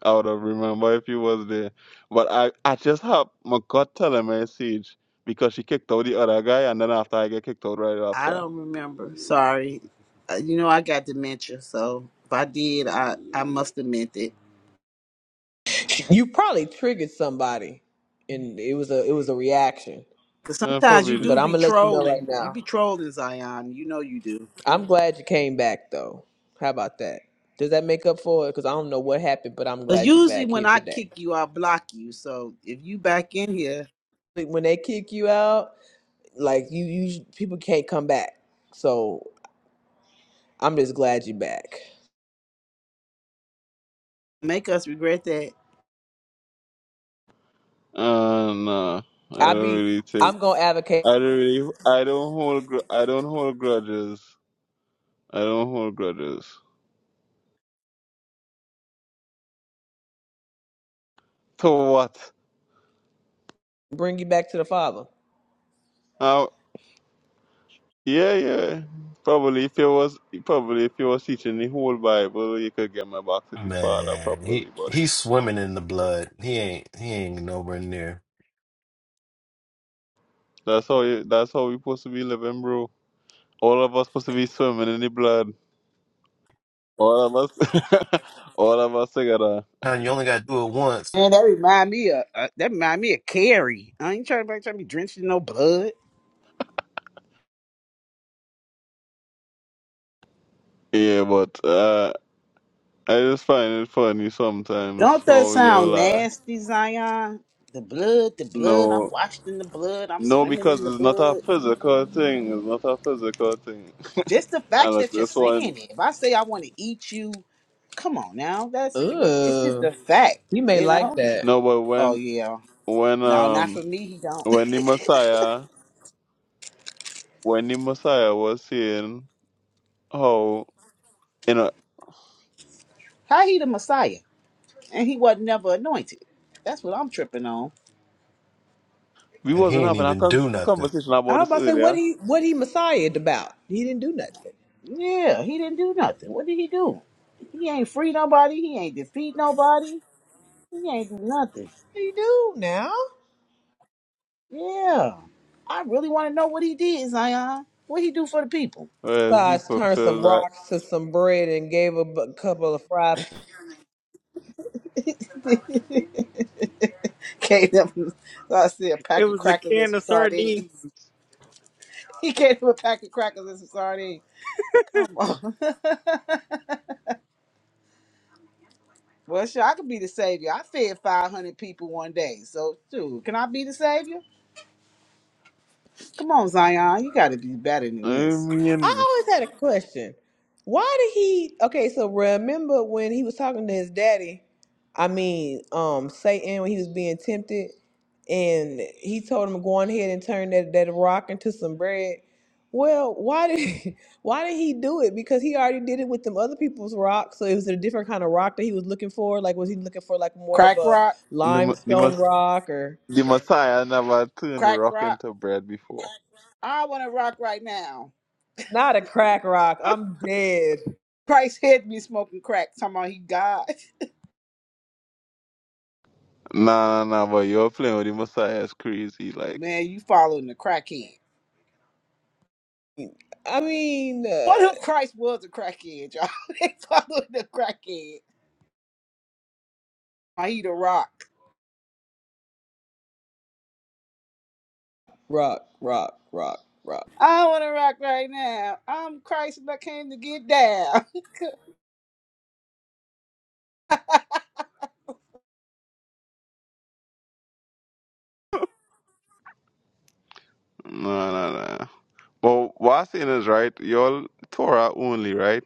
I would have remembered if you was there. But I, I just have my God telling me message because she kicked out the other guy and then after I get kicked out right
I
after.
don't remember. Sorry. Uh, You know, I got dementia, so if I did, I, I must have meant it.
you probably triggered somebody, and it was a it was a reaction.
Because
Uh,
sometimes you
probably did.
do
But I'm
be
gonna let you know right
trolling. You
now.
be trolling, Zion. You know you do.
I'm glad you came back though. How about that? Does that make up for it? Because I don't know what happened, but I'm
Because
glad you're
usually
back
when
here
I
today.
kick you, I block you. So if you back in here,
Like, When they kick you out, like you, you people can't come back. So I'm just glad you're back.
make us regret that.
Uh no. I
I
don't
be,
really take
I'm gonna advocate
I don't really I don't hold gr- I don't hold grudges. I don't hold grudges. To what?
bring you back to the Father.
Uh, Yeah, yeah. Probably if you was probably if you was teaching the whole Bible, you could get my back to the Father
man,
properly.
he
But
he's swimming in the blood. He ain't he ain't nowhere near.
that's how you, that's how we supposed to be living, bro. All of us supposed to be swimming in the blood. All of us, (laughs) all of us together.
And you only gotta do it once
Man, that remind me of uh, that remind me of Carrie. I ain't trying to, trying to be drenched in no blood.
Yeah, but uh, I just find it funny sometimes
Don't that
how
sound
you'll uh,
nasty, Zion? The blood, the blood. I'm
no,
washed in the blood. I'm
no,
swimming in
because
the
it's not a
blood.
physical thing. It's not a physical thing. (laughs)
Just the
and
fact
look,
that you're
this
saying
one,
it. If I say I want to eat you, come on now. That's it's just
Ugh,
a fact,
you may
you
like
know.
that.
no, but
Oh
when
yeah.
when
No, not
um.
for me. He don't.
when the Messiah, when the Messiah was saying how you know
(laughs) How he the Messiah? and he wasn't never anointed. That's what I'm tripping on.
we
and he
wasn't
ain't
having a
even
con-
do nothing.
conversation
I
about
was
this
about to say what
earlier.
he, what he messiahed about. He didn't do nothing. What
Yeah, he didn't do nothing. What did he do? He ain't free nobody. He ain't defeat nobody. He ain't do nothing.
he do now?
Yeah, I really want to know what he did, Zion. What he do for the people?
Well, he
Besides, turned some
fulfilled that.
rocks to some bread and gave a bu- couple of fried
(laughs) Gave them. so I see a
it
pack of
was a
crackers and
can
some
of
sardines. (laughs)
sardines.
He gave them a pack of crackers and some sardines. Come on. (laughs) well, sure, I could be the savior. I fed 500 people one day. So, dude, can I be the savior? Come on, Zion. You got to be better than
I
this.
mean,
I always had a question. Why did he? Okay, so remember when he was talking to his daddy? I mean, um, Satan when he was being tempted, and he told him go on ahead and turn that that rock into some bread. Well, why did (laughs) why did he do it? Because he already did it with them other people's rocks. So it was a different kind of rock that he was looking for. Like, was he looking for like more of
Crack
a
rock,
the Ma- the,
limestone
Mess-
rock or
the Messiah never turned
crack
rock
rock.
into bread before.
I want to rock right now.
not a crack rock? I'm dead.
Christ had me smoking crack. Talking about he died.
Nah, nah, nah. But you're playing with the Messiah is crazy.
(laughs)
Like,
Man, you following the crackhead.
I mean.
What
uh,
if Christ was a crackhead, y'all? (laughs) they following the crackhead. I he the rock.
rock, rock, rock, rock.
I want to rock right now. I'm Christ and I came to get down. (laughs)
nah, nah, nah. But what I'm saying is right. You're Torah only, right?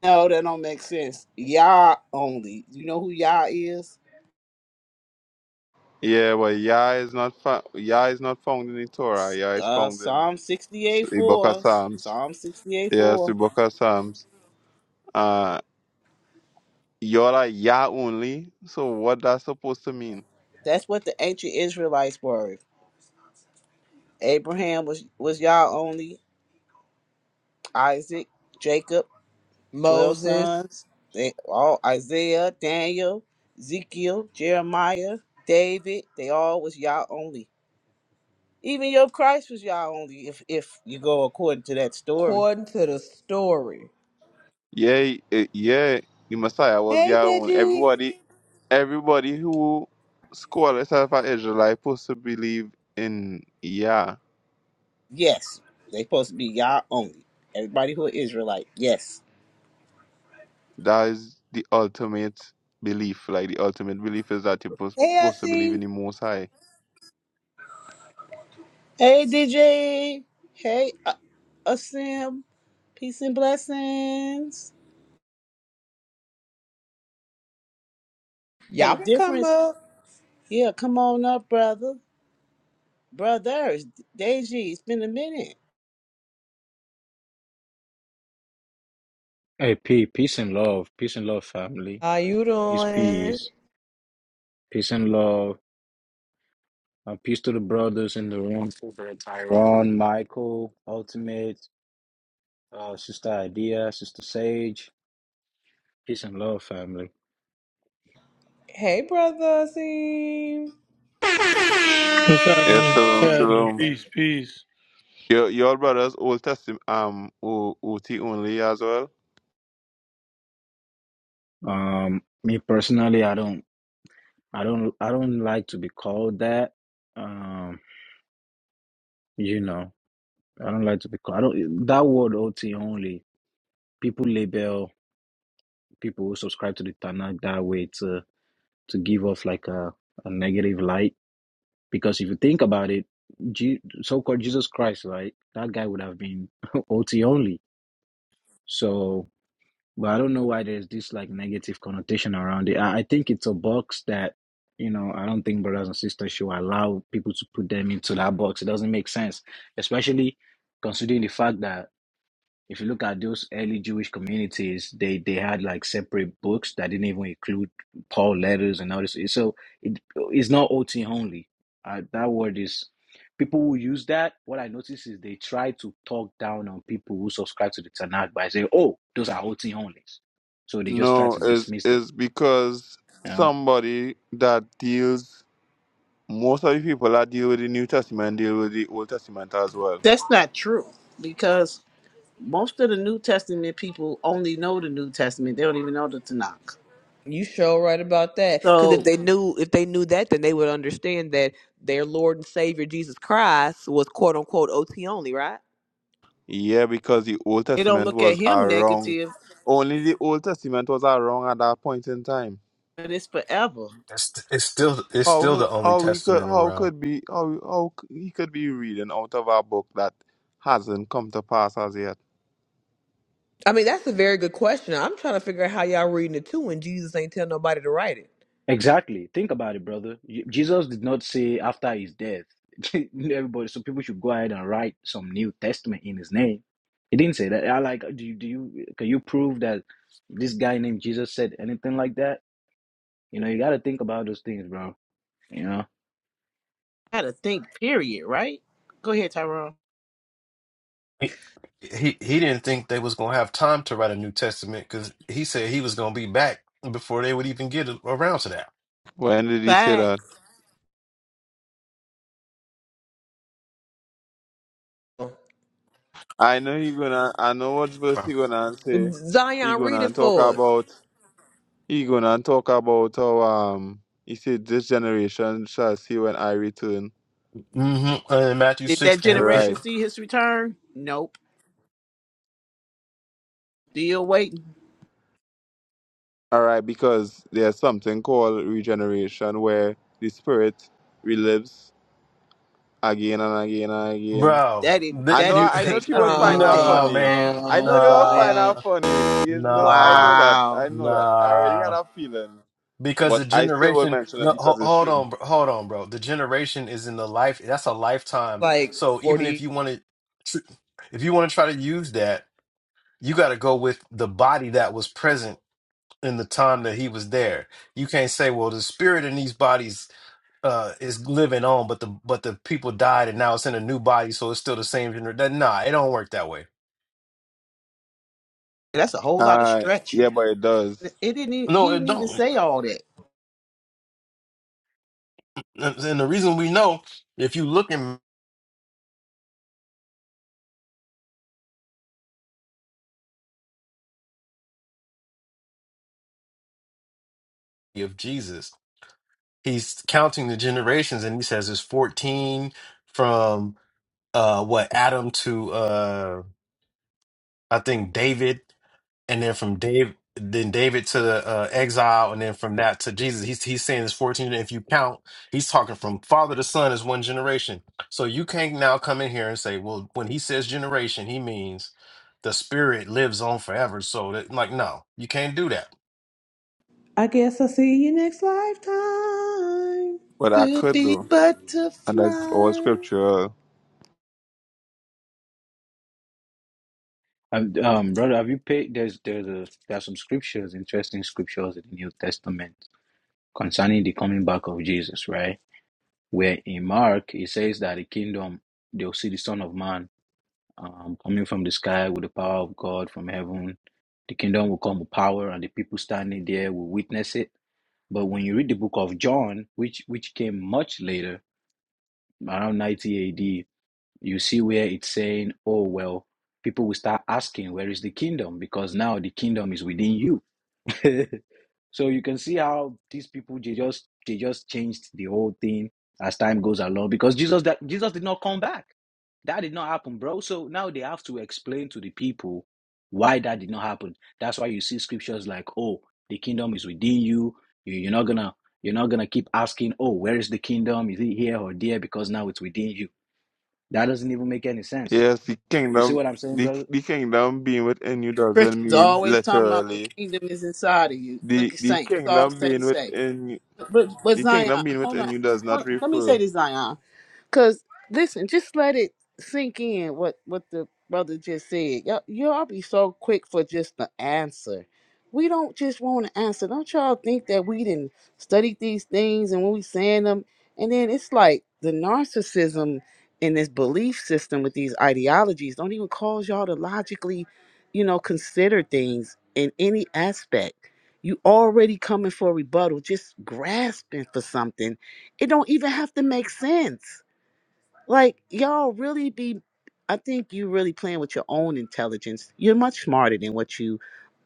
No, that don't make sense. Yah only. You know who Yah is?
Yeah, but Yah is not fa- Yah is not found in the Torah. Yah is
Uh,
found in
Psalm 68
the Book of
4.
Psalms.
Psalm 68
Yeah, the
4.
book Psalms. Uh, y'all are Yah only. So what that's supposed to mean?
That's what the ancient Israelites were. Abraham was was y'all only. Isaac, Jacob, twelve
Moses,
sons. They all Isaiah, Daniel, Ezekiel, Jeremiah, David. They all was y'all only. Even your Christ was y'all only. If if you go according to that story,
according to the story.
Yeah, eh, yeah. The Messiah was
Hey,
Yah only.
Deji.
Everybody, everybody who call itself an Israelite supposed to believe in Yah.
yes, they supposed to be y'all only. Everybody who is Israelite, yes.
That is the ultimate belief. Like the ultimate belief is that you're pos-
Hey,
supposed to believe in
Asim.
the Most High.
Hey DJ, hey uh, Asim, peace and blessings. And
Y'all
the
can come
difference,
up.
yeah. Come on up, brother. Brothers, Deji, it's been a minute.
Hey, P, peace and love, peace and love, family.
How you
Peace,
doing?
peace, peace and love. Uh, peace to the brothers in the room. Ron, Michael, Ultimate, uh, Sister Idea, Sister Sage. Peace and love, family.
Hey, brother Asim.
What's happening?
Yes,
What's
shalom,
happening?
shalom.
Peace, peace.
Your your brothers Old Testament um O- O T only as well.
Um, me personally, I don't, I don't, I don't like to be called that. Um, you know, I don't like to be called. I don't. That word OT only. People label people who subscribe to the Tanakh that way to to give off like a a negative light Because if you think about it, Je- so-called Jesus Christ, right? That guy would have been (laughs) OT only. So, but I don't know why there's this like negative connotation around it. I, I think it's a box that, you know, I don't think brothers and sisters should allow people to put them into that box. It doesn't make sense, especially considering the fact that if you look at those early Jewish communities, they they had like separate books that didn't even include Paul letters and all this. So it it's not OT only. Uh, that word is people who use that. What I notice is they try to talk down on people who subscribe to the Tanakh by saying, "Oh, those are OT onlys." So they just try
No,
to
it's,
dismiss them.
it's because
Yeah.
somebody that deals, most of the people that deal with the New Testament deal with the Old Testament as well.
That's not true because most of the New Testament people only know the New Testament. They don't even know the Tanakh.
You sure right about that. Because if
So
they knew, if they knew that, then they would understand that their Lord and Savior Jesus Christ was quote unquote OT only, right?
Yeah, because the Old
they don't
Testament
look
was
at him
around.
negative,
Only the Old Testament was around at that point in time.
but it's forever.
It's, it's still it's still
How
the only
how we could
testament
how
around.
could be how how c- he could be reading out of a book that hasn't come to pass as yet?
I mean, that's a very good question. I'm trying to figure out how y'all reading it too, and Jesus ain't tell nobody to write it.
Exactly. Think about it, brother. Y- Jesus did not say after his death, (laughs) everybody. So people should go ahead and write some New Testament in his name. He didn't say that. I like. Do you? Do you? Can you prove that this guy named Jesus said anything like that? You know, you got to think about those things, bro. You know,
gotta think, period, right? Go ahead, Tyrone.
He, he he didn't think they was gonna have time to write a New Testament because he said he was gonna be back before they would even get around to that.
When did he say that?
Facts.
I know he gonna I know what verse he gonna say. He
Zion, read it
gonna talk
for us.
about. He gonna talk about how um he said this generation shall see when I return.
Mm-hmm. And Matthew
Did
six
that
and, and
generation
Right.
see his return? Nope. Still waiting.
Alright, because there's something called regeneration where the spirit relives again and again and again.
bro,
That didn't
I
that
that
know
you
didn't
I know
say
she would
(laughs)
nothing
find
like
that
that.
nah
Uh,
funny.
man,
I know
uh,
you'll
nah,
find
Zion,
that funny. You know, I
nah,
know that. I
Wow.
know that. I already
nah.
had a feeling.
Because the
But I still won't
generation,
mention it
no, ho-
because it's
hold
true.
on, bro- hold on, bro. The generation is in the life. That's a lifetime.
like
So even if
40
you want to, tr- if you want to try to use that, you got to go with the body that was present in the time that he was there. You can't say, well, the spirit in these bodies uh is living on, but the but the people died and now it's in a new body, so it's still the same generation. Nah, it don't work that way.
That's a whole lot of
Uh
stretching.
yeah, but it does.
It didn't e-
No,
he
it
didn't even
don't.
say all that.
And and the reason we know, if you look in of Jesus. he's counting the generations and he says it's 14 from uh what Adam to uh I think David and then from Dave then David to the uh, exile and then from that to Jesus he's he's saying it's 14 and if you count he's talking from father to son is one generation so you can't now come in here and say well when he says generation he means the spirit lives on forever so that like no you can't do that
I guess I'll see you next lifetime.
But I
We'll
could
be
though. And that's all
butterflies.
scriptural.
um, um, brother, have you paid? There's there's a there are some scriptures, interesting scriptures in the New Testament concerning the coming back of Jesus, right? Where in Mark it says that the kingdom they'll see the Son of Man um, coming from the sky with the power of God from heaven. The kingdom will come with power, and the people standing there will witness it. But when you read the book of John, which which came much later, around 90 AD, you see where it's saying, "Oh well, people will start asking, where is the kingdom? Because now the kingdom is within you." (laughs) so you can see how these people they just they just changed the whole thing as time goes along because Jesus that Jesus did not come back. That did not happen, bro. So now they have to explain to the people why that did not happen. That's why you see scriptures like, "Oh, the kingdom is within you. You- You're not gonna, you're not gonna keep asking, oh, where is the kingdom? Is it here or there? Because now it's within you. That doesn't even make any sense.
Yes, the
You see
kingdom,
what I'm saying,
the,
brother?
the kingdom being within you doesn't
Christians
mean
always talking about the
literally.
kingdom is inside of you. Look
The
at
the
Saint. That's all
kingdom
Saint
being
say.
within you,
But but
the
Zion,
kingdom being
hold
within
on.
you does not
Hold on. Let me
refer.
say this,
You
Zion. Cause listen, just let it sink in what what the brother just said. Y'all, y'all be so quick for just the answer. We don't just want an answer. Don't y'all think that we didn't study these things and when we saying them, and then it's like the narcissism in this belief system with these ideologies don't even cause y'all to logically, you know, consider things in any aspect. You already coming for a rebuttal, just grasping for something. It don't even have to make sense like y'all really be I think you really playing with your own intelligence. You're much smarter than what you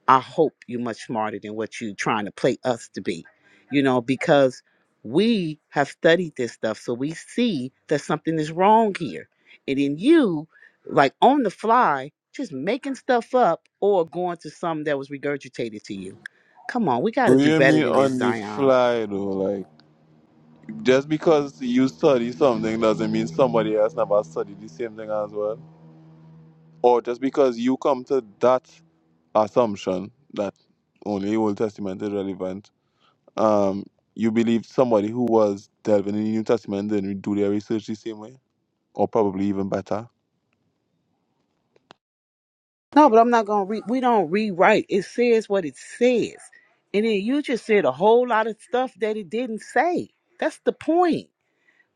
I hope you're much smarter than what you trying to play us to be. You know, because we have studied this stuff so we see that something is wrong here. And then you like on the fly just making stuff up or going to some that was regurgitated to you. Come on, we got to do
hear
better
me
than this,
on the
Zion.
fly though, like just because you study something doesn't mean somebody else never studied the same thing as well. Or just because you come to that assumption that only Old Testament is relevant, um, you believe somebody who was delving in the New Testament didn't do their research the same way. or probably even better.
No, but I'm not gonna re- we don't rewrite. It says what it says. And then you just said a whole lot of stuff that it didn't say. That's the point.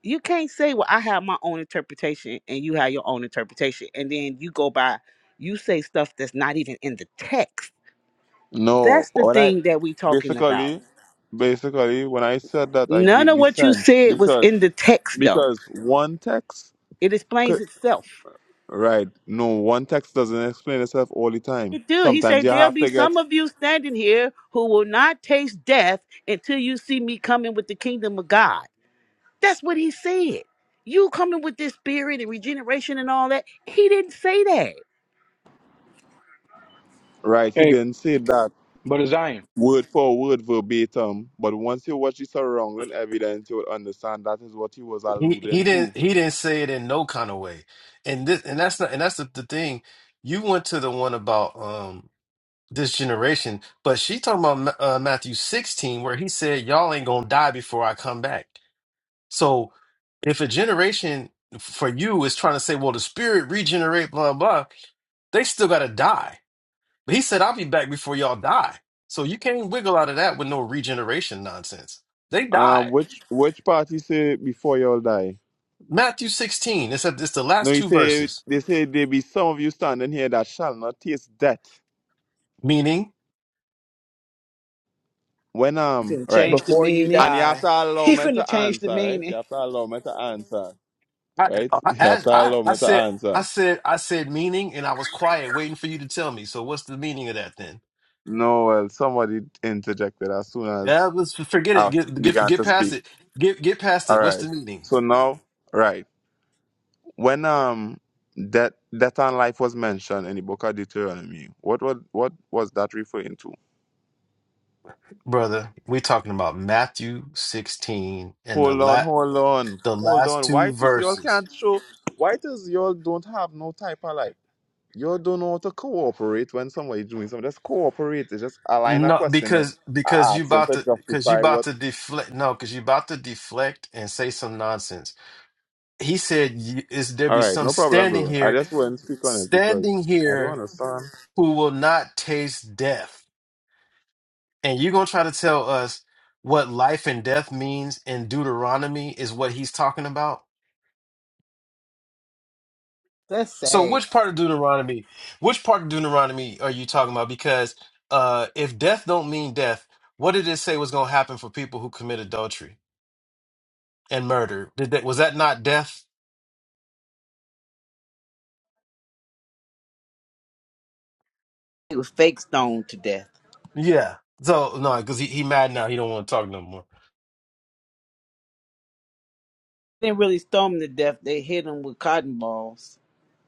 You can't say, Well, I have my own interpretation and you have your own interpretation. And then you go by you say stuff that's not even in the text.
No,
That's the
when I
thing that we talking about.
basically, basically, when I said that, I
None
gave
of
the
what you
sense
said was
because
in the text though.
because one text
It explains
could
itself.
right. No, one text doesn't explain itself all the time.
Do he
Sometimes
said,
you
There'll
have
be
to
some
get
of you standing here who will not taste death until you see me coming with the kingdom of God. That's what he said. You coming with this spirit and regeneration and all that. He didn't say that.
right. He
Hey,
didn't say that
but Zion,
word for word verbatim, but once you watch the surrounding evidence, you will understand that is what he was
He he
alluding to.
didn't he didn't say it in no kind of way. And this and that's not and that's the, the thing. You went to the one about um this generation, but she talking about Ma- uh, Matthew 16 where he said y'all ain't going to die before I come back. So if a generation for you is trying to say well the spirit regenerate blah blah, they still got to die. But he said I'll be back before y'all die. So you can't wiggle out of that with no regeneration nonsense. They
Um,
died.
which which part party say before y'all die?
Matthew 16, it's, it's the
No,
last
he
two
say
verses.
they say there be some of you standing here that shall not taste death.
Meaning,
When
He
um
finna
right.
change the
before you
meaning.
And you have
die.
to allow
He
me
finna
to
change the
answer, right? You
meaning.
have to allow me to answer.
I,
Right? (laughs)
I,
You have
as-
to
I,
allow
I
me to
said, I
answer.
said, I said, meaning, and I was quiet, waiting for you to tell me. So, what's the meaning of that then?
No, well, somebody interjected as soon
Yeah,
as
let's forget it.
I
Get, get,
began
get
to
past
speak.
it. Get, get past
All
it. What's
right.
the meaning,
So now, right. When um death death and life was mentioned in the book of Deuteronomy, what was what was that referring to?
brother? We're talking about Matthew sixteen and the
Hold on,
la-
hold on,
the
hold
last
on.
two
Why does y'all
verses.
can't show? Why does y'all don't have no type of like? Y'all don't know how to cooperate when somebody doing something. Just cooperate. It's just a line of
No,
questioning,
because
a
because you
accent
about
to
to because you
justify
about
what.
to deflect. No, because you about to deflect and say some nonsense. He said, y- "Is there
All
be
right,
some
no problem,
standing
bro. I
here,
just wouldn't speak on it because
standing
I don't
here?"
understand.
who will not taste death. And you're going to try to tell us what life and death means in Deuteronomy is what he's talking about?
That's
So
sad.
which part of Deuteronomy, which part of Deuteronomy are you talking about? Because uh, if death don't mean death, what did it say was going to happen for people who commit adultery and murder? Did that, was that not death?
He was fake stoned to death.
Yeah. So no, because he, he mad now. He don't want to talk no more.
They didn't really stone him to death. They hit him with cotton balls.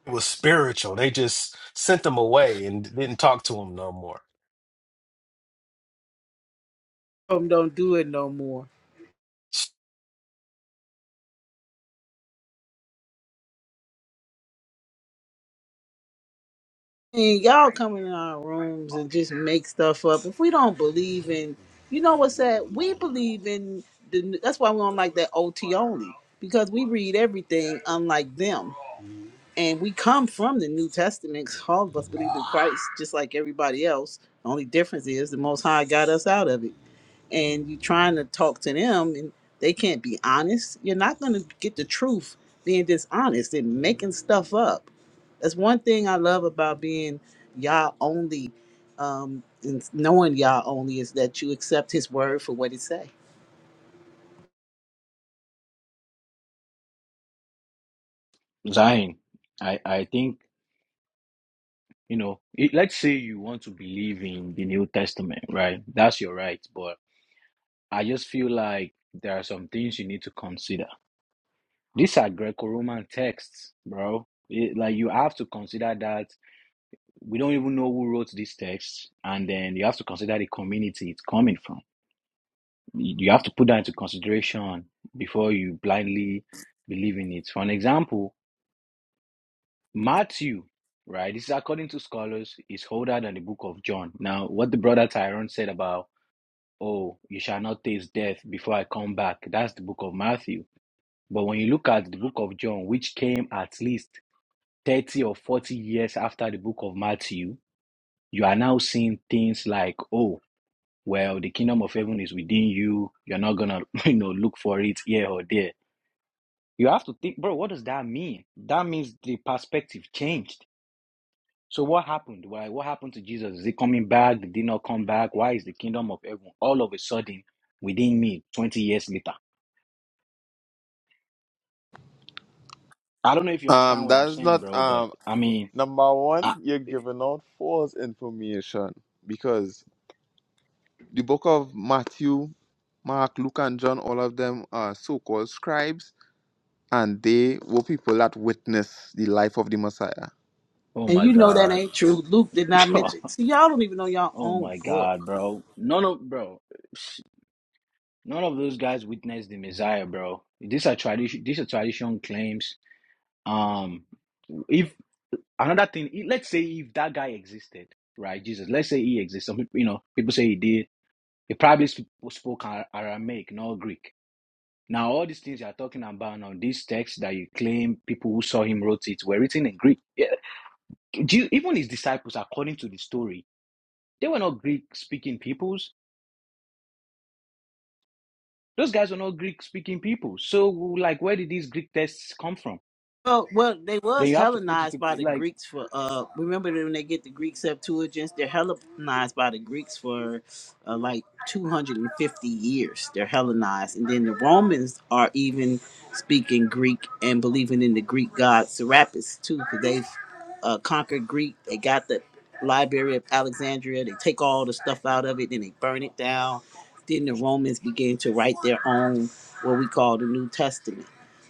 It was spiritual. They just sent them away and didn't talk to him no more.
Some don't do it no more. And y'all come in our rooms and just make stuff up. If we don't believe in, you know what's that? We believe in the. That's why we don't like that OT only because we read everything unlike them, and we come from the New Testament. 'cause all of us believe in Christ, just like everybody else. The only difference is the Most High got us out of it and you're trying to talk to them and they can't be honest, you're not going to get the truth being dishonest and making stuff up. That's one thing I love about being Yah only um, and knowing Yah only is that you accept his word for what it say.
Zion, I, I think you know. It, let's say you want to believe in the New Testament, right? That's your right, but I just feel like there are some things you need to consider These are Greco-Roman texts, bro. It- like you have to consider that we don't even know who wrote these texts, and then you have to consider the community it's coming from. You you have to put that into consideration before you blindly believe in it. For an example, Matthew, right? This is according to scholars, is older than the book of John. Now, what the brother Tyrone said about, oh, you shall not taste death before I come back, that's the book of Matthew. But when you look at the book of John, which came at least 30 or 40 years after the book of Matthew, you are now seeing things like, oh, well, the kingdom of heaven is within you. You're not gonna, (laughs) you know, look for it here or there. You have to think, bro, what does that mean? That means the perspective changed. So what happened? Why? What happened to Jesus? Is he coming back? Did he not come back? Why is the kingdom of heaven all of a sudden within me 20 years later? I don't know if you understand
Um,
what I'm
that's
saying,
not
bro, but
um
I mean,
number one. You're giving out false information because the book of Matthew, Mark, Luke, and John, all of them are so-called scribes and they were people that witnessed the life of the Messiah.
Oh
And
my
you know that
God.
ain't true. Luke did not
(laughs)
mention. See, y'all don't even know y'all
oh
own
my
book.
God, bro. None of bro. None of those guys witnessed the Messiah, bro. These are tradition. These are tradition claims. Um, if another thing, i- let's say if that guy existed, right? Jesus. Let's say he exists. Some people, you know, people say he did. He probably sp- spoke Ar- Aramaic, not Greek. Now, all these things you are talking about now, these texts that you claim people who saw him wrote it were written in Greek. Yeah, do you- even his disciples, according to the story, they were not Greek speaking peoples. Those guys were not Greek speaking people. So, like, where did these Greek texts come from?
Oh well, they
Then
was
you have to put it
Hellenized
to,
by the
like,
Greeks for uh. Remember when they get the Greek Septuagint, they're Hellenized by the Greeks for uh, like two hundred and fifty years. They're Hellenized, and then the Romans are even speaking Greek and believing in the Greek god Serapis too, because they've uh, conquered Greek. They got the Library of Alexandria. They take all the stuff out of it, then they burn it down. Then the Romans begin to write their own what we call the New Testament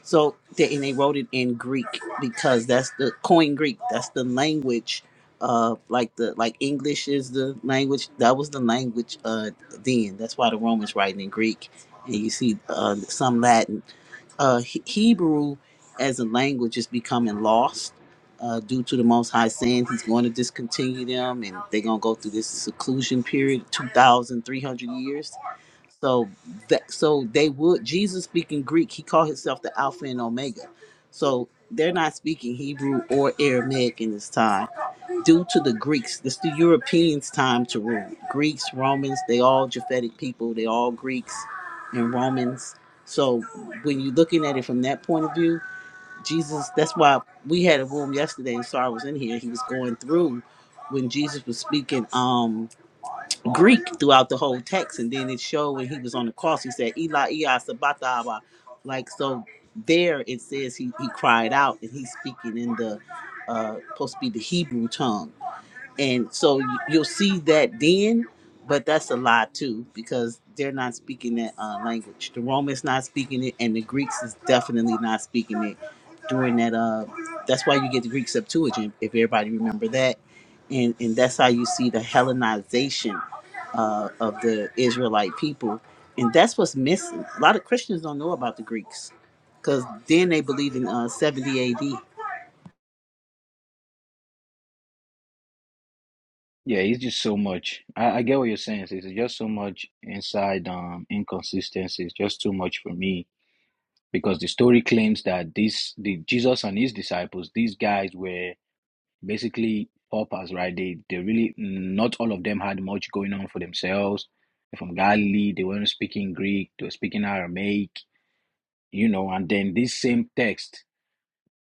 so they, and they wrote it in Greek because that's the coin Greek. That's the language. Uh, like the like English is the language. That was the language. Uh, then that's why the Romans writing in Greek, and you see uh, some Latin uh, He- Hebrew as a language is becoming lost uh, due to the Most High saying He's going to discontinue them, and they're going to go through this seclusion period, two thousand three hundred years. So that so they would Jesus speaking Greek. He called himself the Alpha and Omega. So they're not speaking Hebrew or Aramaic in this time due to the Greeks. This is the Europeans' time to rule. Greeks, Romans, they all Japhetic people. They all Greeks and Romans. So when you're looking at it from that point of view, Jesus. That's why we had a room yesterday, and Sarah was in here. He was going through when Jesus was speaking um Greek throughout the whole text, and then it showed when he was on the cross. He said, "Eli, Eli, sabachthani," like so. There it says he he cried out, and he's speaking in the uh supposed to be the Hebrew tongue and so y- you'll see that then but that's a lie too because they're not speaking that uh, language the romans not speaking it and the greeks is definitely not speaking it during that uh that's why you get the greek septuagint if everybody remember that and and that's how you see the hellenization uh, of the israelite people and that's what's missing a lot of christians don't know about the greeks because then they believe in uh, 70 ad
yeah, it's just so much. I, I get what you're saying. It's just so much inside um inconsistencies. Just too much for me because the story claims that this the Jesus and his disciples, these guys were basically paupers, right? They they really not all of them had much going on for themselves. They're from Galilee, they weren't speaking Greek, they were speaking Aramaic, you know. And then this same text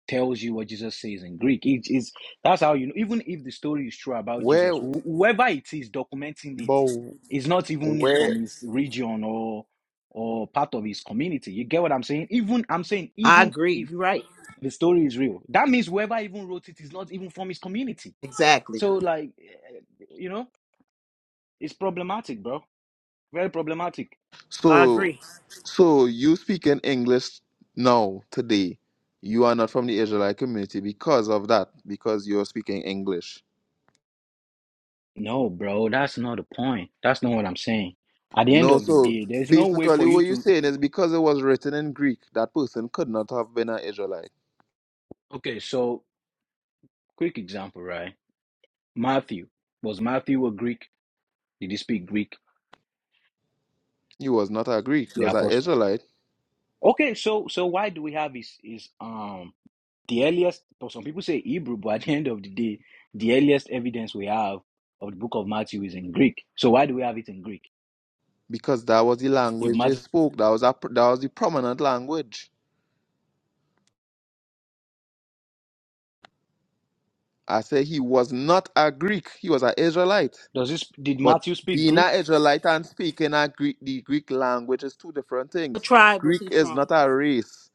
tells you what Jesus says in Greek. It is that's how you know. Even if the story is true about Jesus,
Where,
wh- whoever it is documenting it
but
is not even
where?
from his region or or part of his community. You get what I'm saying? Even I'm saying
i
even
agree
if
you're right
the story is real, that means whoever even wrote it is not even from his community
exactly
so like, you know, it's problematic, bro. Very problematic.
i
So,
agree
so you speak in English now today. You are not from the Israelite community because of that, because you're speaking English.
No, bro, that's not the point. That's not what I'm saying. At the end
No,
of the
so
day, there's no way
basically,
for
what
you
you're
to.
saying is because it was written in Greek, that person could not have been an Israelite.
Okay, so quick example, right? Matthew was Matthew a Greek? Did he speak Greek?
He was not a Greek; he
The
was an
apostle.
Israelite
Okay, so so why do we have his his um the earliest? But some people say Hebrew, but at the end of the day, the earliest evidence we have of the book of Matthew is in Greek. So why do we have it in Greek?
because that was the
If
language they
Matthew
spoke. That was a, that was the prominent language. I say he was not a Greek, he was an Israelite.
does this, did
But
Matthew speak
being
Greek?
an Israelite and speaking a Greek, the Greek language is two different
What
things.
tribe was
Greek
he
is
from?
not a race.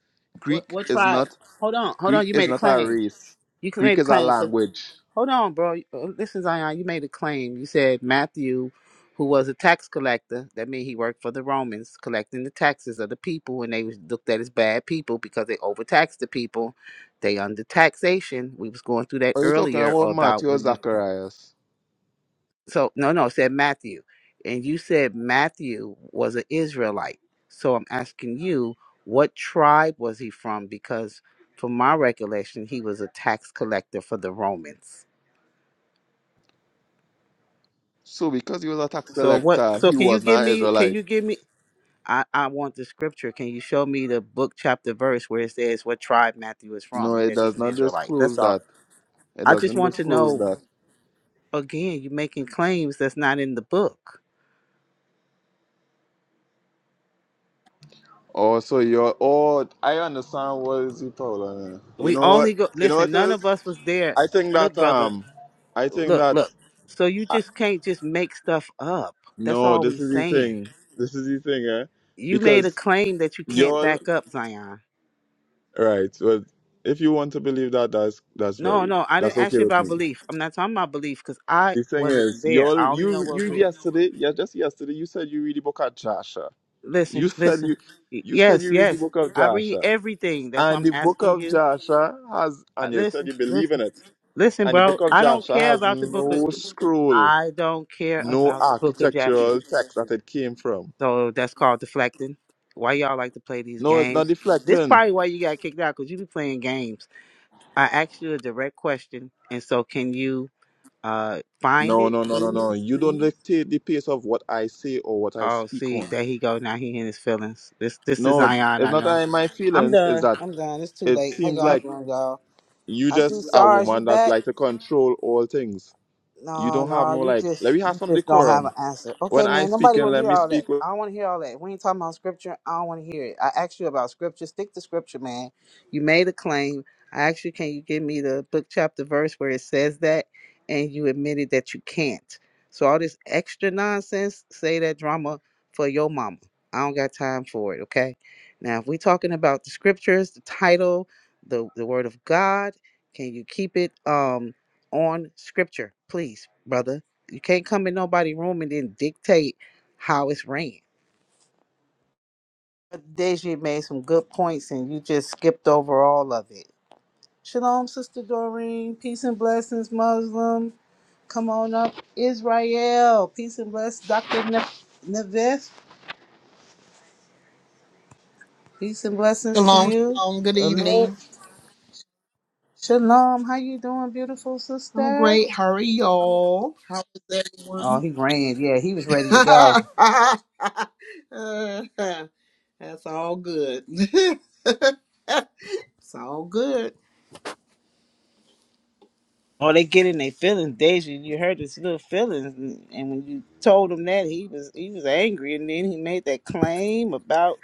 What
Greek
what
is
tribe?
not
Hold on, hold
Greek
on. You
is
made a
not a
claim.
race.
You c- made
Greek
a
is a
claim 'cause-
language.
hold on, bro. Uh, Listen, Zion, you made a claim. You said Matthew, who was a tax collector, that means he worked for the Romans, collecting the taxes of the people, and they was looked at as bad people because they overtaxed the people. They under taxation. We was going through that
Are you talking
earlier
about
about
Matthew
when you
Zacharias?
So no, no, it said Matthew, and you said Matthew was an Israelite. So I'm asking you, what tribe was he from? Because from my recollection, he was a tax collector for the Romans.
So because he was a tax
So what?
collector,
So
he
can you
was
give
not
me? Can
Israelite.
you give me? I, I want the scripture. Can you show me the book, chapter, verse where it says what tribe Matthew is
No,
from and
it
that he's
does
an
not
Israelite? That's
disclose
all.
that. It
I just
doesn't
want to
disclose
know.
that.
Again, you're making claims that's not in the book.
Oh, so you're oh I understand what is it, Paula. You
We
know what?
only go.
You know
Listen,
what it
none
is?
of us was there.
I think
Look,
that
brother.
um, I think
look,
that
look. So you
uh,
just can't just make stuff up. That's
no,
all we
this is the
saying.
thing. This is the thing, eh?
You made a
Because
claim that you can't
y'all,
back up, Zion.
right? Well, if you want to believe that, that's that's
No,
very
no, I
that's
didn't ask
okay
you
with
about
me.
belief. I'm not talking about belief because I
The thing
wasn't
is,
there.
y'all,
I only know
you
what was
you
written.
yesterday, yeah, just yesterday, you said you read the book of Joshua.
Listen,
You (laughs) said
listen.
you
Y-
you said
Yes,
you read the
yes.
book of
I read
Joshua,
everything. That's why
and
I'm
the book
asking
of
you.
Joshua has,
Uh,
and you said
listen,
you believe
listen,
in it,
listen,
and the
bro.
book of
I don't
Joshua
care
has
about the book of.
no scroll,
I don't care
no
about the book of Jasher.
architectural text that it came from.
So that's called deflecting. Why y'all like to play these
No, it's not
games? This
deflecting.
probably why you got kicked out because you be playing games. I asked you a direct question, and so can you uh find
No,
it,
no, no, no, no.
please?
You don't dictate the pace of what I say or what I
Oh,
speak on.
see, there he go. Now he in his feelings. This this is
No,
Zion.
it's
I
not that
know.
in my
I'm
feelings. Is
done.
that
I'm done. It's too
it
late. How
seems
y'all
like
doing, y'all?
you
I see
just a
Sars. You
woman that's
back?
like to control all things. You
No,
don't have
no,
no
you
like. Let
just
me have
you
some
just don't have an
decorum.
answer. Okay,
When I
man.
speak
Nobody
and
wanna
let
hear
me
all that.
speak.
I don't wanna hear all that. We ain't talking about scripture. I don't wanna hear it. I asked you about scripture. Stick to scripture, man. You made a claim. I asked you, can you give me the book chapter verse where it says that? And you admitted that you can't. So all this extra nonsense, say that drama for your mama. I don't got time for it, okay? Now if we talking about the scriptures, the title, the the word of God, can you keep it um on scripture, please, brother. You can't come in nobody room and then dictate how it's ran. But Deji made some good points and you just skipped over all of it. Shalom, Sister Doreen. Peace and blessings, Muslim. Come on up. Israel. Peace and blessings. Dr. Ne- Nevis. Peace and blessings to
Shalom,
you.
shalom. Good
Alert.
evening.
Shalom. How you doing, beautiful
I'm
sister?
great. How are y'all? How is
Oh,
everyone?
he ran. Yeah, he was ready to go.
(laughs) That's all good. (laughs) it's all good.
Or they get in their feelings. Deja, you heard his little feelings, and, and when you told him that, he was he was angry, and then he made that claim about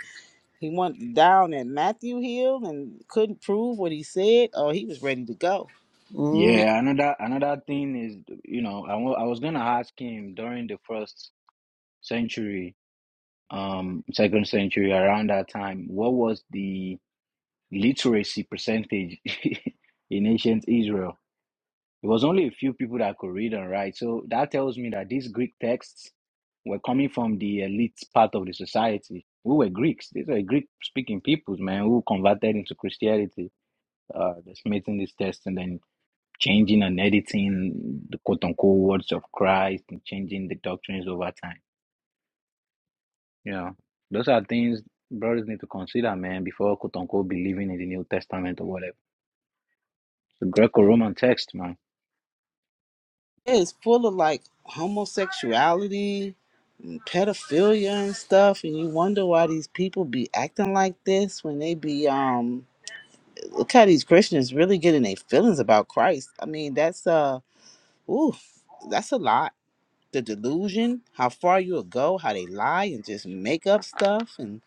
he went down at Matthew Hill and couldn't prove what he said. Oh, he was ready to go.
Mm.
Yeah, another another thing is, you know, I wa- I was gonna ask him during the first century, um, second century, around that time, what was the literacy percentage (laughs) in ancient Israel? It was only a few people that could read and write. So that tells me that these Greek texts were coming from the elite part of the society. Who were Greeks? These are Greek-speaking peoples, man, who converted into Christianity. Uh, that's making this test, and then changing and editing the quote unquote words of Christ and changing the doctrines over time. You know, those are things brothers need to consider, man, before quote unquote believing in the New Testament or whatever. The Greco Roman text, man.
It's full of like homosexuality and pedophilia and stuff, and you wonder why these people be acting like this when they be um look how these Christians really getting their feelings about Christ. I mean, that's uh ooh, that's a lot the delusion, how far you'll go, how they lie and just make up stuff, and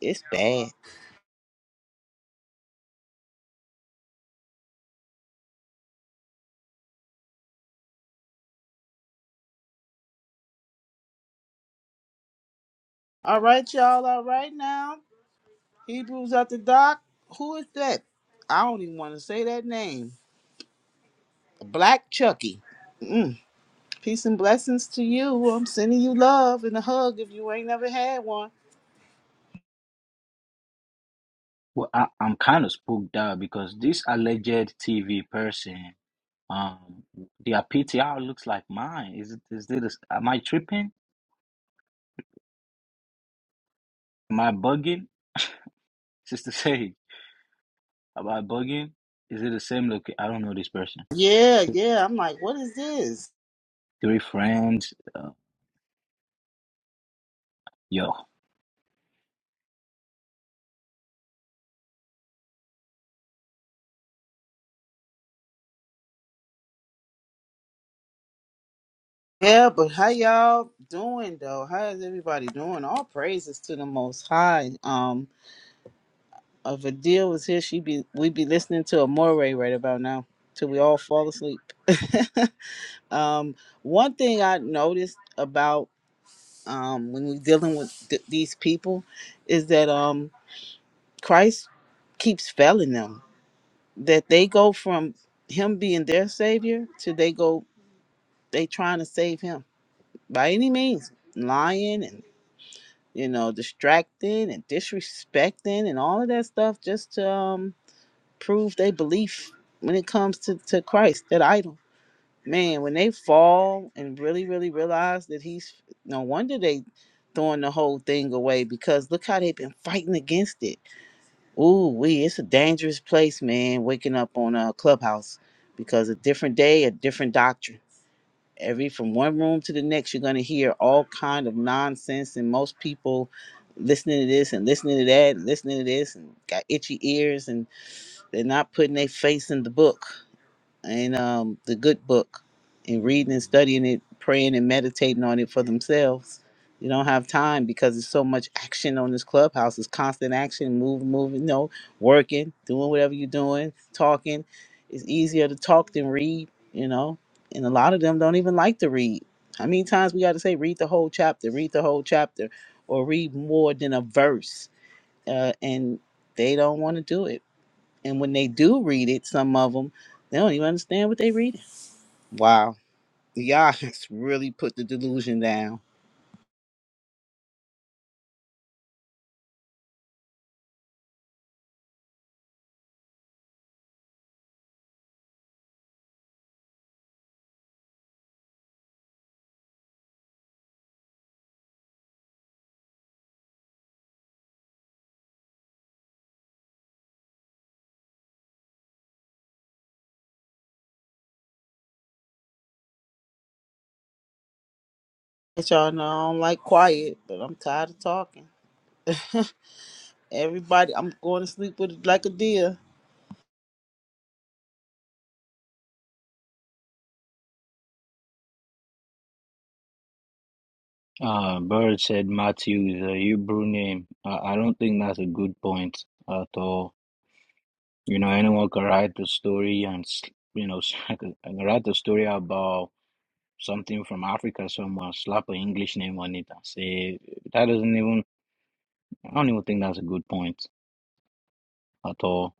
it's bad. All right, y'all. All right now, Hebrews at the dock. Who is that? I don't even want to say that name. Black Chucky. Mm. Peace and blessings to you. I'm sending you love and a hug if you ain't never had one.
Well, I, I'm kind of spooked out because this alleged TV person, um, their PTR looks like mine. Is it? Is this? Am I tripping? Am I bugging? Sister (laughs) Sage, am I bugging? Is it the same look? I don't know this person.
Yeah, yeah. I'm like, what is this?
Three friends. uh, your
Yeah, but how y'all doing though? How is everybody doing? All praises to the Most High. Um, If a deal was here, she'd be we'd be listening to a Moray right about now till we all fall asleep. (laughs) um, one thing I noticed about um, when we're dealing with th- these people is that um, Christ keeps failing them. That they go from him being their savior to they go they trying to save him by any means, lying and you know distracting and disrespecting and all of that stuff just to um prove their belief when it comes to, to Christ, that idol. Man, when they fall and really, really realize that he's no wonder they throwing the whole thing away because look how they've been fighting against it. Ooh, we it's a dangerous place, man, waking up on a clubhouse because a different day, a different doctrine. Every from one room to the next, you're gonna hear all kind of nonsense and most people listening to this and listening to that and listening to this and got itchy ears and. They're not putting their face in the book and um, the good book and reading and studying it, praying and meditating on it for themselves. You don't have time because there's so much action on this clubhouse. It's constant action, moving, moving, you know, working, doing whatever you're doing, talking. It's easier to talk than read, you know. And a lot of them don't even like to read. How many times we got to say, read the whole chapter, read the whole chapter, or read more than a verse? Uh, and they don't want to do it and when they do read it, some of them, they don't even understand what they reading. Wow. Y'all (laughs) has really put the delusion down. But y'all know I don't like quiet, but I'm tired of talking. (laughs) Everybody, I'm going to sleep with it like a deer.
Uh, Bird said Matthew is a Hebrew name. Uh, I don't think that's a good point at all. You know, anyone can write the story and, s- you know, (laughs) I can I can write the story about something from Africa somewhere, slap an English name on it and say, that doesn't even, I don't even think that's a good point at all.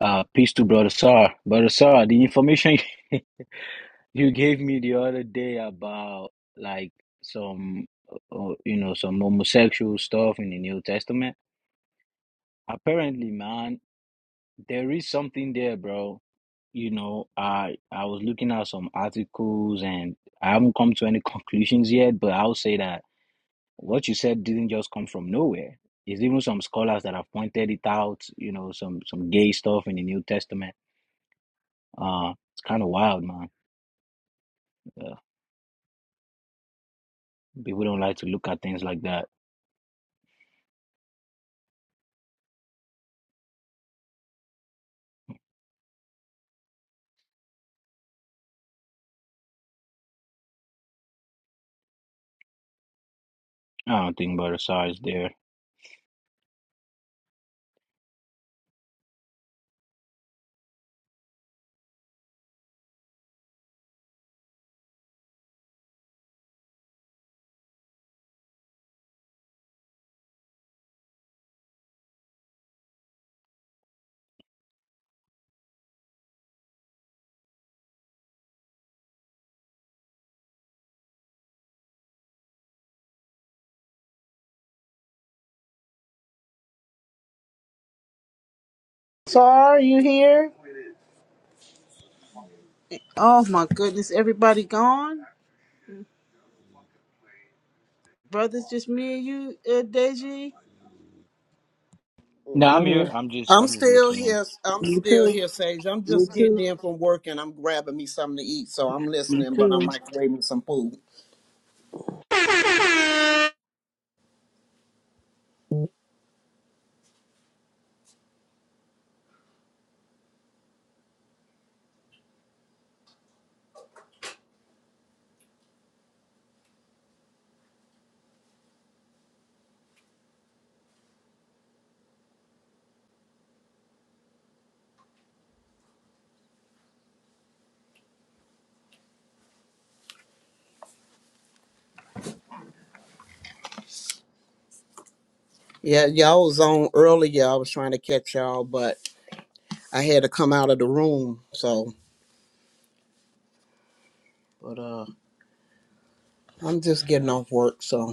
Uh, peace to Brother Sar. Brother Sar, the information (laughs) you gave me the other day about like some, uh, you know, some homosexual stuff in the New Testament. Apparently, man, there is something there, bro. You know, I I was looking at some articles and I haven't come to any (laughs) conclusions yet, but I'll say that what you said didn't just come from nowhere. It's even some scholars that have pointed it out, you know, some some gay stuff in the New Testament. Uh, it's kind of wild, man. Uh, people don't like to look at things like that. I don't think Brother Sar is there.
Sar, you here? Oh my goodness, everybody gone? Brothers, just me and you, uh, Deji?
No, I'm
I'm
here.
here.
I'm just
I'm
I'm just
still
listening.
here. I'm
Me
still
too.
here, Sage. I'm
Me
just getting
too.
in from work and I'm grabbing me something to eat. So I'm listening, but I'm microwaving some food. Yeah, y'all was on earlier. I was trying to catch y'all, but I had to come out of the room. So, but uh, I'm just getting off work. So.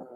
out.